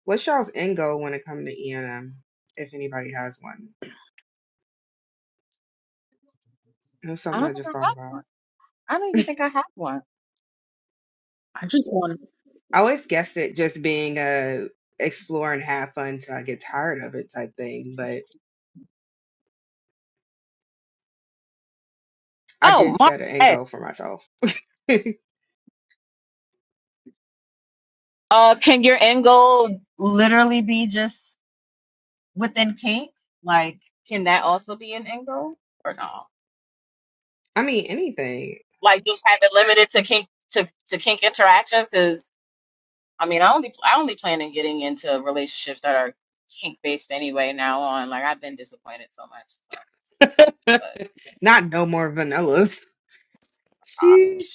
[SPEAKER 5] what's y'all's end goal when it comes to ENM? If anybody has one, it was
[SPEAKER 2] I
[SPEAKER 5] something
[SPEAKER 2] don't
[SPEAKER 5] I
[SPEAKER 2] think
[SPEAKER 5] just
[SPEAKER 2] I
[SPEAKER 5] thought
[SPEAKER 2] got one.
[SPEAKER 5] about.
[SPEAKER 2] I don't even think I have one.
[SPEAKER 3] I just want
[SPEAKER 5] I always guessed it just being a explore and have fun till I get tired of it type thing, but I
[SPEAKER 2] Oh,
[SPEAKER 5] did
[SPEAKER 2] Mark,
[SPEAKER 5] set an end
[SPEAKER 2] hey,
[SPEAKER 5] goal for myself. <laughs>
[SPEAKER 2] uh, can your end goal literally be just within kink? Like, can that also be an end goal or no?
[SPEAKER 5] I mean, anything.
[SPEAKER 2] Like, just have it limited to kink to, to kink interactions? Because I mean, I only I only plan on getting into relationships that are kink based anyway. Now on, like, I've been disappointed so much. So,
[SPEAKER 5] <laughs>
[SPEAKER 2] but
[SPEAKER 5] Not no more vanillas.
[SPEAKER 2] uh,
[SPEAKER 5] Sheesh.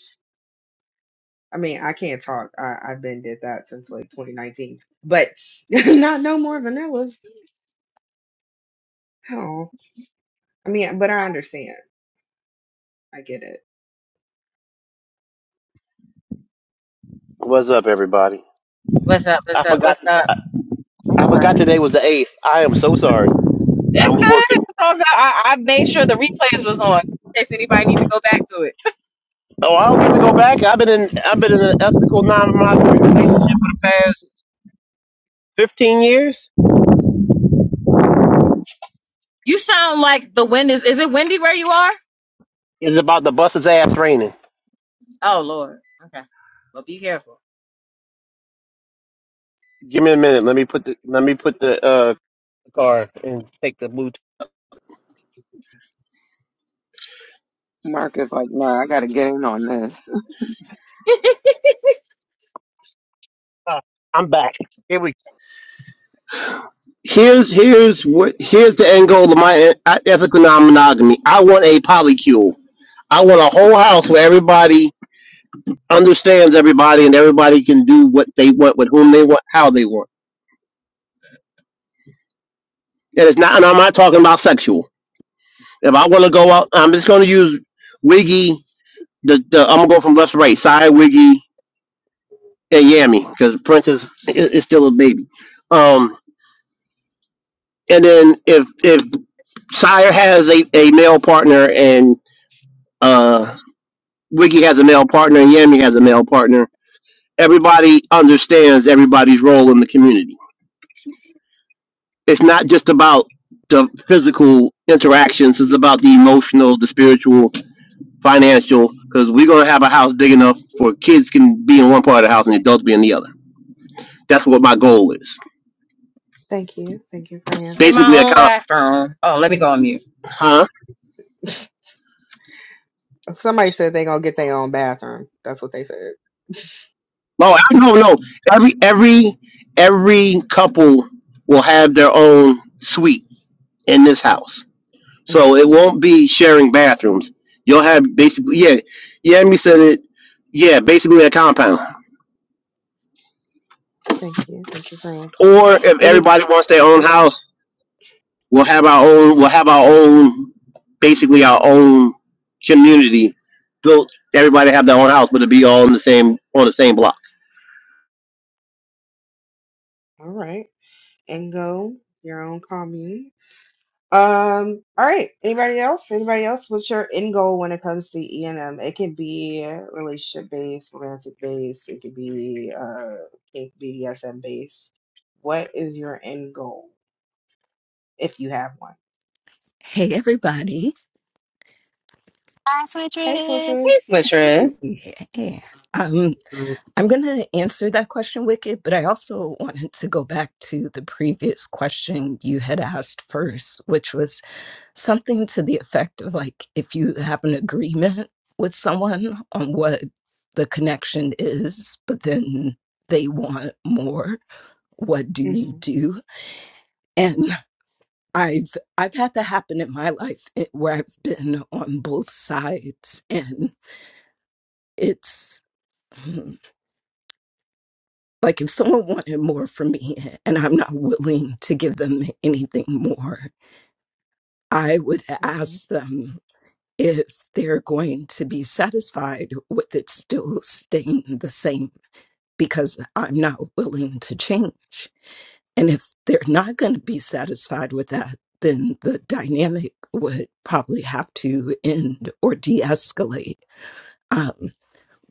[SPEAKER 5] I mean, I can't talk. I, I've been did that since like 2019. But <laughs> not no more vanillas. Oh, I mean, but I understand. I get it.
[SPEAKER 12] What's up, everybody?
[SPEAKER 2] what's up?
[SPEAKER 12] I
[SPEAKER 2] What's up?
[SPEAKER 12] forgot.
[SPEAKER 2] What's up?
[SPEAKER 12] I, I
[SPEAKER 13] Mar-
[SPEAKER 12] forgot today was the eighth. I am so sorry. I
[SPEAKER 2] It's
[SPEAKER 12] was
[SPEAKER 2] good.
[SPEAKER 12] working.
[SPEAKER 2] It's all good. I, I made sure the replays was on in case anybody need to go back to it.
[SPEAKER 12] Oh, I don't get to go back. I've been in. I've been in an ethical non-monogamy relationship for the past fifteen years.
[SPEAKER 2] You sound like the wind is. Is it windy where you are?
[SPEAKER 12] It's about the bus's ass raining.
[SPEAKER 2] Oh Lord. Okay. Well, be careful.
[SPEAKER 12] Give me a minute. Let me put the. Let me put the uh car and take the boot.
[SPEAKER 13] Mark is like, nah, I gotta get in on this.
[SPEAKER 2] <laughs>
[SPEAKER 12] Ah, I'm back. Here we. Here's here's what here's the end goal of my e- ethical non-monogamy. I want a polycule. I want a whole house where everybody understands everybody and everybody can do what they want with whom they want how they want and it's not and i'm not talking about sexual if i want to go out i'm just going to use wiggy the, the i'm going to go from left to right side wiggy and yammy because prince is, is is still a baby um and then if if sire has a, a male partner and uh wiggy has a male partner and yammy has a male partner everybody understands everybody's role in the community it's not just about the physical interactions it's about the emotional the spiritual financial because we're going to have a house big enough for kids can be in one part of the house and adults be in the other that's what my goal is
[SPEAKER 5] Thank you. Thank you for
[SPEAKER 2] Get my
[SPEAKER 12] basically a
[SPEAKER 2] own
[SPEAKER 5] answering.
[SPEAKER 12] comp
[SPEAKER 2] bathroom. Oh, let me go on mute.
[SPEAKER 12] huh
[SPEAKER 5] Somebody said they gonna get their own bathroom. That's what they said. <laughs>
[SPEAKER 12] no I- no no every every every couple will have their own suite in this house
[SPEAKER 5] Mm,
[SPEAKER 12] so it won't be sharing bathrooms you'll have basically yeah yeah me said it yeah basically a compound
[SPEAKER 5] thank you. Thank you for answering.
[SPEAKER 12] Or if
[SPEAKER 5] Any
[SPEAKER 12] everybody wants their own
[SPEAKER 5] oh,
[SPEAKER 12] house, we'll have our own. We'll have our own, basically our own community built. Everybody have their own house, but it'll be all in the same on the same block.
[SPEAKER 5] all right. and go your own commune. Um, all right. Anybody else? Anybody else? What's your end goal when it comes to E and M? It can be relationship based, romantic based. It could be uh, it could be BDSM based. What is your end goal if you have one?
[SPEAKER 14] Hey everybody.
[SPEAKER 5] Hey, switchers.
[SPEAKER 2] Hey, Latrice.
[SPEAKER 14] Yeah. Um,
[SPEAKER 15] That
[SPEAKER 14] I'm going to answer that question, Wicked, but I also wanted to go back to the previous question you had asked first, which was something to the effect of like if you have an agreement with someone on what the connection is, but then they want more, what do you
[SPEAKER 5] hmm
[SPEAKER 14] do? And I've I've had that happen in my life eh, where I've been on both sides and it's <laughs> Like if someone wanted more from me and I'm not willing to give them anything more, I would
[SPEAKER 5] hmm
[SPEAKER 14] ask them if they're going to be satisfied with it still staying the same because I'm not willing to change. And if they're not going to be satisfied with that, then the dynamic would probably have to end or de escalate.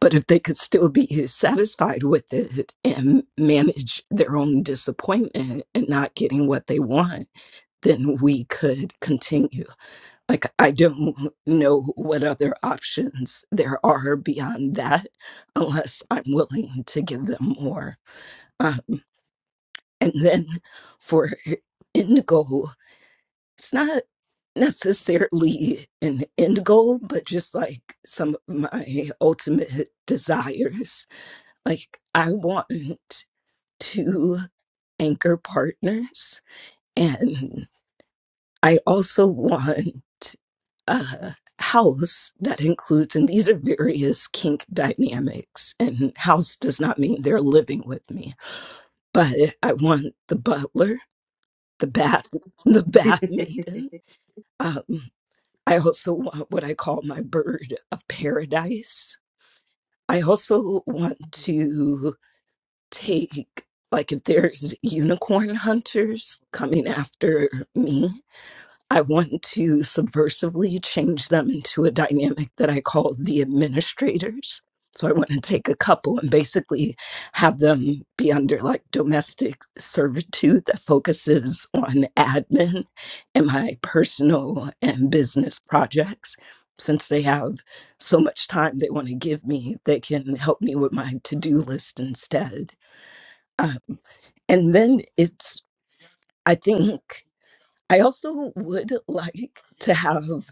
[SPEAKER 14] But if they could still be <laughs> satisfied with it and manage their own disappointment and not getting what they want, then we could continue. Like, I don't know what other options there are beyond that unless I'm willing to give them more. Um, and then for end goal, it's not necessarily an end goal, but just like some of my ultimate desires like, I want <laughs> two anchor partners, and I also want a house that includes, and these are various kink dynamics, and house does not mean they're living with me, but I want the butler, the bath, <laughs> the
[SPEAKER 5] <laughs>
[SPEAKER 14] bath maiden. Um, I also want what I call my bird of paradise. I also want to take like if there's unicorn hunters coming after me i want to subversively change them into a dynamic that i call the administrators so i want to take a couple and basically have them be under like domestic servitude that focuses on admin and my personal and business projects since they have so much time they want to give me they can help me with my to-do list instead Uh, and then it's, I think, I also would <laughs> like to have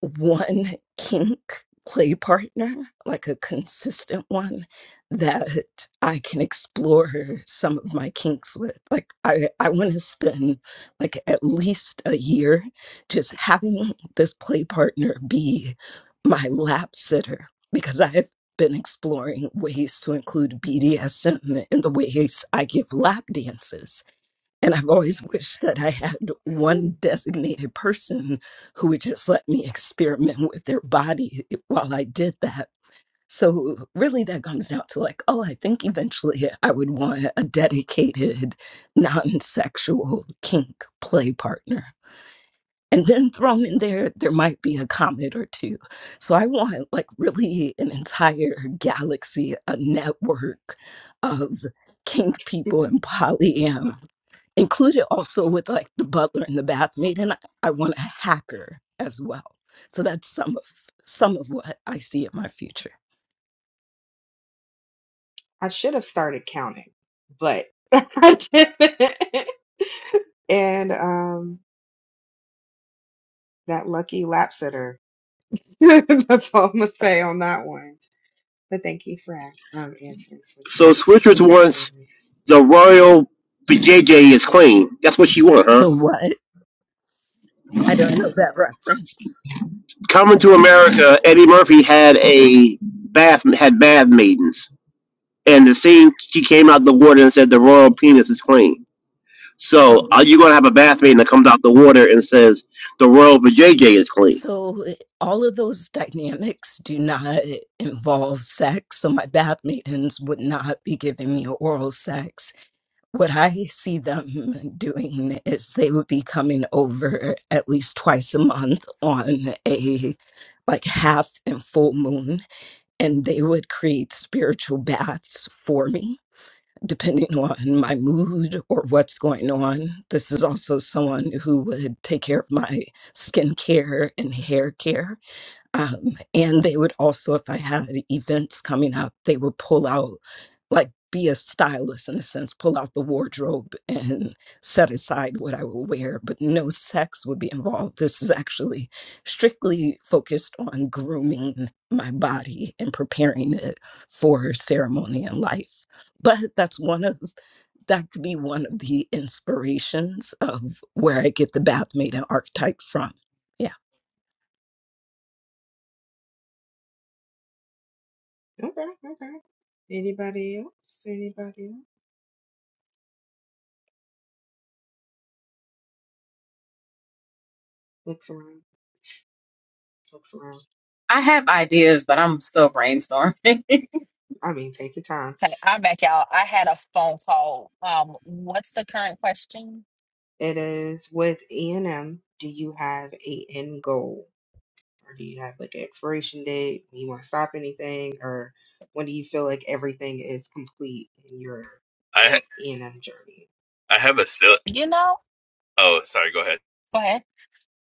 [SPEAKER 14] one kink play partner, like a consistent one that I can explore some of my kinks with. Like, I, I want to spend like at least a year just having this play partner be my lap sitter because I have been exploring ways to include BDSM in the ways I give lap dances and I've always <laughs> wished that I had one designated person who would just let me experiment with their body while I did that. So, really, that comes down to like, oh, I think eventually I would want a dedicated, non sexual kink play partner. And then thrown in there, there might be a comet or two. So, I want like really an entire galaxy, a network of kink people and polyam included also with like the butler and the bathmaid and I, I want a hacker as well so that's some of some of what i see in my future
[SPEAKER 5] I should have started counting, but <laughs> I didn't. And um, that lucky lap sitter. <laughs> That's all I'm gonna say on that one. But thank you for um answering,
[SPEAKER 12] So
[SPEAKER 5] Switchers. I
[SPEAKER 12] Switchers
[SPEAKER 5] appreciate
[SPEAKER 12] wants
[SPEAKER 5] it.
[SPEAKER 12] the royal BJJ is clean. That's what she want, huh?
[SPEAKER 14] the what i don't know that reference
[SPEAKER 12] coming to America, Eddie Murphy had a bath had bath maidens, and the scene she came out the water and said the royal penis is clean. So
[SPEAKER 14] oh
[SPEAKER 12] are you gonna have a bath maiden that comes out the water and says the royal vajayjay is clean?
[SPEAKER 14] so it- all of those dynamics do not involve sex so my bath maidens would not be giving me oral sex what i see them doing is they would be coming over at least twice a month on a like half and full moon and they would create spiritual baths for me depending on my mood or what's going on this is also someone who would take care of my skin care and hair care um, and they would also, if I had events coming up, they would pull out, like, be a stylist in a sense, pull out the wardrobe and set aside what I would wear, but no sex would be involved. This is actually strictly focused on grooming my body and preparing it for ceremony and life. But that's one of that could be one of the inspirations of where I get the bath maiden archetype from. Yeah.
[SPEAKER 5] Okay, okay. Anybody else? Anybody else? Looks around. Looks around.
[SPEAKER 2] I have ideas, but I'm still brainstorming. <laughs>
[SPEAKER 5] I mean, take your time.
[SPEAKER 1] Okay, I'm back, y'all. I had a phone call. Um, what's the current question?
[SPEAKER 5] It is with E and M. Do you have a end goal, or do you have like an expiration date? Do you want to stop anything, or when do you feel like everything is complete in your
[SPEAKER 10] I ha-
[SPEAKER 5] E and M journey?
[SPEAKER 10] I have a silly.
[SPEAKER 1] You know?
[SPEAKER 10] Oh, sorry. Go ahead.
[SPEAKER 1] Go ahead.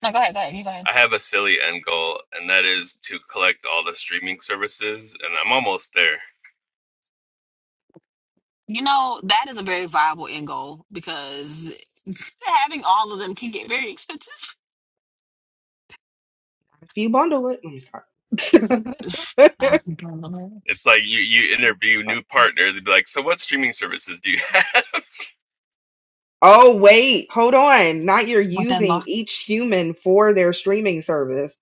[SPEAKER 1] No, go ahead, go ahead. You go ahead.
[SPEAKER 10] I have a silly end goal, and that is to collect all the streaming services, and I'm almost there.
[SPEAKER 1] You know, that is a very viable end goal because <laughs> having all of them can get very expensive.
[SPEAKER 5] If you bundle it, let me stop.
[SPEAKER 1] <laughs>
[SPEAKER 5] <laughs>
[SPEAKER 1] I don't
[SPEAKER 10] It's like you you interview new partners and be like, so what streaming services do you <laughs> have?
[SPEAKER 5] Oh, wait, hold on. Not you're
[SPEAKER 1] What that
[SPEAKER 5] using
[SPEAKER 1] law
[SPEAKER 5] each human for their streaming service.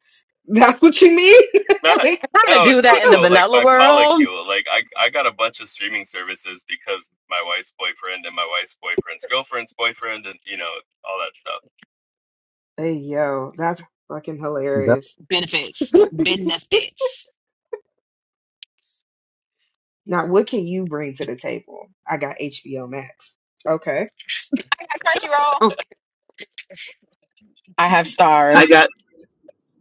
[SPEAKER 5] That's what you mean? <laughs>
[SPEAKER 10] Not
[SPEAKER 5] Like,
[SPEAKER 2] I try to
[SPEAKER 10] no,
[SPEAKER 2] do
[SPEAKER 10] no,
[SPEAKER 2] that in the
[SPEAKER 10] no. Like
[SPEAKER 2] vanilla
[SPEAKER 10] my
[SPEAKER 2] world.
[SPEAKER 10] polycule. Like I, I got a bunch of streaming services because my wife's boyfriend and my wife's boyfriend's girlfriend's boyfriend, and you know all that stuff.
[SPEAKER 5] hey, yo, that's fucking hilarious.
[SPEAKER 1] benefits. Benefits.
[SPEAKER 5] Now, what can you bring to the table? I got HBO Max. Okay.
[SPEAKER 1] I got Crunchyroll.
[SPEAKER 5] Oh,
[SPEAKER 2] I have
[SPEAKER 12] I
[SPEAKER 2] stars.
[SPEAKER 12] got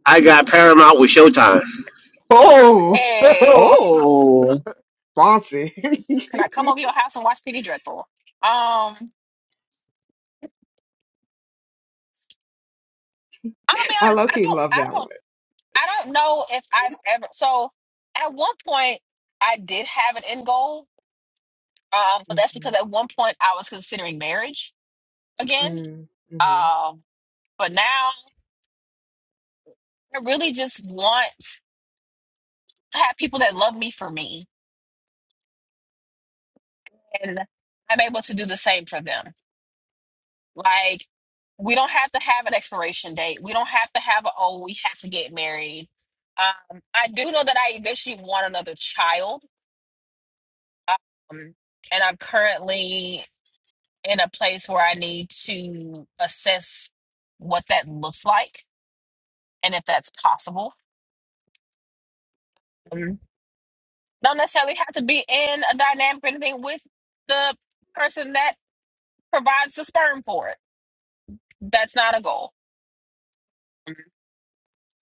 [SPEAKER 12] I got Paramount with Showtime.
[SPEAKER 5] oh,
[SPEAKER 1] Hey.
[SPEAKER 2] Oh.
[SPEAKER 5] <laughs> fancy. <laughs>
[SPEAKER 1] Can I come over your house and watch Pretty Dreadful? Um, I'm gonna be
[SPEAKER 5] I
[SPEAKER 1] honest,
[SPEAKER 5] low
[SPEAKER 1] I
[SPEAKER 5] key
[SPEAKER 1] don't
[SPEAKER 5] love
[SPEAKER 1] I
[SPEAKER 5] that
[SPEAKER 1] don't I don't know if I've ever so at one point I did have an end goal. Um, but
[SPEAKER 5] one.
[SPEAKER 1] that's because at one point I was considering marriage again.
[SPEAKER 5] hmm hmm
[SPEAKER 1] Um, but now I really just want to have people that love me for me. And I'm able to do the same for them. Like, we don't have to have an expiration date. We don't have to have a, oh, we have to get married. Um, I do know that I eventually want another child. Um, and I'm currently in a place where I need to assess what that looks like and if that's possible. Um, don't necessarily have to be in a dynamic or anything with the person that provides the sperm for it. That's not a goal.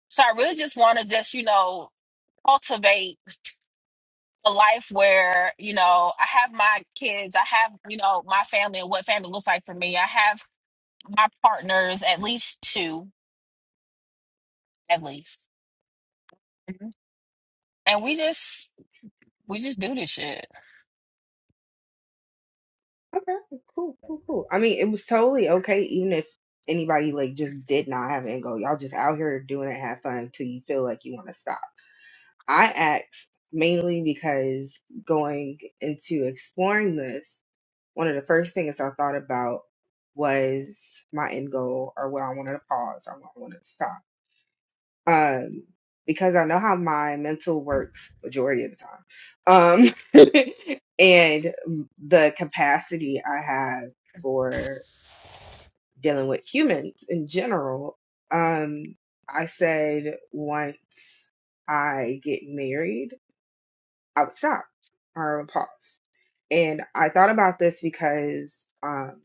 [SPEAKER 1] So I really just want to just, you know, cultivate a life where, you know, I have my kids, I have, you know, my family and what family looks like for me. I have my partners, at least two, at least. And we just we just do this shit.
[SPEAKER 5] Okay, cool, cool, cool. I mean, it was totally okay, even if anybody like just did not have an end goal. Y'all just out here doing it, have fun until you feel like you want to stop. I asked mainly because going into exploring this, one of the first things I thought about was my end goal or what I wanted to pause or what I wanted to stop um, because I know how my mental works majority of the time, um, <laughs> and the capacity I have for dealing with humans in general. Um, I said once I get married, I would stop or I would pause. And I thought about this because um,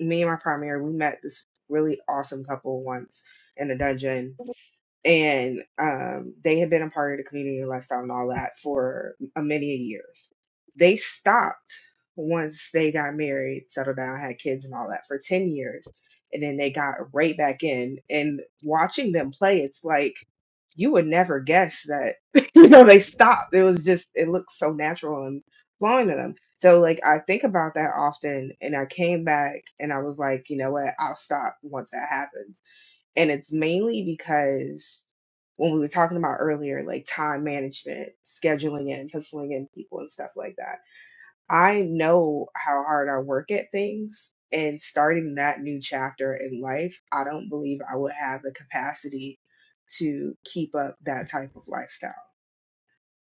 [SPEAKER 5] me and my primary we met this really awesome couple once in a dungeon and um, they had been a part of the community lifestyle and all that for a many years. They stopped once they got married, settled down, had kids, and all that for ten years, and then they got right back in. And watching them play, it's like you would never guess that <laughs> you know they stopped. It was just it looked so natural and flowing to them. So like I think about that often, and I came back and I was like, you know what, I'll stop once that happens and it's mainly because when we were talking about earlier, like time management, scheduling in, penciling in people and stuff like that. I know how hard I work at things. And starting that new chapter in life, I don't believe I would have the capacity to keep up that type of lifestyle.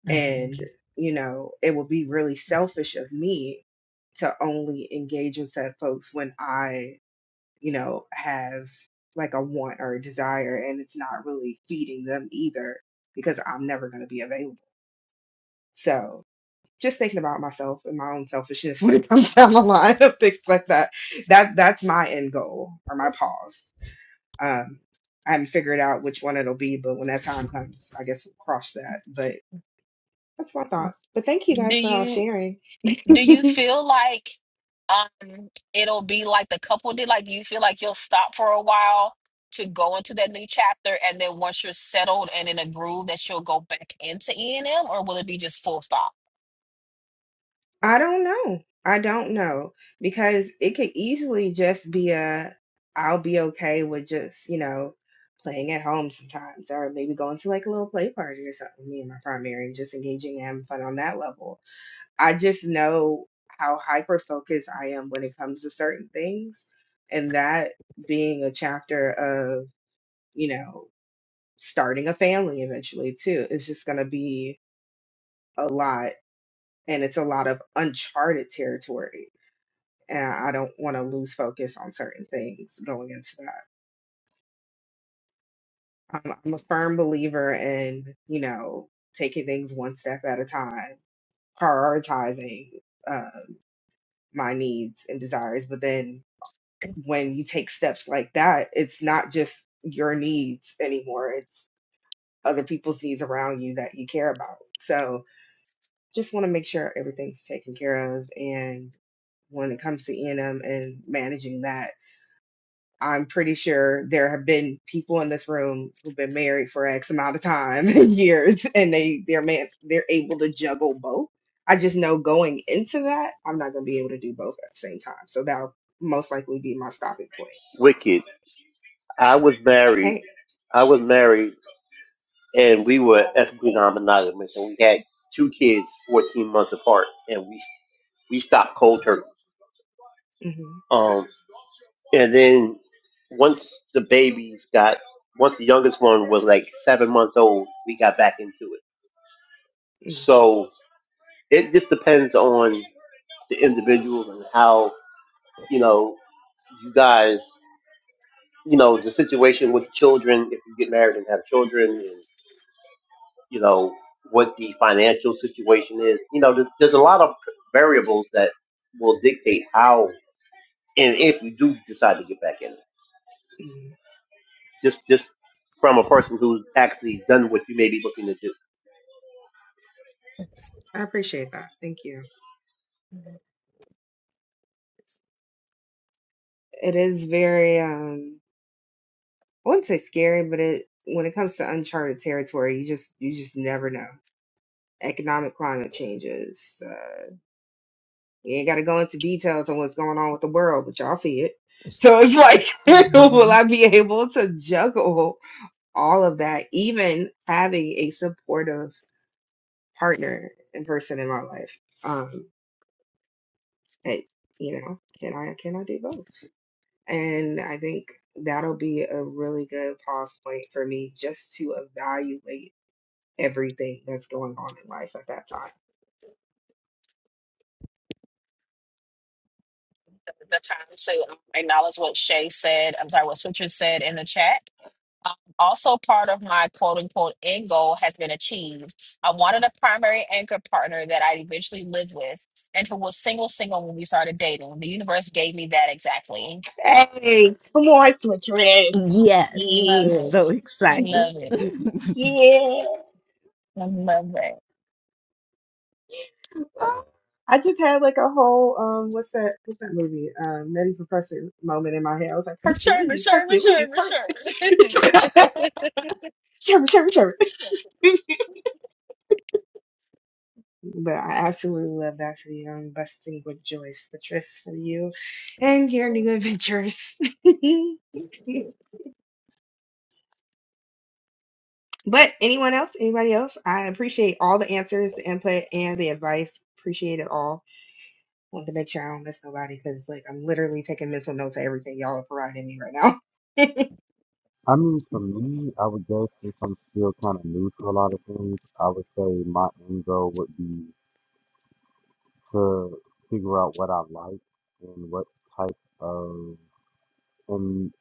[SPEAKER 5] And, you know, it would be really selfish of me to only engage with said folks when I you know, have like a want or a desire and it's not really feeding them either because I'm never going to be available. So just thinking about myself and my own selfishness <laughs> when it comes down the line of things like that. That that's my end goal or my pause. Um, I haven't figured out which one it'll be, but when that time comes, I guess we'll cross that. But that's my thought. But thank you
[SPEAKER 1] Do
[SPEAKER 5] guys for all
[SPEAKER 1] you
[SPEAKER 5] sharing.
[SPEAKER 1] Do you
[SPEAKER 5] <laughs>
[SPEAKER 1] feel like um it'll be like the couple did? Like, do you feel like you'll stop for a while to go into that new chapter, and then once you're settled and in a groove, that you'll go back into E and M, or will it be just full stop?
[SPEAKER 5] I don't know. I don't know because it could easily just be a I'll be okay with just, you know, playing at home sometimes or maybe going to like a little play party or something, me and my primary and just engaging and having fun on that level. I just know how hyper focused I am when it comes to certain things and that being a chapter of, you know, starting a family eventually too is just going to be a lot and it's a lot of uncharted territory and I don't want to lose focus on certain things going into that. I'm, I'm a firm believer in, you know, taking things one step at a time, prioritizing uh, my needs and desires. But then when you take steps like that, it's not just your needs anymore, it's other people's needs around you that you care about. So just want to make sure everything's taken care of. And when it comes to E&M and M and managing that, I'm pretty sure there have been people in this room who've been married for X amount of time <laughs> years, and they they're man they're able to juggle both. I just know going into that, I'm not gonna be able to do both at the same time. So that'll most likely be my stopping point.
[SPEAKER 12] Wicked. I was married.
[SPEAKER 5] Hey,
[SPEAKER 12] I was married, and we were ethically non-monogamous, and we had two kids, fourteen months apart, and we we stopped cold turkey.
[SPEAKER 5] hmm
[SPEAKER 12] Um, And then once the babies got, once the youngest one was like seven months old, we got back into it. So it just depends on the individual and how, you know, you guys, you know, the situation with the children, if you get married and have children, and, you know, what the financial situation is. You know, there's, there's a lot of variables that will dictate how and if you do decide to get back in. it.
[SPEAKER 5] mm-hmm.
[SPEAKER 12] just just from a person who's actually done what you may be looking to do.
[SPEAKER 5] I appreciate that. Thank you. It is very um, I wouldn't say scary, but it when it comes to uncharted territory, you just you just never know. Economic climate changes. so We ain't got to go into details on what's going on with the world, but y'all see it. <laughs> So it's like, <laughs> will
[SPEAKER 1] Mhm.
[SPEAKER 5] I be able to juggle all of that, even having a supportive partner and person in my life? Um, and you know, can I can I do both? And I think that'll be a really good pause point for me just to evaluate everything that's going on in life at that
[SPEAKER 1] The time to acknowledge what Shay said. I'm sorry, what Switcher said in the chat. Um, also, part of my quote unquote end goal has been achieved. I wanted a primary anchor partner that I eventually lived with and who was single, single when we started dating. The universe gave me that exactly.
[SPEAKER 5] time. Hey, come on, switch Red.
[SPEAKER 14] Yes, I'm
[SPEAKER 1] Love
[SPEAKER 5] Yeah.
[SPEAKER 1] it.
[SPEAKER 14] so
[SPEAKER 1] I
[SPEAKER 14] excited.
[SPEAKER 1] love
[SPEAKER 5] <laughs>
[SPEAKER 1] it.
[SPEAKER 14] <laughs>
[SPEAKER 5] Yeah.
[SPEAKER 1] I love it.
[SPEAKER 5] Oh, I just had like a whole um what's that what's that movie? Um Nutty Professor moment in my head. I was like,
[SPEAKER 1] Sherman,
[SPEAKER 5] Hercules,
[SPEAKER 1] Sherman,
[SPEAKER 5] Hercules,
[SPEAKER 1] Sherman,
[SPEAKER 5] Hercules.
[SPEAKER 1] Sherman.
[SPEAKER 5] <laughs> Sherman, Sherman, Sherman. <laughs> But I absolutely love Dr. Young, busting with Joyce, Patrice for you, and your new
[SPEAKER 1] <laughs>
[SPEAKER 5] adventures. <laughs> but anyone else, anybody else, I appreciate all the answers, the input, and the advice. Appreciate it all. Want to make sure I don't miss nobody because like I'm literally taking mental notes of everything y'all are providing me right now. <laughs>
[SPEAKER 15] I mean, for me, I would guess since I'm still kind of new to a lot of things, I would say my end goal would be to figure out what I like and what type of and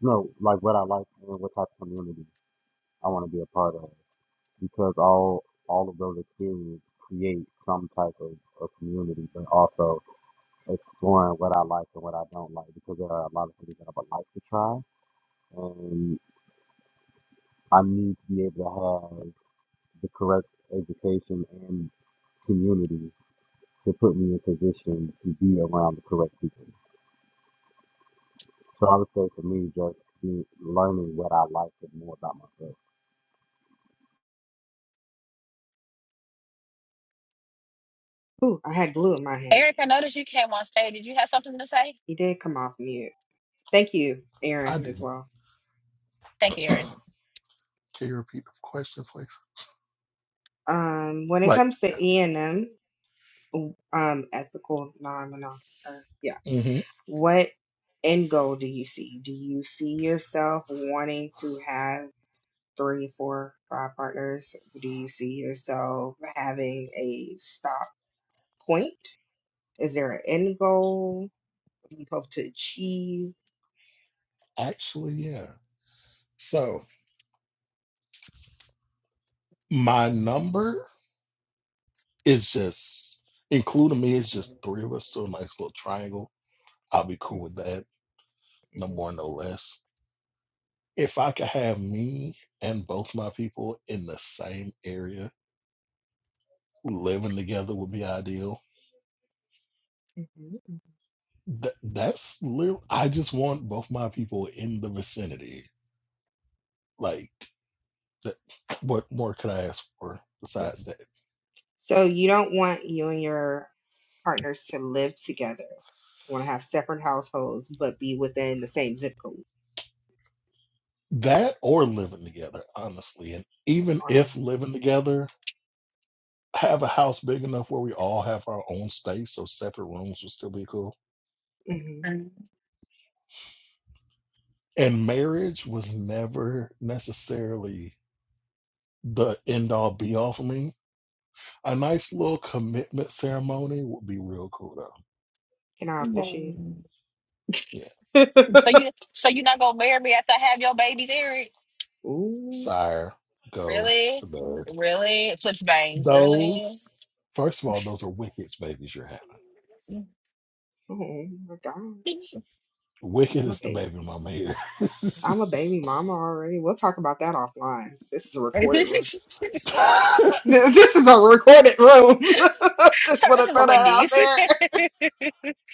[SPEAKER 15] no, like what I like and what type of community I want to be a part of because all all of those experiences create some type of, of community, but also exploring what I like and what I don't like because there are a lot of things that I would like to try and I need to be able to have. the correct education and community to put me in position to be around the correct people. So I would say for me, just be learning what I like and more about myself.
[SPEAKER 5] Ooh, I had glue in my hand.
[SPEAKER 1] Eric, I noticed you came on stage. Did you have something to say?
[SPEAKER 5] He did come off mute. Thank you,
[SPEAKER 16] I
[SPEAKER 5] Aaron, as
[SPEAKER 16] didn't.
[SPEAKER 5] well.
[SPEAKER 1] Thank you, Erin.
[SPEAKER 16] Can you repeat the question, please?
[SPEAKER 5] Um, when it
[SPEAKER 16] Like,
[SPEAKER 5] comes to E and M, um, ethical non monogamous yeah,
[SPEAKER 16] hmm
[SPEAKER 5] what end goal do you see? Do you see yourself wanting to have three, four, five partners? Do you see yourself having a stop point? Is there an end goal you hope to achieve?
[SPEAKER 16] actually, yeah. So my number is just, including me, it's just three of us, so a nice little triangle. I'll be cool with that. No
[SPEAKER 5] Mhm,
[SPEAKER 16] more, no less. If I could have me and both my people in the same area living together would be ideal.
[SPEAKER 5] mhm, mhm,
[SPEAKER 16] Th- that's literally, I just want both my people in the vicinity. Like, that, what more could I ask for besides that?
[SPEAKER 5] So you don't want you and your partners to live together. You want to have separate households, but be within the same zip code
[SPEAKER 16] That or living together, honestly. And even
[SPEAKER 5] or
[SPEAKER 16] if living together, have a house big enough where we all have our own space, so separate rooms would still be cool.
[SPEAKER 5] hmm
[SPEAKER 16] And marriage was never necessarily the end all be all for me. A nice little commitment ceremony would be real cool though.
[SPEAKER 5] Can I officiate?
[SPEAKER 1] Mm.
[SPEAKER 16] Yeah.
[SPEAKER 5] <laughs>
[SPEAKER 1] So you so you're not gonna marry me after I have your babies,
[SPEAKER 5] Ooh,
[SPEAKER 16] Sire, go to
[SPEAKER 1] Really?
[SPEAKER 16] bed.
[SPEAKER 1] Really? Flips bangs. Really?
[SPEAKER 16] Those, first of all, those are Wicked's babies you're having.
[SPEAKER 1] <laughs> so
[SPEAKER 5] oh my God.
[SPEAKER 16] Wicked
[SPEAKER 5] I'm a
[SPEAKER 16] is the
[SPEAKER 5] baby.
[SPEAKER 16] baby mama here.
[SPEAKER 5] I'm a baby mama already. We'll talk about that offline. This is a recorded
[SPEAKER 1] this
[SPEAKER 5] room. <laughs> This is
[SPEAKER 16] <laughs>
[SPEAKER 5] a recorded room. <laughs> Just want to
[SPEAKER 1] is a
[SPEAKER 5] throw that out
[SPEAKER 1] Wendy's. <laughs> it
[SPEAKER 5] there.
[SPEAKER 1] is.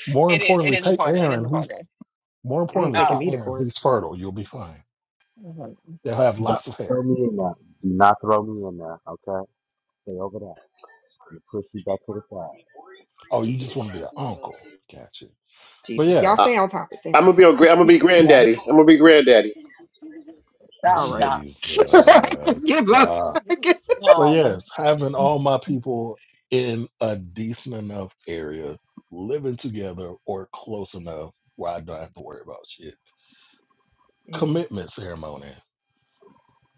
[SPEAKER 16] More
[SPEAKER 1] It
[SPEAKER 16] importantly,
[SPEAKER 1] is
[SPEAKER 16] take
[SPEAKER 1] recorded. It is
[SPEAKER 16] Aaron. He's
[SPEAKER 1] recorded.
[SPEAKER 16] more
[SPEAKER 5] I ain't
[SPEAKER 16] importantly,
[SPEAKER 5] taking
[SPEAKER 16] take
[SPEAKER 1] Oh,
[SPEAKER 5] me to
[SPEAKER 16] Aaron.
[SPEAKER 5] court.
[SPEAKER 16] He's fertile. You'll be fine.
[SPEAKER 1] mhm.
[SPEAKER 16] They'll have
[SPEAKER 15] Don't
[SPEAKER 16] lots of
[SPEAKER 15] throw
[SPEAKER 16] hair.
[SPEAKER 15] me in there. Do not throw me in there, okay? Stay over there. We am push you back to the side.
[SPEAKER 16] Oh, you just
[SPEAKER 5] Jesus.
[SPEAKER 16] want to be an uncle. Gotcha. But
[SPEAKER 5] Jesus. Y'all
[SPEAKER 16] yeah,
[SPEAKER 12] Uh,
[SPEAKER 5] stay on topic. Stay on
[SPEAKER 12] I'm gonna be a, gra-
[SPEAKER 5] topic.
[SPEAKER 12] I'm
[SPEAKER 5] <laughs>
[SPEAKER 12] gonna be
[SPEAKER 1] yeah.
[SPEAKER 12] granddaddy. I'm gonna be granddaddy.
[SPEAKER 5] All
[SPEAKER 1] Um,
[SPEAKER 5] right.
[SPEAKER 1] nah.
[SPEAKER 16] Jesus.
[SPEAKER 5] <laughs> Good luck.
[SPEAKER 16] Uh,
[SPEAKER 5] <laughs>
[SPEAKER 16] but
[SPEAKER 1] Um,
[SPEAKER 16] yes, having all my people in a decent enough area, living together or close enough where I don't have to worry about shit.
[SPEAKER 5] Mm,
[SPEAKER 16] Commitment ceremony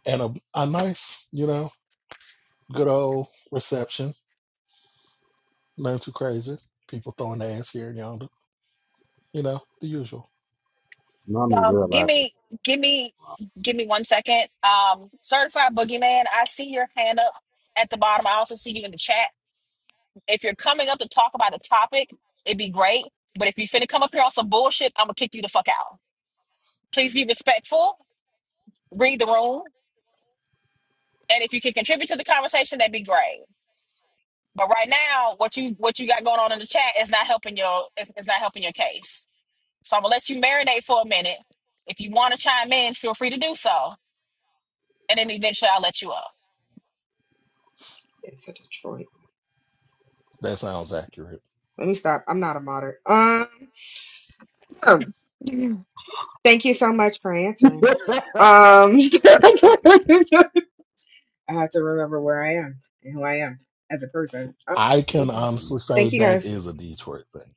[SPEAKER 16] and a, a nice, you know, good old reception. Nothing too crazy. People throwing their ass here and yonder. You know, the usual.
[SPEAKER 15] Now I'm
[SPEAKER 1] um, give
[SPEAKER 15] realizing.
[SPEAKER 1] me, give me, give me one second. Um, certified boogeyman. I see your hand up at the bottom. I also see you in the chat. If you're coming up to talk about a topic, it'd be great. But if you finna come up here on some bullshit, I'm gonna kick you the fuck out. Please be respectful, read the room, and if you can contribute to the conversation, that'd be great. But right now, what you what you got going on in the chat is not helping your is, is not helping your case. So I'm gonna let you marinate for a minute. If you want to chime in, feel free to do so, and then eventually I'll let you up.
[SPEAKER 5] It's a Detroit.
[SPEAKER 16] That sounds accurate.
[SPEAKER 5] Let me stop. I'm not a modder. Um, sure. thank you so much for answering. Um, <laughs>
[SPEAKER 15] <laughs>
[SPEAKER 5] I have to remember where I am and who I am as a person. Um,
[SPEAKER 16] I can
[SPEAKER 1] Mhm.
[SPEAKER 16] honestly say
[SPEAKER 5] thank you
[SPEAKER 16] that
[SPEAKER 5] guys.
[SPEAKER 16] is a Detroit thing.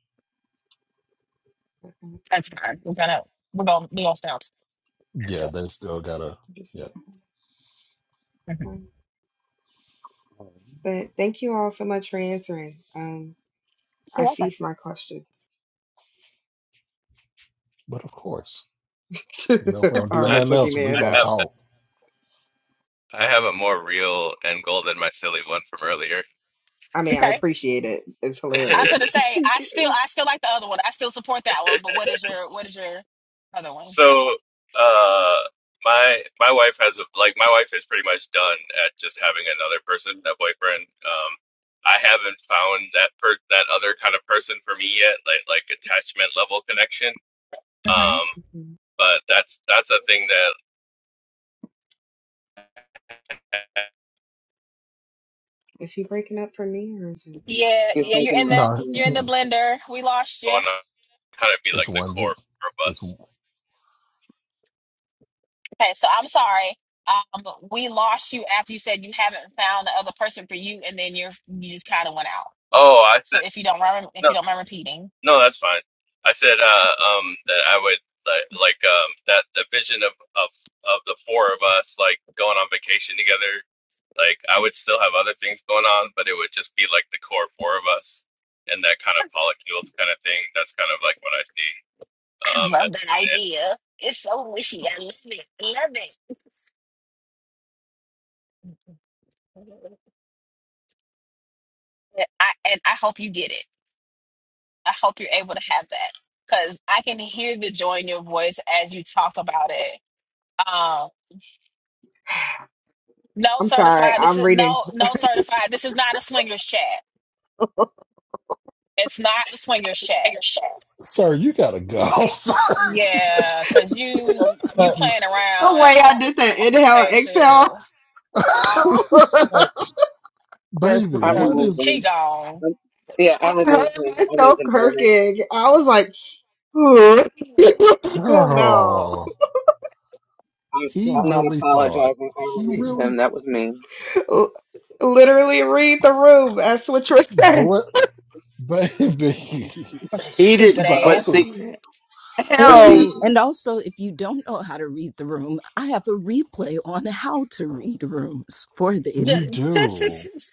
[SPEAKER 1] That's fine. We're gonna we're gonna we're gonna stay on. That's
[SPEAKER 16] Yeah,
[SPEAKER 1] it.
[SPEAKER 16] they still gotta.
[SPEAKER 5] Just,
[SPEAKER 16] Yeah,
[SPEAKER 5] uh,
[SPEAKER 1] Mhm.
[SPEAKER 5] But thank you all so much for answering. Um, I
[SPEAKER 1] You're welcome.
[SPEAKER 5] cease my questions.
[SPEAKER 16] but of course,
[SPEAKER 5] <laughs>
[SPEAKER 16] you know, if we don't
[SPEAKER 5] All
[SPEAKER 16] do
[SPEAKER 10] And I,
[SPEAKER 5] right,
[SPEAKER 16] nothing else, we're
[SPEAKER 5] Boogeyman.
[SPEAKER 16] gonna
[SPEAKER 10] I
[SPEAKER 5] Though
[SPEAKER 10] have,
[SPEAKER 16] talk.
[SPEAKER 10] I have a more real end goal than my silly one from earlier.
[SPEAKER 5] I mean, I
[SPEAKER 1] Okay.
[SPEAKER 5] appreciate it. It's
[SPEAKER 1] I was
[SPEAKER 5] hilarious.
[SPEAKER 10] <laughs>
[SPEAKER 1] gonna say I
[SPEAKER 5] <laughs>
[SPEAKER 1] still I still like the other one. I still support that one. But what is your what is your other one?
[SPEAKER 10] So, uh, my my wife has a like my wife is pretty much done at just having another person, that boyfriend. Um, I haven't found that per that other kind of person for me yet, like like attachment level connection.
[SPEAKER 1] hmm
[SPEAKER 10] Um,
[SPEAKER 5] Mhm.
[SPEAKER 10] But that's that's a thing that
[SPEAKER 5] Is he breaking up for me or is it
[SPEAKER 1] Yeah,
[SPEAKER 13] He's
[SPEAKER 5] y'all?
[SPEAKER 1] yeah. You're
[SPEAKER 13] breaking
[SPEAKER 1] in
[SPEAKER 13] up.
[SPEAKER 1] the
[SPEAKER 16] No,
[SPEAKER 13] Yeah.
[SPEAKER 1] you're in the blender. We lost you.
[SPEAKER 10] going on kind of be like
[SPEAKER 16] it's
[SPEAKER 10] the
[SPEAKER 16] one.
[SPEAKER 10] core of
[SPEAKER 16] It's
[SPEAKER 10] us.
[SPEAKER 1] Okay, so I'm sorry. Um, we lost you after you said you haven't found the other person for you, and then you're you just kind of went out.
[SPEAKER 10] Oh, I
[SPEAKER 1] So
[SPEAKER 10] said
[SPEAKER 1] if you don't mind, if
[SPEAKER 10] no,
[SPEAKER 1] you don't mind repeating,
[SPEAKER 10] no, that's fine. I said uh, um, that I would like, like um, that the vision of, of of the four of us like going on vacation together. Like I would still have other things going on, but it would just be like the core four of us and that kind of polycules kind of thing. That's kind of like what I see.
[SPEAKER 1] I
[SPEAKER 10] Um,
[SPEAKER 1] love
[SPEAKER 10] at
[SPEAKER 1] that
[SPEAKER 10] the
[SPEAKER 1] idea. It's so wishy. I love it. I love it. Yeah, I, and I hope you get it. I hope you're able to have that because I can hear the joy in your voice as you talk about it. Um, no
[SPEAKER 5] I'm sorry,
[SPEAKER 1] certified. This
[SPEAKER 5] I'm
[SPEAKER 1] is
[SPEAKER 5] reading.
[SPEAKER 1] no no certified. This is not a swingers chat. It's not a swingers chat.
[SPEAKER 10] end.
[SPEAKER 16] sir, you gotta go, <laughs> sir.
[SPEAKER 1] Yeah, because you
[SPEAKER 15] Press the
[SPEAKER 1] you
[SPEAKER 15] button.
[SPEAKER 1] playing
[SPEAKER 5] The
[SPEAKER 1] around. And I
[SPEAKER 5] way
[SPEAKER 1] don't
[SPEAKER 5] I did that
[SPEAKER 1] I don't have
[SPEAKER 5] inhale, exhale.
[SPEAKER 1] patience.
[SPEAKER 16] <laughs>
[SPEAKER 15] Press the
[SPEAKER 16] Baby,
[SPEAKER 13] I
[SPEAKER 16] what
[SPEAKER 15] button.
[SPEAKER 13] removed
[SPEAKER 16] is
[SPEAKER 1] He
[SPEAKER 13] him.
[SPEAKER 1] gone.
[SPEAKER 13] Um, Yeah,
[SPEAKER 5] <laughs>
[SPEAKER 13] I
[SPEAKER 5] I heard
[SPEAKER 13] removed him. I
[SPEAKER 5] myself
[SPEAKER 13] wasn't doing it.
[SPEAKER 5] kirking. I was like, "Ooh." <laughs> Oh no.
[SPEAKER 16] girl?
[SPEAKER 13] I,
[SPEAKER 16] He
[SPEAKER 13] I'm
[SPEAKER 15] God.
[SPEAKER 13] not
[SPEAKER 16] really thought
[SPEAKER 13] apologizing. I
[SPEAKER 16] he
[SPEAKER 13] removed
[SPEAKER 16] really,
[SPEAKER 13] him. That was me.
[SPEAKER 5] L- Literally read the room. That's what you're saying.
[SPEAKER 16] ble- baby. <laughs>
[SPEAKER 12] He
[SPEAKER 1] Stupid
[SPEAKER 16] He's
[SPEAKER 12] didn't,
[SPEAKER 16] like,
[SPEAKER 12] but
[SPEAKER 1] ass.
[SPEAKER 16] also,
[SPEAKER 12] see, but
[SPEAKER 14] and
[SPEAKER 12] see,
[SPEAKER 5] Hell.
[SPEAKER 14] and also if you don't know how to read the room, I have a replay on how to read rooms for the
[SPEAKER 1] The-
[SPEAKER 16] you
[SPEAKER 14] idiots.
[SPEAKER 16] do,
[SPEAKER 1] <laughs>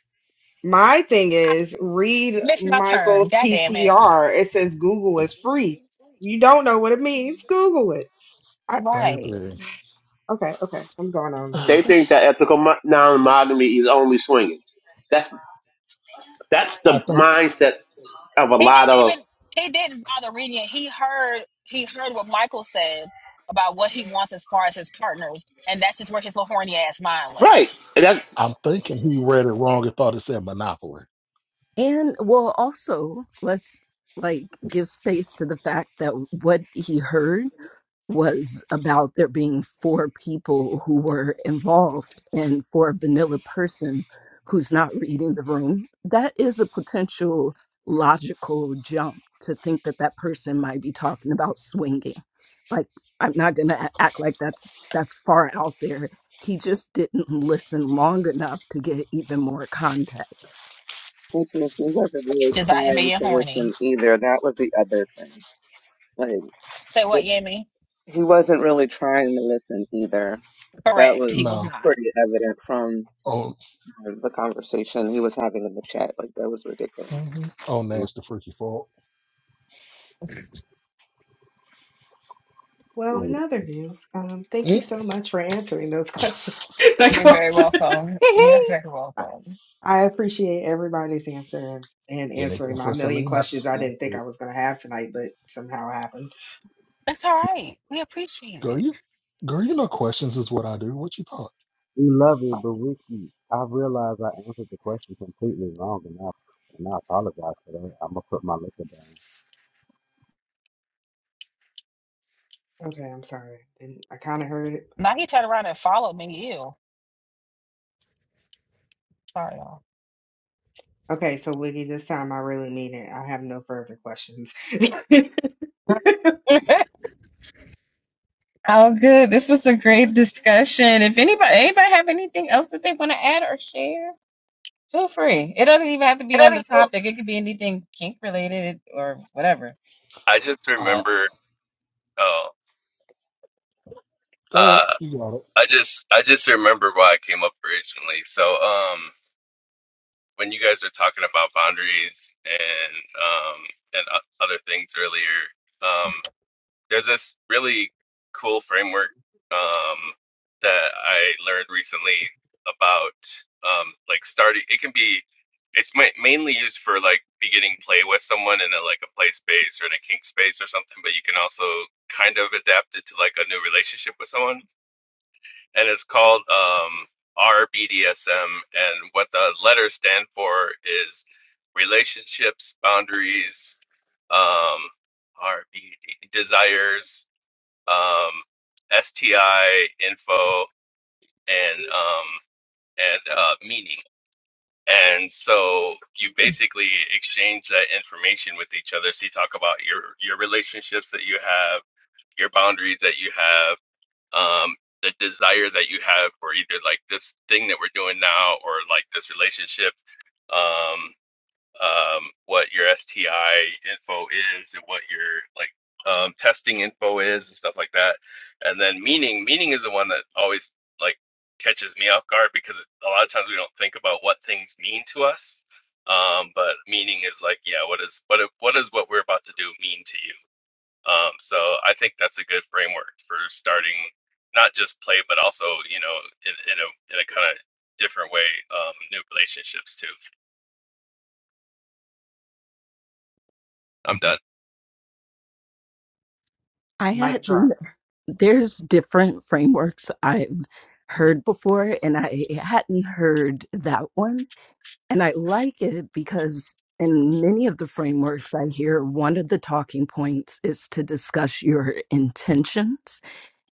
[SPEAKER 5] My thing
[SPEAKER 1] I
[SPEAKER 5] is, read
[SPEAKER 1] Missed my turn.
[SPEAKER 5] Michael's
[SPEAKER 1] God damn it.
[SPEAKER 5] PTR. It says Google is free. You don't know what it means. Google it. I,
[SPEAKER 1] Right.
[SPEAKER 16] baby.
[SPEAKER 5] okay, okay. I'm going
[SPEAKER 16] <sighs>
[SPEAKER 5] on
[SPEAKER 12] they
[SPEAKER 5] mute.
[SPEAKER 16] I
[SPEAKER 12] think that ethical mo- non-monogamy is only swinging. That's that's the
[SPEAKER 16] think.
[SPEAKER 12] mindset of a
[SPEAKER 1] He
[SPEAKER 12] lot
[SPEAKER 1] didn't
[SPEAKER 12] of
[SPEAKER 1] even he didn't bother reading it. He heard he heard what Michael said about what he wants as far as his partners, and that's just where his little horny ass mind went.
[SPEAKER 12] right. And that,
[SPEAKER 16] I'm thinking he read it wrong and thought it said Monopoly.
[SPEAKER 14] And well also let's like give space to the fact that what he heard was about there being four people who were involved and for a vanilla person who's not reading the room that is a potential logical jump to think that that person might be talking about swinging like i'm not going to act like that's that's far out there he just didn't listen long enough to get even more context
[SPEAKER 13] Which was, she wasn't really
[SPEAKER 1] Just
[SPEAKER 16] True.
[SPEAKER 1] out here
[SPEAKER 13] trying
[SPEAKER 1] being
[SPEAKER 13] to
[SPEAKER 1] horny.
[SPEAKER 13] listen either. That was the other thing. Like,
[SPEAKER 1] Say
[SPEAKER 13] that
[SPEAKER 1] what, Yemi?
[SPEAKER 13] he wasn't really trying to listen either. That
[SPEAKER 1] Correct.
[SPEAKER 13] was
[SPEAKER 1] He was
[SPEAKER 16] No.
[SPEAKER 1] not.
[SPEAKER 13] pretty evident from
[SPEAKER 16] On
[SPEAKER 13] the conversation he was having in the chat. Like, that was ridiculous.
[SPEAKER 16] mhm. on nasty freaky fault.
[SPEAKER 5] Well, in other
[SPEAKER 15] damn.
[SPEAKER 5] news, um, thank you
[SPEAKER 16] Mm.
[SPEAKER 5] so much for answering those questions. <laughs> that
[SPEAKER 1] You're
[SPEAKER 16] <laughs>
[SPEAKER 1] very
[SPEAKER 5] question.
[SPEAKER 1] welcome. You're
[SPEAKER 2] <laughs>
[SPEAKER 1] very
[SPEAKER 5] I
[SPEAKER 1] welcome.
[SPEAKER 5] I appreciate everybody's answer and
[SPEAKER 16] Anything
[SPEAKER 5] answering my
[SPEAKER 16] for
[SPEAKER 5] million questions
[SPEAKER 16] Salinas.
[SPEAKER 5] I didn't think I was going to have tonight, but somehow happened.
[SPEAKER 1] That's all right. We appreciate
[SPEAKER 16] Girl,
[SPEAKER 1] it.
[SPEAKER 16] you girl, you know questions is what I do. What you thought?
[SPEAKER 15] We love it, but with you, I realize I answered the question completely wrong, and I, and I apologize for that. I'm gonna put my liquor down.
[SPEAKER 5] Okay, I'm sorry. And I kind of heard it.
[SPEAKER 1] Now he turned around and followed me. Ew. Sorry, y'all.
[SPEAKER 5] Okay, so Wiggy, this time I really mean it. I have no further questions. <laughs>
[SPEAKER 2] Oh, good. This was a great discussion. If anybody anybody have anything else that they want to add or share, feel free. It doesn't even have to be on the
[SPEAKER 10] So
[SPEAKER 2] topic. It could be anything kink related or whatever.
[SPEAKER 10] I just
[SPEAKER 16] Alright.
[SPEAKER 10] remember. Oh.
[SPEAKER 16] Go ahead.
[SPEAKER 10] uh,
[SPEAKER 16] You got it.
[SPEAKER 10] I just I just remember why I came up originally. So um when you guys were talking about boundaries and um and o- other things earlier, um there's this really cool framework um that I learned recently about um like starting it can be it's ma- mainly used for like beginning play with someone in a like a play space or in a kink space or something, but you can also kind of adapt it to like a new relationship with someone and it's called um, RBDSM. And what the letters stand for is relationships, boundaries, um, RBD desires, um, STI info, and um, and uh, meaning. And so you basically exchange that information with each other. So you talk about your your relationships that you have, your boundaries that you have um, the desire that you have for either like this thing that we're doing now or like this relationship, um, um, what your STI info is and what your like um, testing info is and stuff like that. And then meaning, meaning is the one that always like catches me off guard because a lot of times we don't think about what things mean to us. Um, but meaning is like, yeah, what is what what is what we're about to do mean to you? Um, so I think that's a good framework for starting not just play, but also you know in, in a in a kind of different way, um, new relationships too. I'm done.
[SPEAKER 14] I
[SPEAKER 5] Mic
[SPEAKER 14] had
[SPEAKER 5] drop.
[SPEAKER 14] there's different frameworks I've heard before, and I hadn't heard that one. And I like it because in many of the frameworks I hear, one of the talking points is to discuss your intentions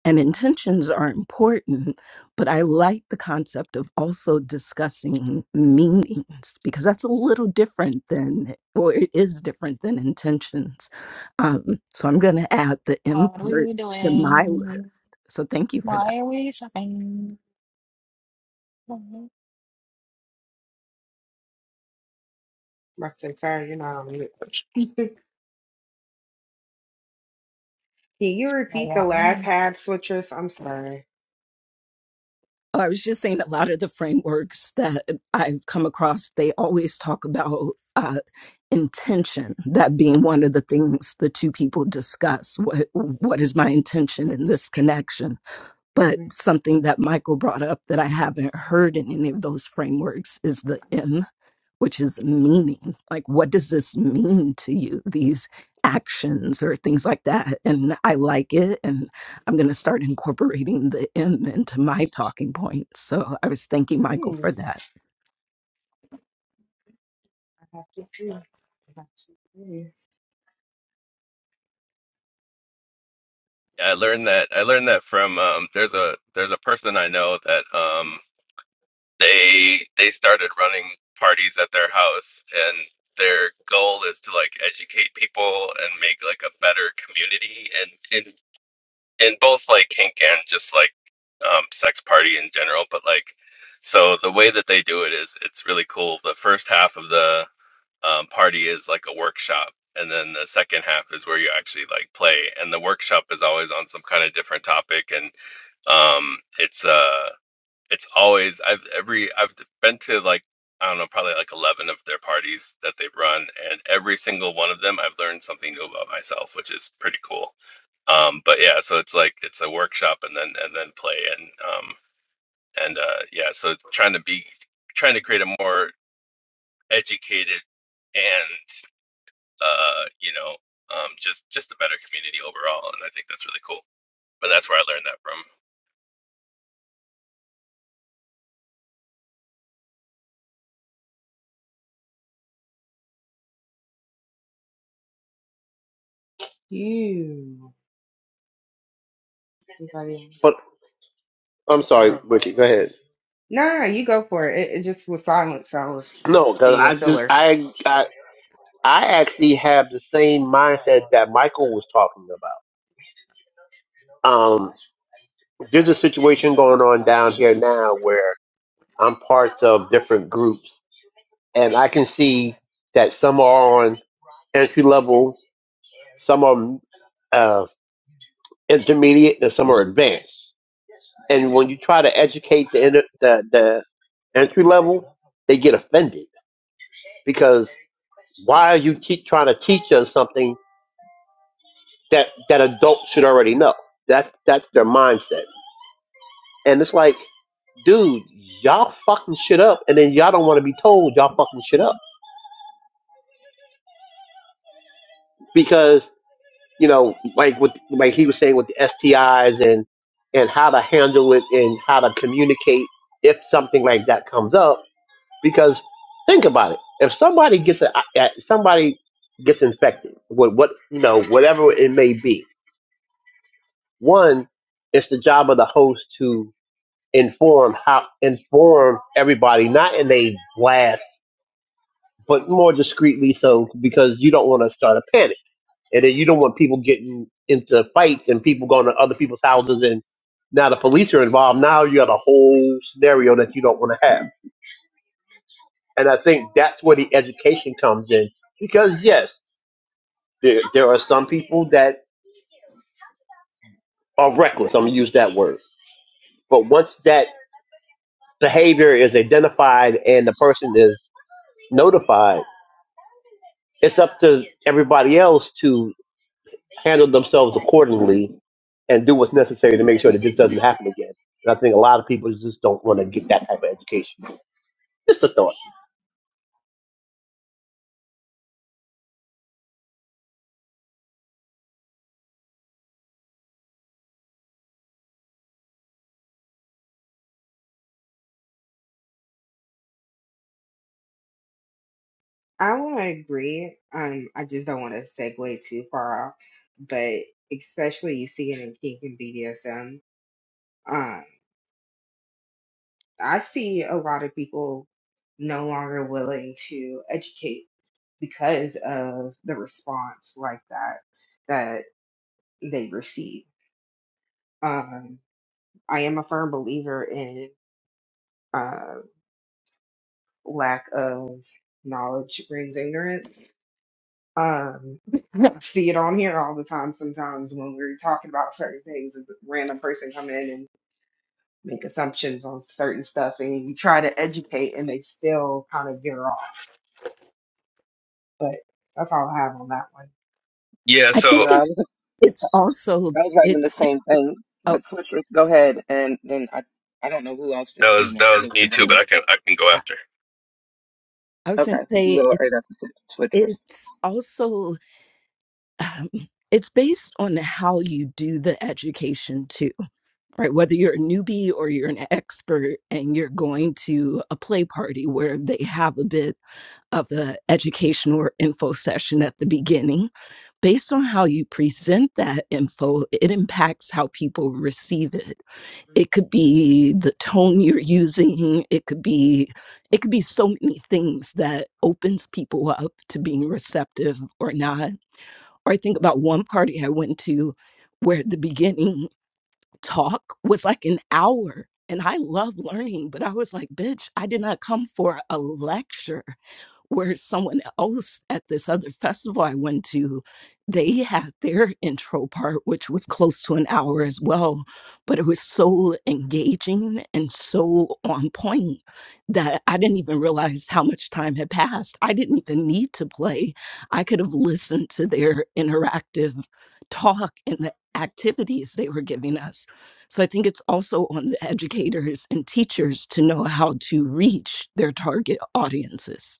[SPEAKER 14] and intentions are important but i like the concept of also discussing meanings because that's a little different than or it is different than intentions um, so i'm going to add the import to my list so thank you for that
[SPEAKER 5] My entire, you know, I'm lit. <laughs> Can you
[SPEAKER 1] Sorry,
[SPEAKER 5] repeat the
[SPEAKER 1] y'all.
[SPEAKER 5] last
[SPEAKER 1] Um,
[SPEAKER 5] half, switchers? I'm sorry.
[SPEAKER 14] Oh, i was just saying a lot of the frameworks that i've come across they always talk about uh, intention that being one of the things the two people discuss what what is my intention in this connection But
[SPEAKER 5] Mm-hmm.
[SPEAKER 14] something that Michael brought up that I haven't heard in any of those frameworks is the M, which is meaning. Like, what does this mean to you? These actions or things like that. And I like it. And I'm going to start incorporating the M into my talking points. So I was thanking Michael
[SPEAKER 5] Hmm,
[SPEAKER 14] for that.
[SPEAKER 5] I have to do. I have to do.
[SPEAKER 10] Yeah, I learned that. I learned that from um, there's a there's a person I know that um, they they started running parties at their house, and their goal is to like educate people and make like a better community and in in both like kink and just like um, sex party in general. But like, so the way that they do it is it's really cool. The first half of the um, party is like a workshop, and then the second half is where you actually like play. And the workshop is always on some kind of different topic, and um, it's uh it's always I've every I've been to like I don't know probably like 11 of their parties that they've run and every single one of them I've learned something new about myself, which is pretty cool. Um but yeah, so it's like it's a workshop and then and then play and um and uh yeah, so it's trying to be trying to create a more educated and uh you know um just just a better community overall and I think that's really cool. But that's where I learned that from.
[SPEAKER 5] You. Anybody? else?
[SPEAKER 12] but I'm
[SPEAKER 5] I'm
[SPEAKER 12] sorry,
[SPEAKER 5] sorry.
[SPEAKER 12] Ricky. Go ahead.
[SPEAKER 5] No, no, you go for it. It, it just was silent, so I was
[SPEAKER 12] No, because
[SPEAKER 5] being a
[SPEAKER 12] I just
[SPEAKER 5] filler.
[SPEAKER 12] I, I I actually have the same mindset that Michael was talking about. Um, there's a situation going on down here now I'm part of different groups, and I can see that some are on entry level, some are uh, intermediate, and some are advanced. And when you try to educate the inter- the, the entry level, they get offended because why are you te- trying to teach us something that that adults should already know? That's that's their mindset, and it's like, dude, y'all fucking shit up, and then y'all don't want to be told y'all fucking shit up because. you know, like with like he was saying with the STIs and and how to handle it and how to communicate if something like that comes up. Because think about it, if somebody gets a, a somebody gets infected with what you know whatever it may be, one, it's the job of the host to inform how inform everybody, not in a blast, but more discreetly, so because you don't want to start a panic and then you don't want people getting into fights and people going to other people's houses and now the police are involved now you got a whole scenario that you don't want to have and i think that's where the education comes in because yes there, there are some people that are reckless i'm going to use that word but once that behavior is identified and the person is notified it's up to everybody else to. handle themselves accordingly and do what's necessary to make sure that this doesn't happen again. And I think a lot of people just don't want to get that type of education. Just a thought.
[SPEAKER 5] I want to agree. Um, I just don't want to segue too far off, but especially you see it in kink and BDSM. Um, I see a lot of people no longer willing to educate because of the response like that that they receive. Um, I am a firm believer in uh, lack of knowledge brings ignorance. Um, <laughs> I see it on here all the time. Sometimes when we're talking about certain things, a random person come in and make assumptions on certain stuff, and you try to educate, and they still kind of veer off. But that's all I have on that
[SPEAKER 10] Yeah,
[SPEAKER 14] I
[SPEAKER 13] No,
[SPEAKER 14] think
[SPEAKER 10] so
[SPEAKER 13] I
[SPEAKER 14] it,
[SPEAKER 13] was
[SPEAKER 14] it's also,
[SPEAKER 13] I was writing the
[SPEAKER 14] it's,
[SPEAKER 13] same thing.
[SPEAKER 14] oh,
[SPEAKER 13] But switch, go ahead, and then I, I don't know who else
[SPEAKER 10] that
[SPEAKER 13] just
[SPEAKER 10] was
[SPEAKER 13] came off,
[SPEAKER 10] that
[SPEAKER 13] but
[SPEAKER 10] was
[SPEAKER 13] it was a
[SPEAKER 10] me too,
[SPEAKER 14] yeah,
[SPEAKER 10] but
[SPEAKER 13] gentleman.
[SPEAKER 10] I can I can go
[SPEAKER 14] I
[SPEAKER 10] after.
[SPEAKER 14] I was
[SPEAKER 13] Okay,
[SPEAKER 14] going to
[SPEAKER 13] you
[SPEAKER 14] say
[SPEAKER 13] go
[SPEAKER 14] it's.
[SPEAKER 13] right after switchers.
[SPEAKER 14] it's also um, it's based on how you do the education too right whether you're a newbie or you're an expert and you're going to a play party where they have a bit of the education or info session at the beginning based on how you present that info it impacts how people receive it it could be the tone you're using it could be it could be so many things that opens people up to being receptive or not or I think about one party I went to where the beginning talk was like an hour. And I love learning, but I was like, bitch, I did not come for a lecture where someone else at this other festival I went to, they had their intro part, which was close to an hour as well. But it was so engaging and so on point that I didn't even realize how much time had passed. I didn't even need to play. I could have listened to their interactive talk and the activities they were giving us so I think it's also on the educators and teachers to know how to reach their target audiences.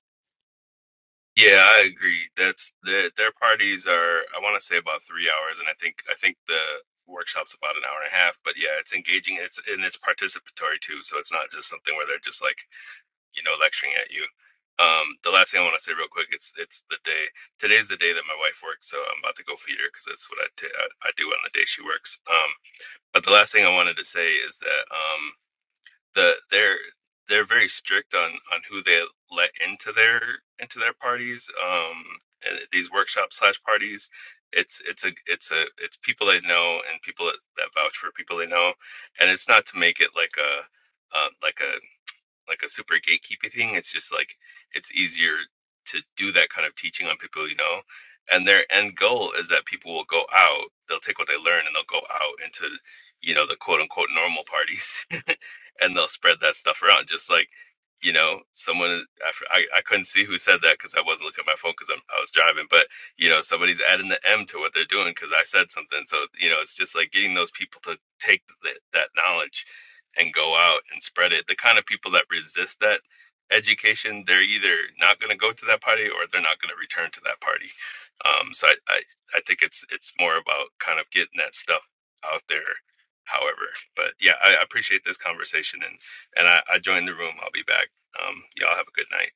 [SPEAKER 10] Yeah, I agree. That's their their parties are I want to say about three hours, and I think I think the workshop's about an hour and a half. But yeah, it's engaging. It's and it's participatory too, so it's not just something where they're just like you know lecturing at you. Um, the last thing I want to say real quick, it's it's the day today's the day that my wife works, so I'm about to go feed her because that's what I ta- I I do on the day she works. Um, but the last thing I wanted to say is that um the they're they're very strict on on who they let into their into their parties um and these workshop slash parties it's it's a it's a it's people they know and people that, that vouch for people they know and it's not to make it like a uh, like a like a super gatekeepy thing. It's just like it's easier to do that kind of teaching on people you know, and their end goal is that people will go out, they'll take what they learn and they'll go out into you know the quote unquote normal parties, <laughs> and they'll spread that stuff around. Just like you know, someone I f- I, I couldn't see who said that because I wasn't looking at my phone because I was driving, but you know somebody's adding the M to what they're doing because I said something. So you know, it's just like getting those people to take th- that knowledge and go out and spread it. The kind of people that resist that education, they're either not going to go to that party or they're not going to return to that party. Um, so I, I, I think it's it's more about kind of getting that stuff out there. However, but yeah, I, I appreciate this conversation and and I, I joined the room. I'll be back. Um, y'all have a good night.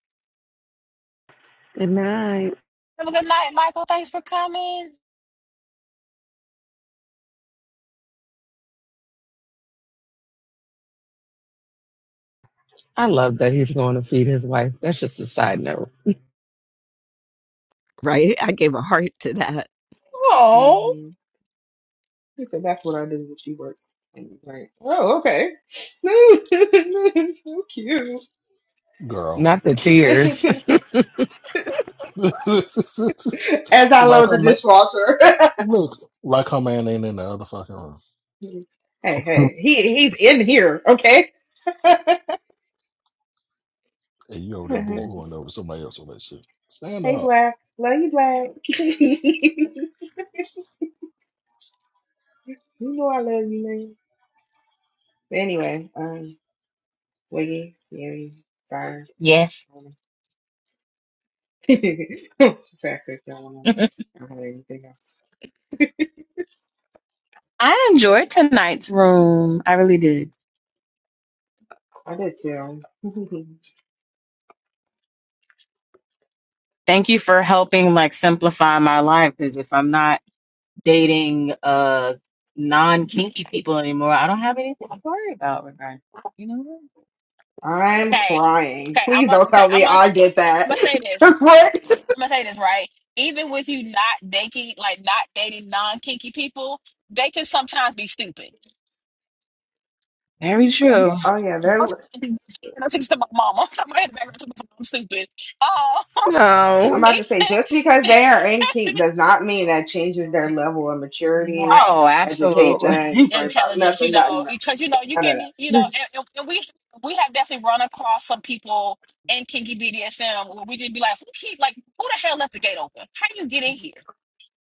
[SPEAKER 1] have a good night, Michael. Thanks for coming.
[SPEAKER 14] right? I gave a heart to that.
[SPEAKER 2] Oh,
[SPEAKER 5] one. He said, "That's what I do when she works." And he's like, "Oh, okay, <laughs> so cute."
[SPEAKER 16] Girl.
[SPEAKER 5] <laughs>
[SPEAKER 16] <laughs> like
[SPEAKER 5] As I load
[SPEAKER 16] her
[SPEAKER 5] the
[SPEAKER 16] man
[SPEAKER 5] dishwasher.
[SPEAKER 16] look, like her man ain't in the other fucking room.
[SPEAKER 5] <laughs> hey, hey, he he's in here, okay? <laughs> hey,
[SPEAKER 16] And you over there boo hooing over somebody else's relationship. Stand up.
[SPEAKER 5] Black, love you, Black. <laughs> you know I love you, man. But anyway, um, Wiggy, Yeri, sorry,
[SPEAKER 2] Yes.
[SPEAKER 5] I don't know. <laughs> Sorry, I don't
[SPEAKER 2] <laughs>
[SPEAKER 5] I don't have anything else.
[SPEAKER 2] I enjoyed tonight's room. I really did.
[SPEAKER 5] I did too. <laughs>
[SPEAKER 2] Thank you for helping like simplify my life because if I'm not dating uh non kinky people anymore, I don't have anything to worry about regarding. You know what?
[SPEAKER 5] I'm
[SPEAKER 1] Okay.
[SPEAKER 5] crying.
[SPEAKER 1] Okay. I'm
[SPEAKER 5] Please
[SPEAKER 1] gonna.
[SPEAKER 5] don't
[SPEAKER 1] Okay.
[SPEAKER 5] tell
[SPEAKER 1] I'm
[SPEAKER 5] me
[SPEAKER 1] gonna.
[SPEAKER 5] I did
[SPEAKER 1] I'm
[SPEAKER 5] that.
[SPEAKER 1] gonna say
[SPEAKER 5] <laughs>
[SPEAKER 1] this.
[SPEAKER 5] what?
[SPEAKER 1] I'm gonna say this right. Even with you not dating, like not dating non kinky people, they can sometimes be stupid.
[SPEAKER 2] Very
[SPEAKER 1] You-
[SPEAKER 2] true.
[SPEAKER 5] Oh yeah, they're.
[SPEAKER 1] Don't you- don't you to my mama. <laughs> I'm going back to my mom. I'm stupid. Oh,
[SPEAKER 5] I'm
[SPEAKER 1] <laughs>
[SPEAKER 5] about to say just because
[SPEAKER 1] even
[SPEAKER 5] they are
[SPEAKER 1] <laughs>
[SPEAKER 5] ancient does not mean that changes their level of maturity,
[SPEAKER 1] right
[SPEAKER 2] Oh, absolutely. <laughs>
[SPEAKER 5] education, brain power,
[SPEAKER 1] intelligence. You
[SPEAKER 5] nothing, nothing,
[SPEAKER 1] know,
[SPEAKER 5] no,
[SPEAKER 1] because you know you
[SPEAKER 5] none of
[SPEAKER 1] can.
[SPEAKER 5] <laughs>
[SPEAKER 1] You know,
[SPEAKER 5] that.
[SPEAKER 1] and, and and we we have definitely run across some people in kinky BDSM where we just be like, who keep like who the hell left the gate open? How do you get in here?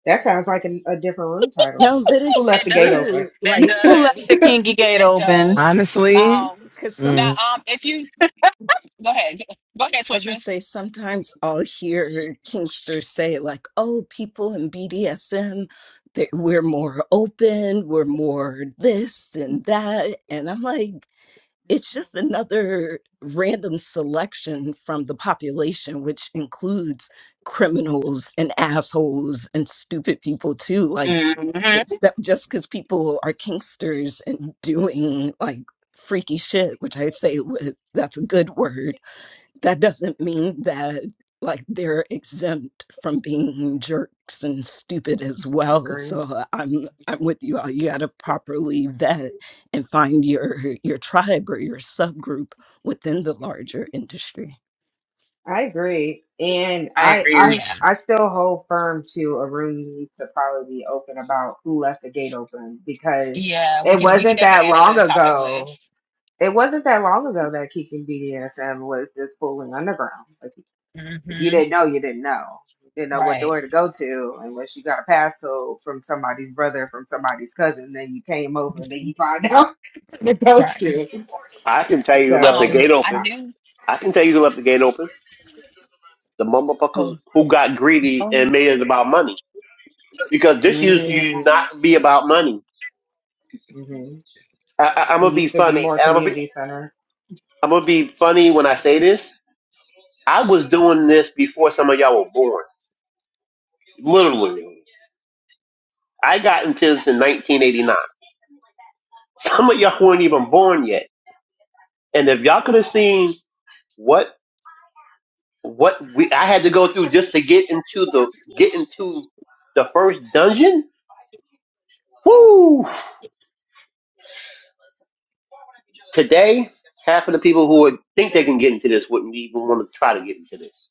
[SPEAKER 5] That sounds like a, a different room title.
[SPEAKER 14] No, but
[SPEAKER 5] Who
[SPEAKER 14] it's
[SPEAKER 5] left
[SPEAKER 1] It
[SPEAKER 5] the gate
[SPEAKER 1] does.
[SPEAKER 5] open?
[SPEAKER 14] true.
[SPEAKER 1] It
[SPEAKER 14] Like,
[SPEAKER 2] Who left
[SPEAKER 1] does.
[SPEAKER 2] the
[SPEAKER 5] <laughs>
[SPEAKER 2] kinky gate
[SPEAKER 1] It
[SPEAKER 2] open?
[SPEAKER 1] does. Um,
[SPEAKER 14] because some.
[SPEAKER 1] now, um, if you go ahead, go ahead,
[SPEAKER 14] I was gonna
[SPEAKER 1] switchers.
[SPEAKER 14] say sometimes I'll hear Kingsters say like, "Oh, people in BDSM, they, we're more open, we're more this and that," and I'm like, it's just another random selection from the population, which includes criminals and assholes and stupid people too. Like,
[SPEAKER 2] hmm
[SPEAKER 14] it's that just because people are Kingsters and doing like freaky shit, which I say with that's a good word that doesn't mean that like they're exempt from being jerks and stupid as well
[SPEAKER 5] Agree.
[SPEAKER 14] so i'm i'm with you all you got to properly vet and find your your tribe or your subgroup within the larger industry
[SPEAKER 5] I agree, and
[SPEAKER 2] I
[SPEAKER 5] I I
[SPEAKER 2] agree.
[SPEAKER 1] Yeah,
[SPEAKER 5] I still hold firm to a room needs to probably be open about who left the gate open because
[SPEAKER 1] yeah, we
[SPEAKER 5] it
[SPEAKER 1] can we can
[SPEAKER 5] wasn't
[SPEAKER 1] definitely
[SPEAKER 5] that
[SPEAKER 1] add it to
[SPEAKER 5] long
[SPEAKER 1] the topic
[SPEAKER 5] ago.
[SPEAKER 1] list.
[SPEAKER 5] It wasn't that long ago that Keegan BDSM was just fooling underground. Like, if you
[SPEAKER 1] hmm
[SPEAKER 5] didn't know, you didn't know. You didn't know what
[SPEAKER 1] Right,
[SPEAKER 5] door to go to unless you got a passcode from somebody's brother, from somebody's cousin. Then you came over, and then you
[SPEAKER 1] Mhm.
[SPEAKER 5] find out <laughs> to go
[SPEAKER 1] right.
[SPEAKER 5] to.
[SPEAKER 12] I can tell you who left the
[SPEAKER 5] So,
[SPEAKER 1] Um,
[SPEAKER 12] gate
[SPEAKER 1] I
[SPEAKER 12] open.
[SPEAKER 1] do.
[SPEAKER 12] I can tell you who left the gate open. The motherfuckers
[SPEAKER 1] Oh,
[SPEAKER 12] who got greedy and
[SPEAKER 1] oh.
[SPEAKER 12] made it about money. Because this used to
[SPEAKER 5] mm-hmm.
[SPEAKER 12] not be about money.
[SPEAKER 5] mm-hmm.
[SPEAKER 12] I, I, I'm
[SPEAKER 5] It
[SPEAKER 12] gonna be
[SPEAKER 5] used to be
[SPEAKER 12] funny.
[SPEAKER 5] more
[SPEAKER 12] I'm gonna be
[SPEAKER 5] community center.
[SPEAKER 12] I'm gonna be funny when I say this. I was doing this before some of y'all were born. Literally, I got into this in 1989. Some of y'all weren't even born yet And if y'all could have seen what what we I had to go through just to get into the get into the first dungeon, woo! Today, half of the people who would think they can get into this wouldn't even want to try to get into this.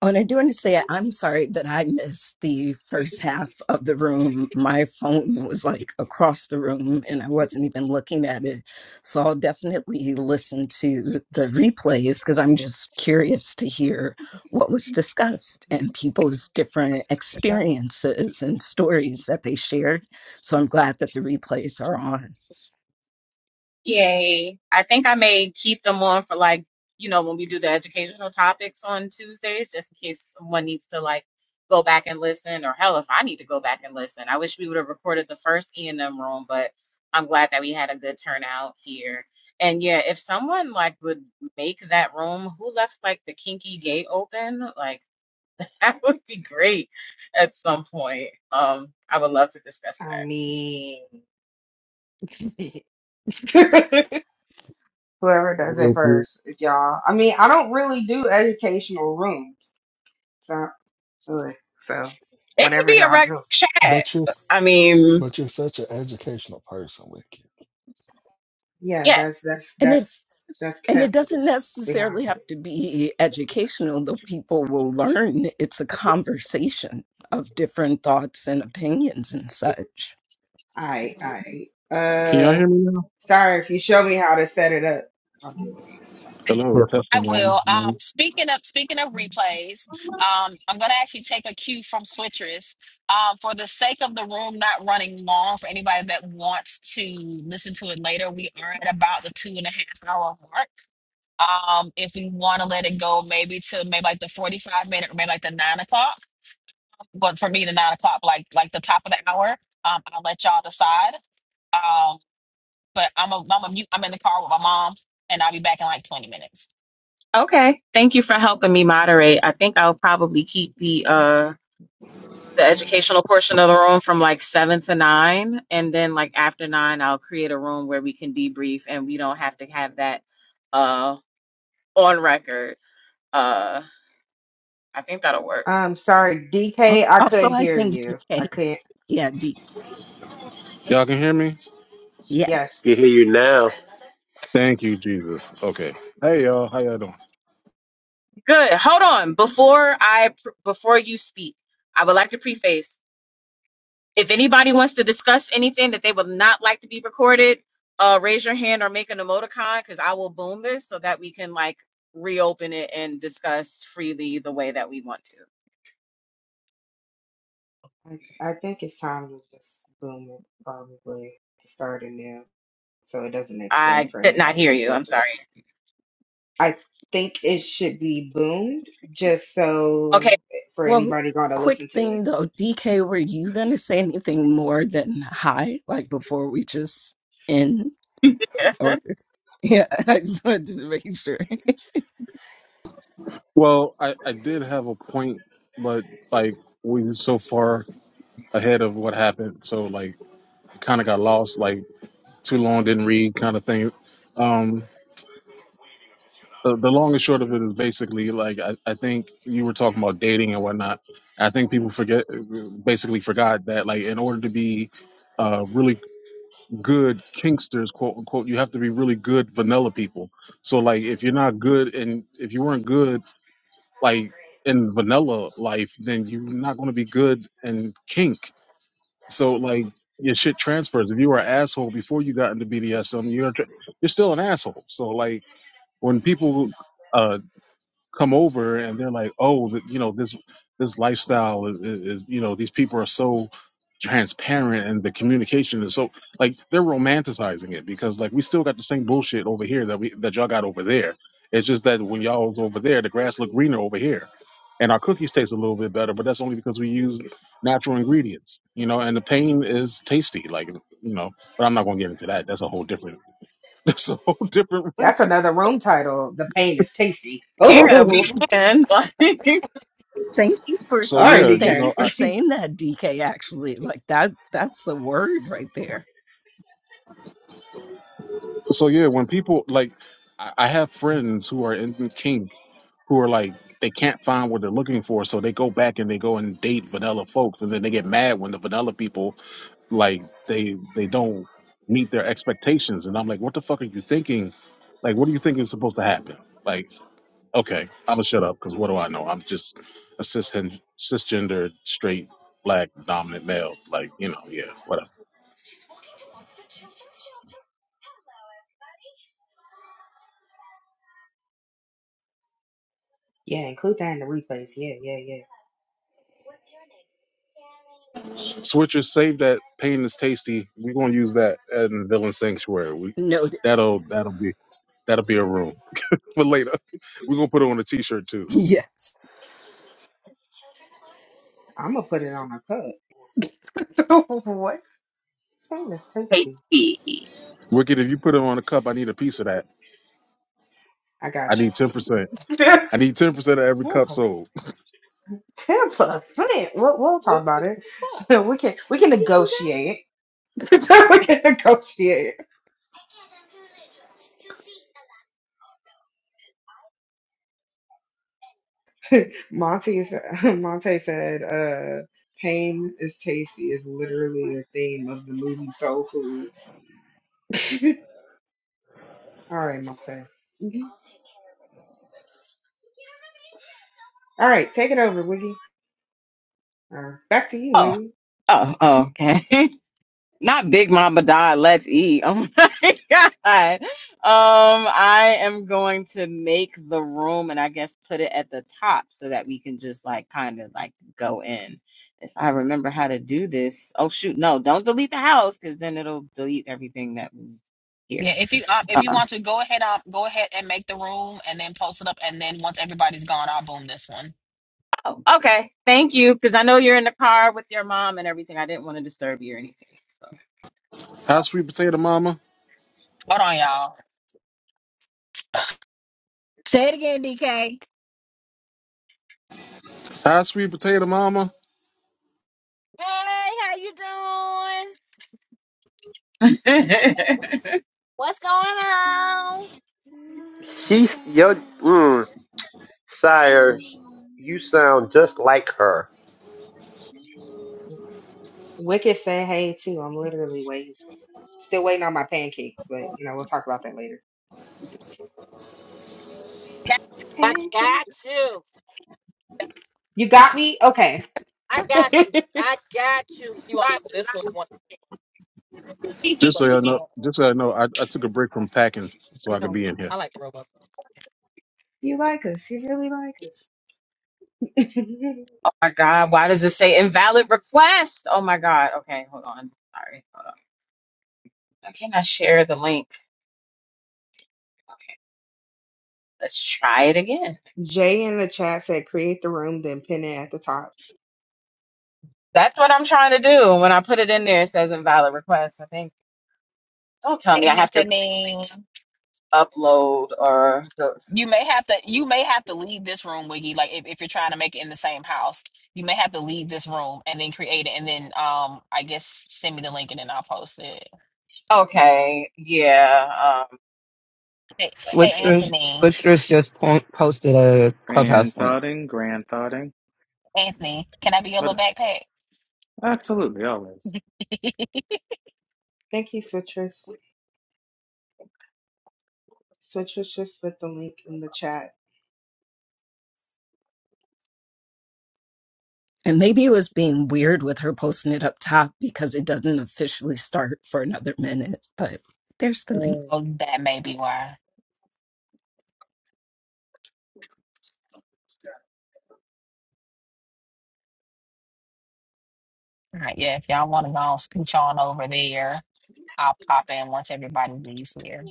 [SPEAKER 14] Oh, and I do want to say I'm sorry that I missed the first half of the room. My phone was like across the room and I wasn't even looking at it. So I'll definitely listen to the replays because I'm just curious to hear what was discussed and people's different experiences and stories that they shared. So I'm glad that the replays are on.
[SPEAKER 2] Yay. I think I may keep them on for like, you know, when we do the educational topics on Tuesdays, just in case someone needs to like go back and listen, or hell, if I need to go back and listen. I wish we would have recorded the first E and M room, but I'm glad that we had a good turnout here. And yeah, if someone like would make that room, who left like the kinky gate open? Like <laughs> that would be great at some point. Um, I would love to discuss
[SPEAKER 5] I
[SPEAKER 2] that.
[SPEAKER 5] mean, <laughs> whoever does it
[SPEAKER 15] With Ricky,
[SPEAKER 5] first, if y'all. I mean, I don't really do educational rooms, so ugh, so
[SPEAKER 2] It could
[SPEAKER 5] whatever
[SPEAKER 2] be a
[SPEAKER 5] y'all
[SPEAKER 2] rec
[SPEAKER 5] do,
[SPEAKER 2] chat.
[SPEAKER 16] But you're s-
[SPEAKER 2] I mean,
[SPEAKER 16] but you're such an educational person, Wicked.
[SPEAKER 5] yeah,
[SPEAKER 2] yeah.
[SPEAKER 5] that's that's
[SPEAKER 14] And it.
[SPEAKER 5] that's that's
[SPEAKER 14] And it
[SPEAKER 5] kept
[SPEAKER 14] doesn't
[SPEAKER 5] behind.
[SPEAKER 14] necessarily
[SPEAKER 5] scenes.
[SPEAKER 14] have to be educational, though people will learn it's a conversation of different thoughts and opinions and such.
[SPEAKER 5] I I
[SPEAKER 17] Can y'all
[SPEAKER 5] uh,
[SPEAKER 17] hear me now?
[SPEAKER 5] sorry if you show me how to set it up, I'll do it. It's fine.
[SPEAKER 17] Hello,
[SPEAKER 1] I
[SPEAKER 17] testing one
[SPEAKER 1] will. Um,
[SPEAKER 17] one.
[SPEAKER 1] speaking of speaking of replays, um, I'm gonna actually take a cue from switchers. Um, for the sake of the room not running long, for anybody that wants to listen to it later, we are at about the two and a half hour mark. Um, if we want to let it go, maybe to maybe like the forty-five minute, or maybe like the nine o'clock. But for me, the nine o'clock, like like the top of the hour. Um, I'll let y'all decide. Um, but I'm a I'm a mute. I'm in the car with my mom, and I'll be back in like twenty minutes.
[SPEAKER 2] Okay. Thank you for helping me moderate. I think I'll probably keep the uh the educational portion of the room from like seven to nine, and then like after nine, I'll create a room where we can debrief and we don't have to have that uh on record. Uh, I think that'll work.
[SPEAKER 5] Um, sorry,
[SPEAKER 14] Al-
[SPEAKER 5] DK, I
[SPEAKER 14] Also,
[SPEAKER 5] couldn't
[SPEAKER 14] I
[SPEAKER 5] hear
[SPEAKER 14] think
[SPEAKER 5] you. I
[SPEAKER 14] DK,
[SPEAKER 5] can't.
[SPEAKER 14] yeah, D,
[SPEAKER 17] Y'all can hear me?
[SPEAKER 5] Yes.
[SPEAKER 14] yes.
[SPEAKER 12] You hear you now.
[SPEAKER 17] Thank you, Jesus. Okay. Hey y'all, how y'all doing?
[SPEAKER 2] Good. Hold on. Before I pr- before you speak, I would like to preface. If anybody wants to discuss anything that they would not like to be recorded, uh, raise your hand or make an emoticon because I will boom this so that we can like reopen it and discuss freely the way that we want to.
[SPEAKER 5] I, I think it's time to just boom it probably to start anew so it doesn't extend
[SPEAKER 2] I
[SPEAKER 5] for
[SPEAKER 2] did not
[SPEAKER 5] anybody
[SPEAKER 2] hear
[SPEAKER 5] who's
[SPEAKER 2] you. I'm sorry.
[SPEAKER 5] listening. I think it should be boomed just
[SPEAKER 2] Okay.
[SPEAKER 5] so eh, for
[SPEAKER 14] Well,
[SPEAKER 5] anybody going to
[SPEAKER 14] quick
[SPEAKER 5] listen to it.
[SPEAKER 14] thing though, DK, were you gonna say anything more than hi, like before we just end?
[SPEAKER 2] <laughs>
[SPEAKER 14] Or <laughs> yeah, I just wanted to make sure.
[SPEAKER 17] Well, I I did have a point, but like we were so far ahead of what happened, so like it kind of got lost. Like too long, didn't read, kind of thing. Um, the, the long and short of it is basically like I, I think you were talking about dating and whatnot. I think people forget, basically forgot that like in order to be uh, really good kinksters, quote unquote. You have to be really good vanilla people. So like if you're not good and if you weren't good like in vanilla life, then you're not gonna be good in kink. So like your shit transfers. If you were an asshole before you got into BDSM, you're tr- you're still an asshole. So like when people uh come over and they're like, oh, th- you know, this this lifestyle is, is, is, you know, these people are so transparent and the communication is so like they're romanticizing it because like we still got the same bullshit over here that we that y'all got over there. It's just that when y'all was over there, the grass looked greener over here. And our cookies taste a little bit better, but that's only because we use natural ingredients, you know. And the pain is tasty, like you know. But I'm not gonna get into that. That's a whole different. <laughs> That's a whole different room.
[SPEAKER 5] That's another room title. The pain is tasty. <laughs>
[SPEAKER 2] yeah, we can. <laughs> But <laughs>
[SPEAKER 14] <laughs> Thank you for
[SPEAKER 17] So
[SPEAKER 5] Oh, all
[SPEAKER 14] s-
[SPEAKER 5] right,
[SPEAKER 17] yeah, you
[SPEAKER 5] DK.
[SPEAKER 14] thank you
[SPEAKER 17] know,
[SPEAKER 14] for saying that, DK. Actually, like that that's a word right there.
[SPEAKER 17] So yeah, when people like, I I have friends who are in kink who are like they can't find what they're looking for, so they go back and they go and date vanilla folks, and then they get mad when the vanilla people like they they don't meet their expectations, and I'm like, what the fuck are you thinking? Like, what do you think is supposed to happen? Like, okay, I'm gonna shut up because what do I know? I'm just a cis cisgender straight black dominant male. Like, you know, yeah, whatever.
[SPEAKER 5] Yeah, include that in the replays. Yeah, yeah, yeah.
[SPEAKER 17] Switchers, save that pain is tasty. We're gonna use that in Villain Sanctuary. We
[SPEAKER 14] Noted. <laughs>
[SPEAKER 17] that'll that'll be that'll be a room <laughs> for later. We're gonna put it on a t-shirt too.
[SPEAKER 14] Yes.
[SPEAKER 5] I'm gonna put it on my cup. <laughs> what? Pain is
[SPEAKER 2] let
[SPEAKER 5] tasty.
[SPEAKER 17] Wicked, if you put it on a cup, I need a piece of that.
[SPEAKER 5] I
[SPEAKER 17] I
[SPEAKER 5] got you.
[SPEAKER 17] need ten percent. I need ten percent of
[SPEAKER 5] <laughs>
[SPEAKER 17] every cup
[SPEAKER 5] Tampa
[SPEAKER 17] sold.
[SPEAKER 5] Ten percent. We'll, we'll talk about it. <laughs> We can we can negotiate. <laughs> we can negotiate. Monty said, <laughs> Monte said, uh, "Pain is tasty" is literally the theme of the movie Soul Food. <laughs> All right, Monte. Mhm. All right, take it over, Wiggy. Uh, back to you,
[SPEAKER 2] oh,
[SPEAKER 5] Wiggy.
[SPEAKER 2] oh, oh, okay. <laughs> not Big Mama Die, let's eat. Oh my <laughs> God. Um, I am going to make the room and I guess put it at the top so that we can just like kind of like go in. If I remember how to do this. Oh shoot, no, don't delete the house because then it'll delete everything that was here.
[SPEAKER 1] Yeah, if you um if you
[SPEAKER 2] Uh,
[SPEAKER 1] want to go ahead um go ahead and make the room, and then post it up, and then once everybody's gone, I'll boom this one.
[SPEAKER 2] oh, okay. Thank you. Because I know you're in the car with your mom and everything. I didn't want to disturb you or anything.
[SPEAKER 17] Hi, sweet potato mama.
[SPEAKER 1] Hold on, y'all. Say it again, DK.
[SPEAKER 17] Hi, sweet potato mama.
[SPEAKER 1] Hey, how you doing?
[SPEAKER 2] So. <laughs>
[SPEAKER 1] What's on?
[SPEAKER 12] She's your mm, sire. You sound just like her.
[SPEAKER 5] Wicked said, "Hey, too." I'm literally waiting. Still waiting on my pancakes, but you know we'll talk about that later.
[SPEAKER 1] I
[SPEAKER 5] Pancakes. You got me? Okay.
[SPEAKER 1] I, I got you. You want Watch it.
[SPEAKER 17] Just so
[SPEAKER 5] <laughs>
[SPEAKER 17] you know, just so you know, I, I took a break from packing so
[SPEAKER 1] You
[SPEAKER 17] I could
[SPEAKER 1] don't.
[SPEAKER 17] be in here.
[SPEAKER 1] I like the robot.
[SPEAKER 5] You like us. You really like us. <laughs>
[SPEAKER 2] my God, why does it say invalid request? Oh my God. Okay, hold on. Sorry. Hold on. I cannot share the link. Let's try it again.
[SPEAKER 5] Jay in the chat said, create the room, then pin it at the top.
[SPEAKER 2] That's what I'm trying to do. When I put it in there, it says invalid request. I think, don't tell me I have to
[SPEAKER 1] Anthony,
[SPEAKER 2] upload or, the,
[SPEAKER 1] you may have to you may have to leave this room, Wiggy. Like if, if you're trying to make it in the same house, you may have to leave this room and then create it, and then um I guess send me the link and then I'll post it.
[SPEAKER 2] okay, yeah. Um,
[SPEAKER 1] Hey, hey Anthony,
[SPEAKER 13] Posted a clubhouse link.
[SPEAKER 18] Grandfathering, grandfathering,
[SPEAKER 1] Anthony, can I be your
[SPEAKER 18] but
[SPEAKER 1] little backpack?
[SPEAKER 18] Absolutely, always.
[SPEAKER 1] <laughs>
[SPEAKER 5] Thank you, Citrus. Citrus just put the link in the chat.
[SPEAKER 14] And maybe it was being weird with her posting it up top because it doesn't officially start for another minute, but there's the link.
[SPEAKER 1] oh, that may be why. All right, yeah. If y'all want to go on, scooch on over there, I'll pop in once everybody leaves here.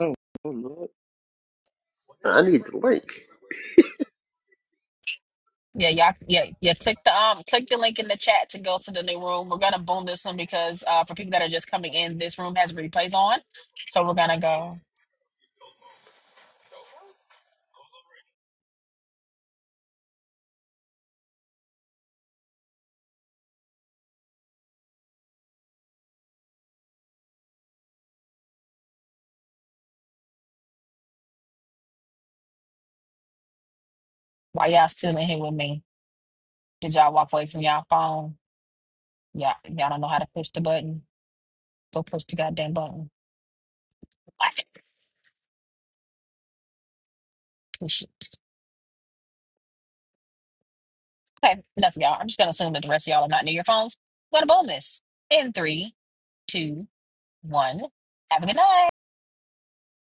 [SPEAKER 18] Oh, oh, Lord.
[SPEAKER 12] I need the link.
[SPEAKER 1] Yeah, y'all, yeah, yeah. Click the um, click the link in the chat to go to the new room. We're gonna boom this one because uh, for people that are just coming in, this room has replays on, so we're gonna go. While y'all still in here with me, did y'all walk away from y'all phone? Y'all, y'all don't know how to push the button. Go push the goddamn button. What? Push it. Okay, enough of y'all. I'm just gonna assume that the rest of y'all are not near your phones. We're gonna boom this in three, two, one. Have a good night.